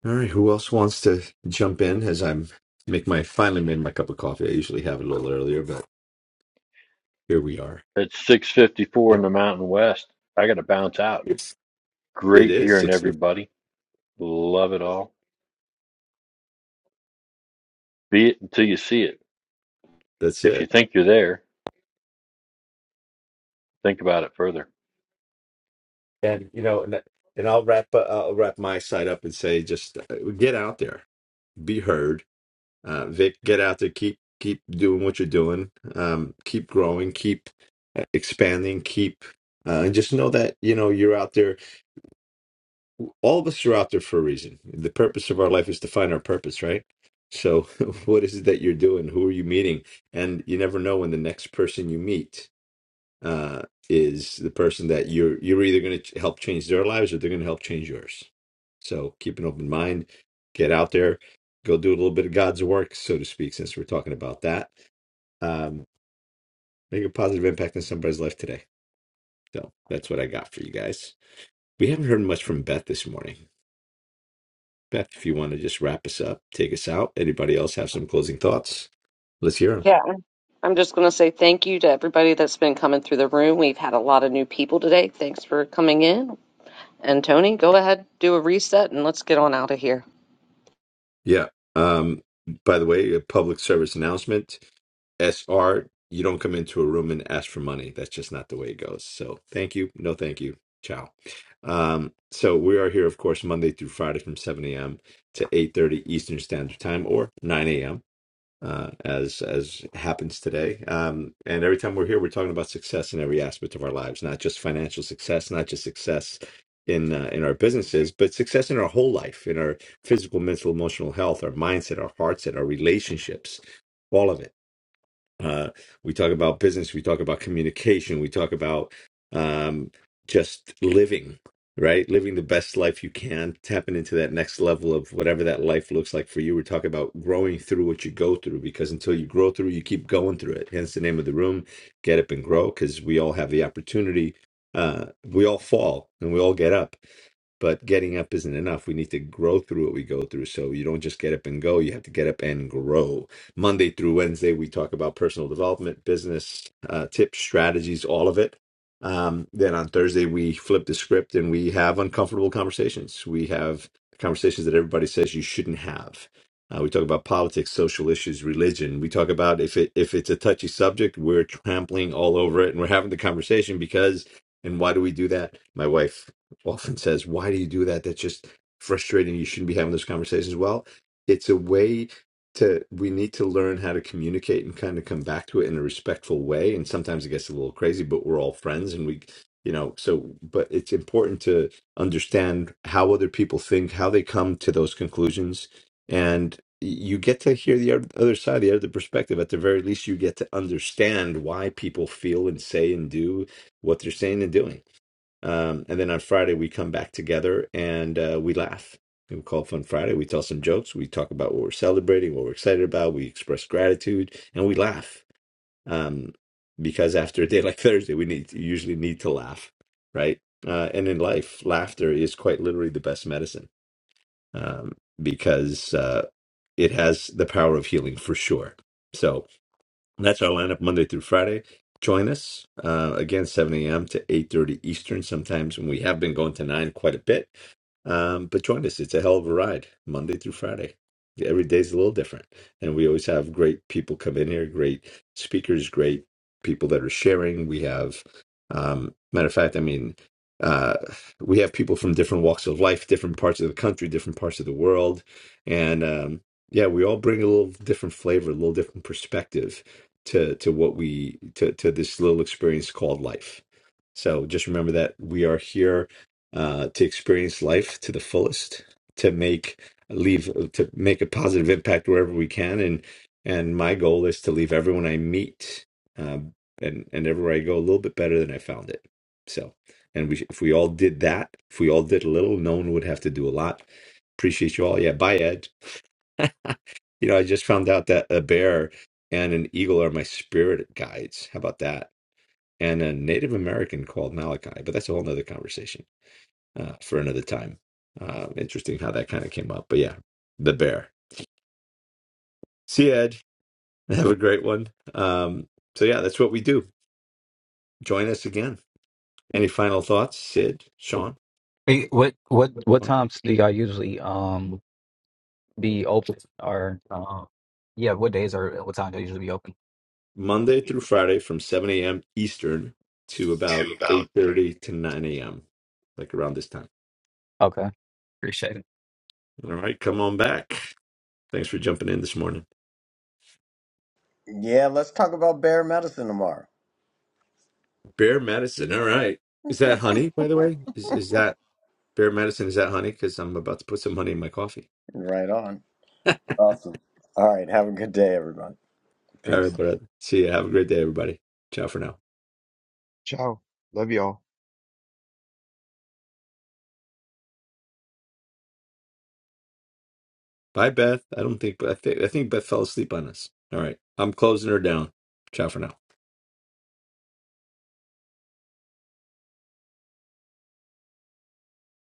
S3: All right, who else wants to jump in as I'm make my finally made my cup of coffee. I usually have it a little earlier, but here we are.
S4: It's 6:54
S3: Yeah.
S4: in the Mountain West. I got to bounce out.
S3: It's it
S4: Great
S3: is
S4: hearing
S3: six.
S4: everybody. Love it all. Be it until you see it.
S3: That's
S4: If
S3: it.
S4: you think you're there, think about it further.
S3: and you know, and, and I'll wrap uh, I'll wrap my side up and say, just uh, get out there, be heard. Uh, Vic, get out there, keep keep doing what you're doing, um, keep growing, keep uh, expanding, keep. Uh, and just know that you know you're out there. All of us are out there for a reason. The purpose of our life is to find our purpose, right? So, what is it that you're doing? Who are you meeting? And you never know when the next person you meet uh, is the person that you're you're either going to help change their lives or they're going to help change yours. So keep an open mind, get out there, go do a little bit of God's work, so to speak, since we're talking about that. Um, make a positive impact in somebody's life today. So that's what I got for you guys. We haven't heard much from Beth this morning. Beth, if you want to just wrap us up, take us out. Anybody else have some closing thoughts? Let's hear 'em.
S1: I'm just going to say thank you to everybody that's been coming through the room. We've had a lot of new people today. Thanks for coming in. And Tony, go ahead, do a reset, and let's get on out of here.
S3: Yeah. Um, by the way, a public service announcement. SR, you don't come into a room and ask for money. That's just not the way it goes. So thank you. No, thank you. Ciao. Um, so we are here, of course, Monday through Friday from 7 a.m. to 8.30 Eastern Standard Time or 9 a.m uh, as as happens today. Um, and every time we're here, we're talking about success in every aspect of our lives, not just financial success, not just success in uh, in our businesses, but success in our whole life, in our physical, mental, emotional health, our mindset, our hearts, and our relationships, all of it uh, we talk about business, we talk about communication, we talk about um, just living, right? Living the best life you can, tapping into that next level of whatever that life looks like for you. We're talking about growing through what you go through because until you grow through, you keep going through it. Hence the name of the room, Get Up and Grow, because we all have the opportunity. Uh, we all fall and we all get up but getting up isn't enough. We need to grow through what we go through. So you don't just get up and go, you have to get up and grow. Monday through Wednesday, we talk about personal development, business uh, tips, strategies, all of it. Um, then on Thursday, we flip the script and we have uncomfortable conversations. We have conversations that everybody says you shouldn't have. Uh, we talk about politics, social issues, religion. We talk about if it if it's a touchy subject, we're trampling all over it, and we're having the conversation because. And why do we do that? My wife often says, Why do you do that? That's just frustrating. You shouldn't be having those conversations. Well, it's a way to, we need to learn how to communicate and kind of come back to it in a respectful way. And sometimes it gets a little crazy, but we're all friends and we, you know, so, but it's important to understand how other people think, how they come to those conclusions. And you get to hear the oth- other side, the other perspective. At the very least, you get to understand why people feel and say and do what they're saying and doing um, and then on Friday, we come back together and uh, we laugh. We call Fun Friday. We tell some jokes. We talk about what we're celebrating, what we're excited about. We express gratitude and we laugh. Um, because after a day like Thursday, we need usually need to laugh, right? Uh, and in life, laughter is quite literally the best medicine um, because uh, it has the power of healing for sure. So, and that's our lineup Monday through Friday. Join us uh, again 7 a.m. to 8:30 Eastern. Sometimes, and we have been going to nine quite a bit. Um, but join us. It's a hell of a ride, Monday through Friday. Every day's a little different. And we always have great people come in here, great speakers, great people that are sharing. We have, um, matter of fact, I mean, uh, we have people from different walks of life, different parts of the country, different parts of the world. And um, yeah, we all bring a little different flavor, a little different perspective to to what we to to this little experience called life. So just remember that we are here uh, to experience life to the fullest, to make leave to make a positive impact wherever we can, and and my goal is to leave everyone I meet uh, and and everywhere I go a little bit better than I found it. So, and we if we all did that, if we all did a little, no one would have to do a lot. Appreciate you all. Yeah, bye, Ed. You know, I just found out that a bear and an eagle are my spirit guides. How about that? And a Native American called Malachi, but that's a whole nother conversation uh, for another time. Uh, interesting how that kind of came up. But yeah, the bear. See you, Ed. Have a great one. Um, so yeah, that's what we do. Join us again. Any final thoughts, Sid, Sean?
S10: Hey, What what what
S3: Tony?
S10: times do y'all usually um be open or um yeah, what days are what times do y'all usually be open?
S3: Monday through Friday from 7 a.m. Eastern to about 8.30 to 9 a.m., like around this time.
S10: Okay. Appreciate it.
S3: All right, come on back. Thanks for jumping in this morning.
S12: Yeah, let's talk about bear medicine tomorrow.
S3: Bear medicine. All right. Is that honey, by the way? Is, is that bear medicine? Is that honey? Because I'm about to put some honey in my coffee.
S12: Right on. Awesome. All right. Have a good day, everyone.
S3: All
S12: Peace.
S3: right, brother. See you. Have a great day, everybody. Ciao for now.
S9: love y'all
S3: Bye, Beth. I don't think I think I think Beth fell asleep on us. All right, I'm closing her down. Ciao for now.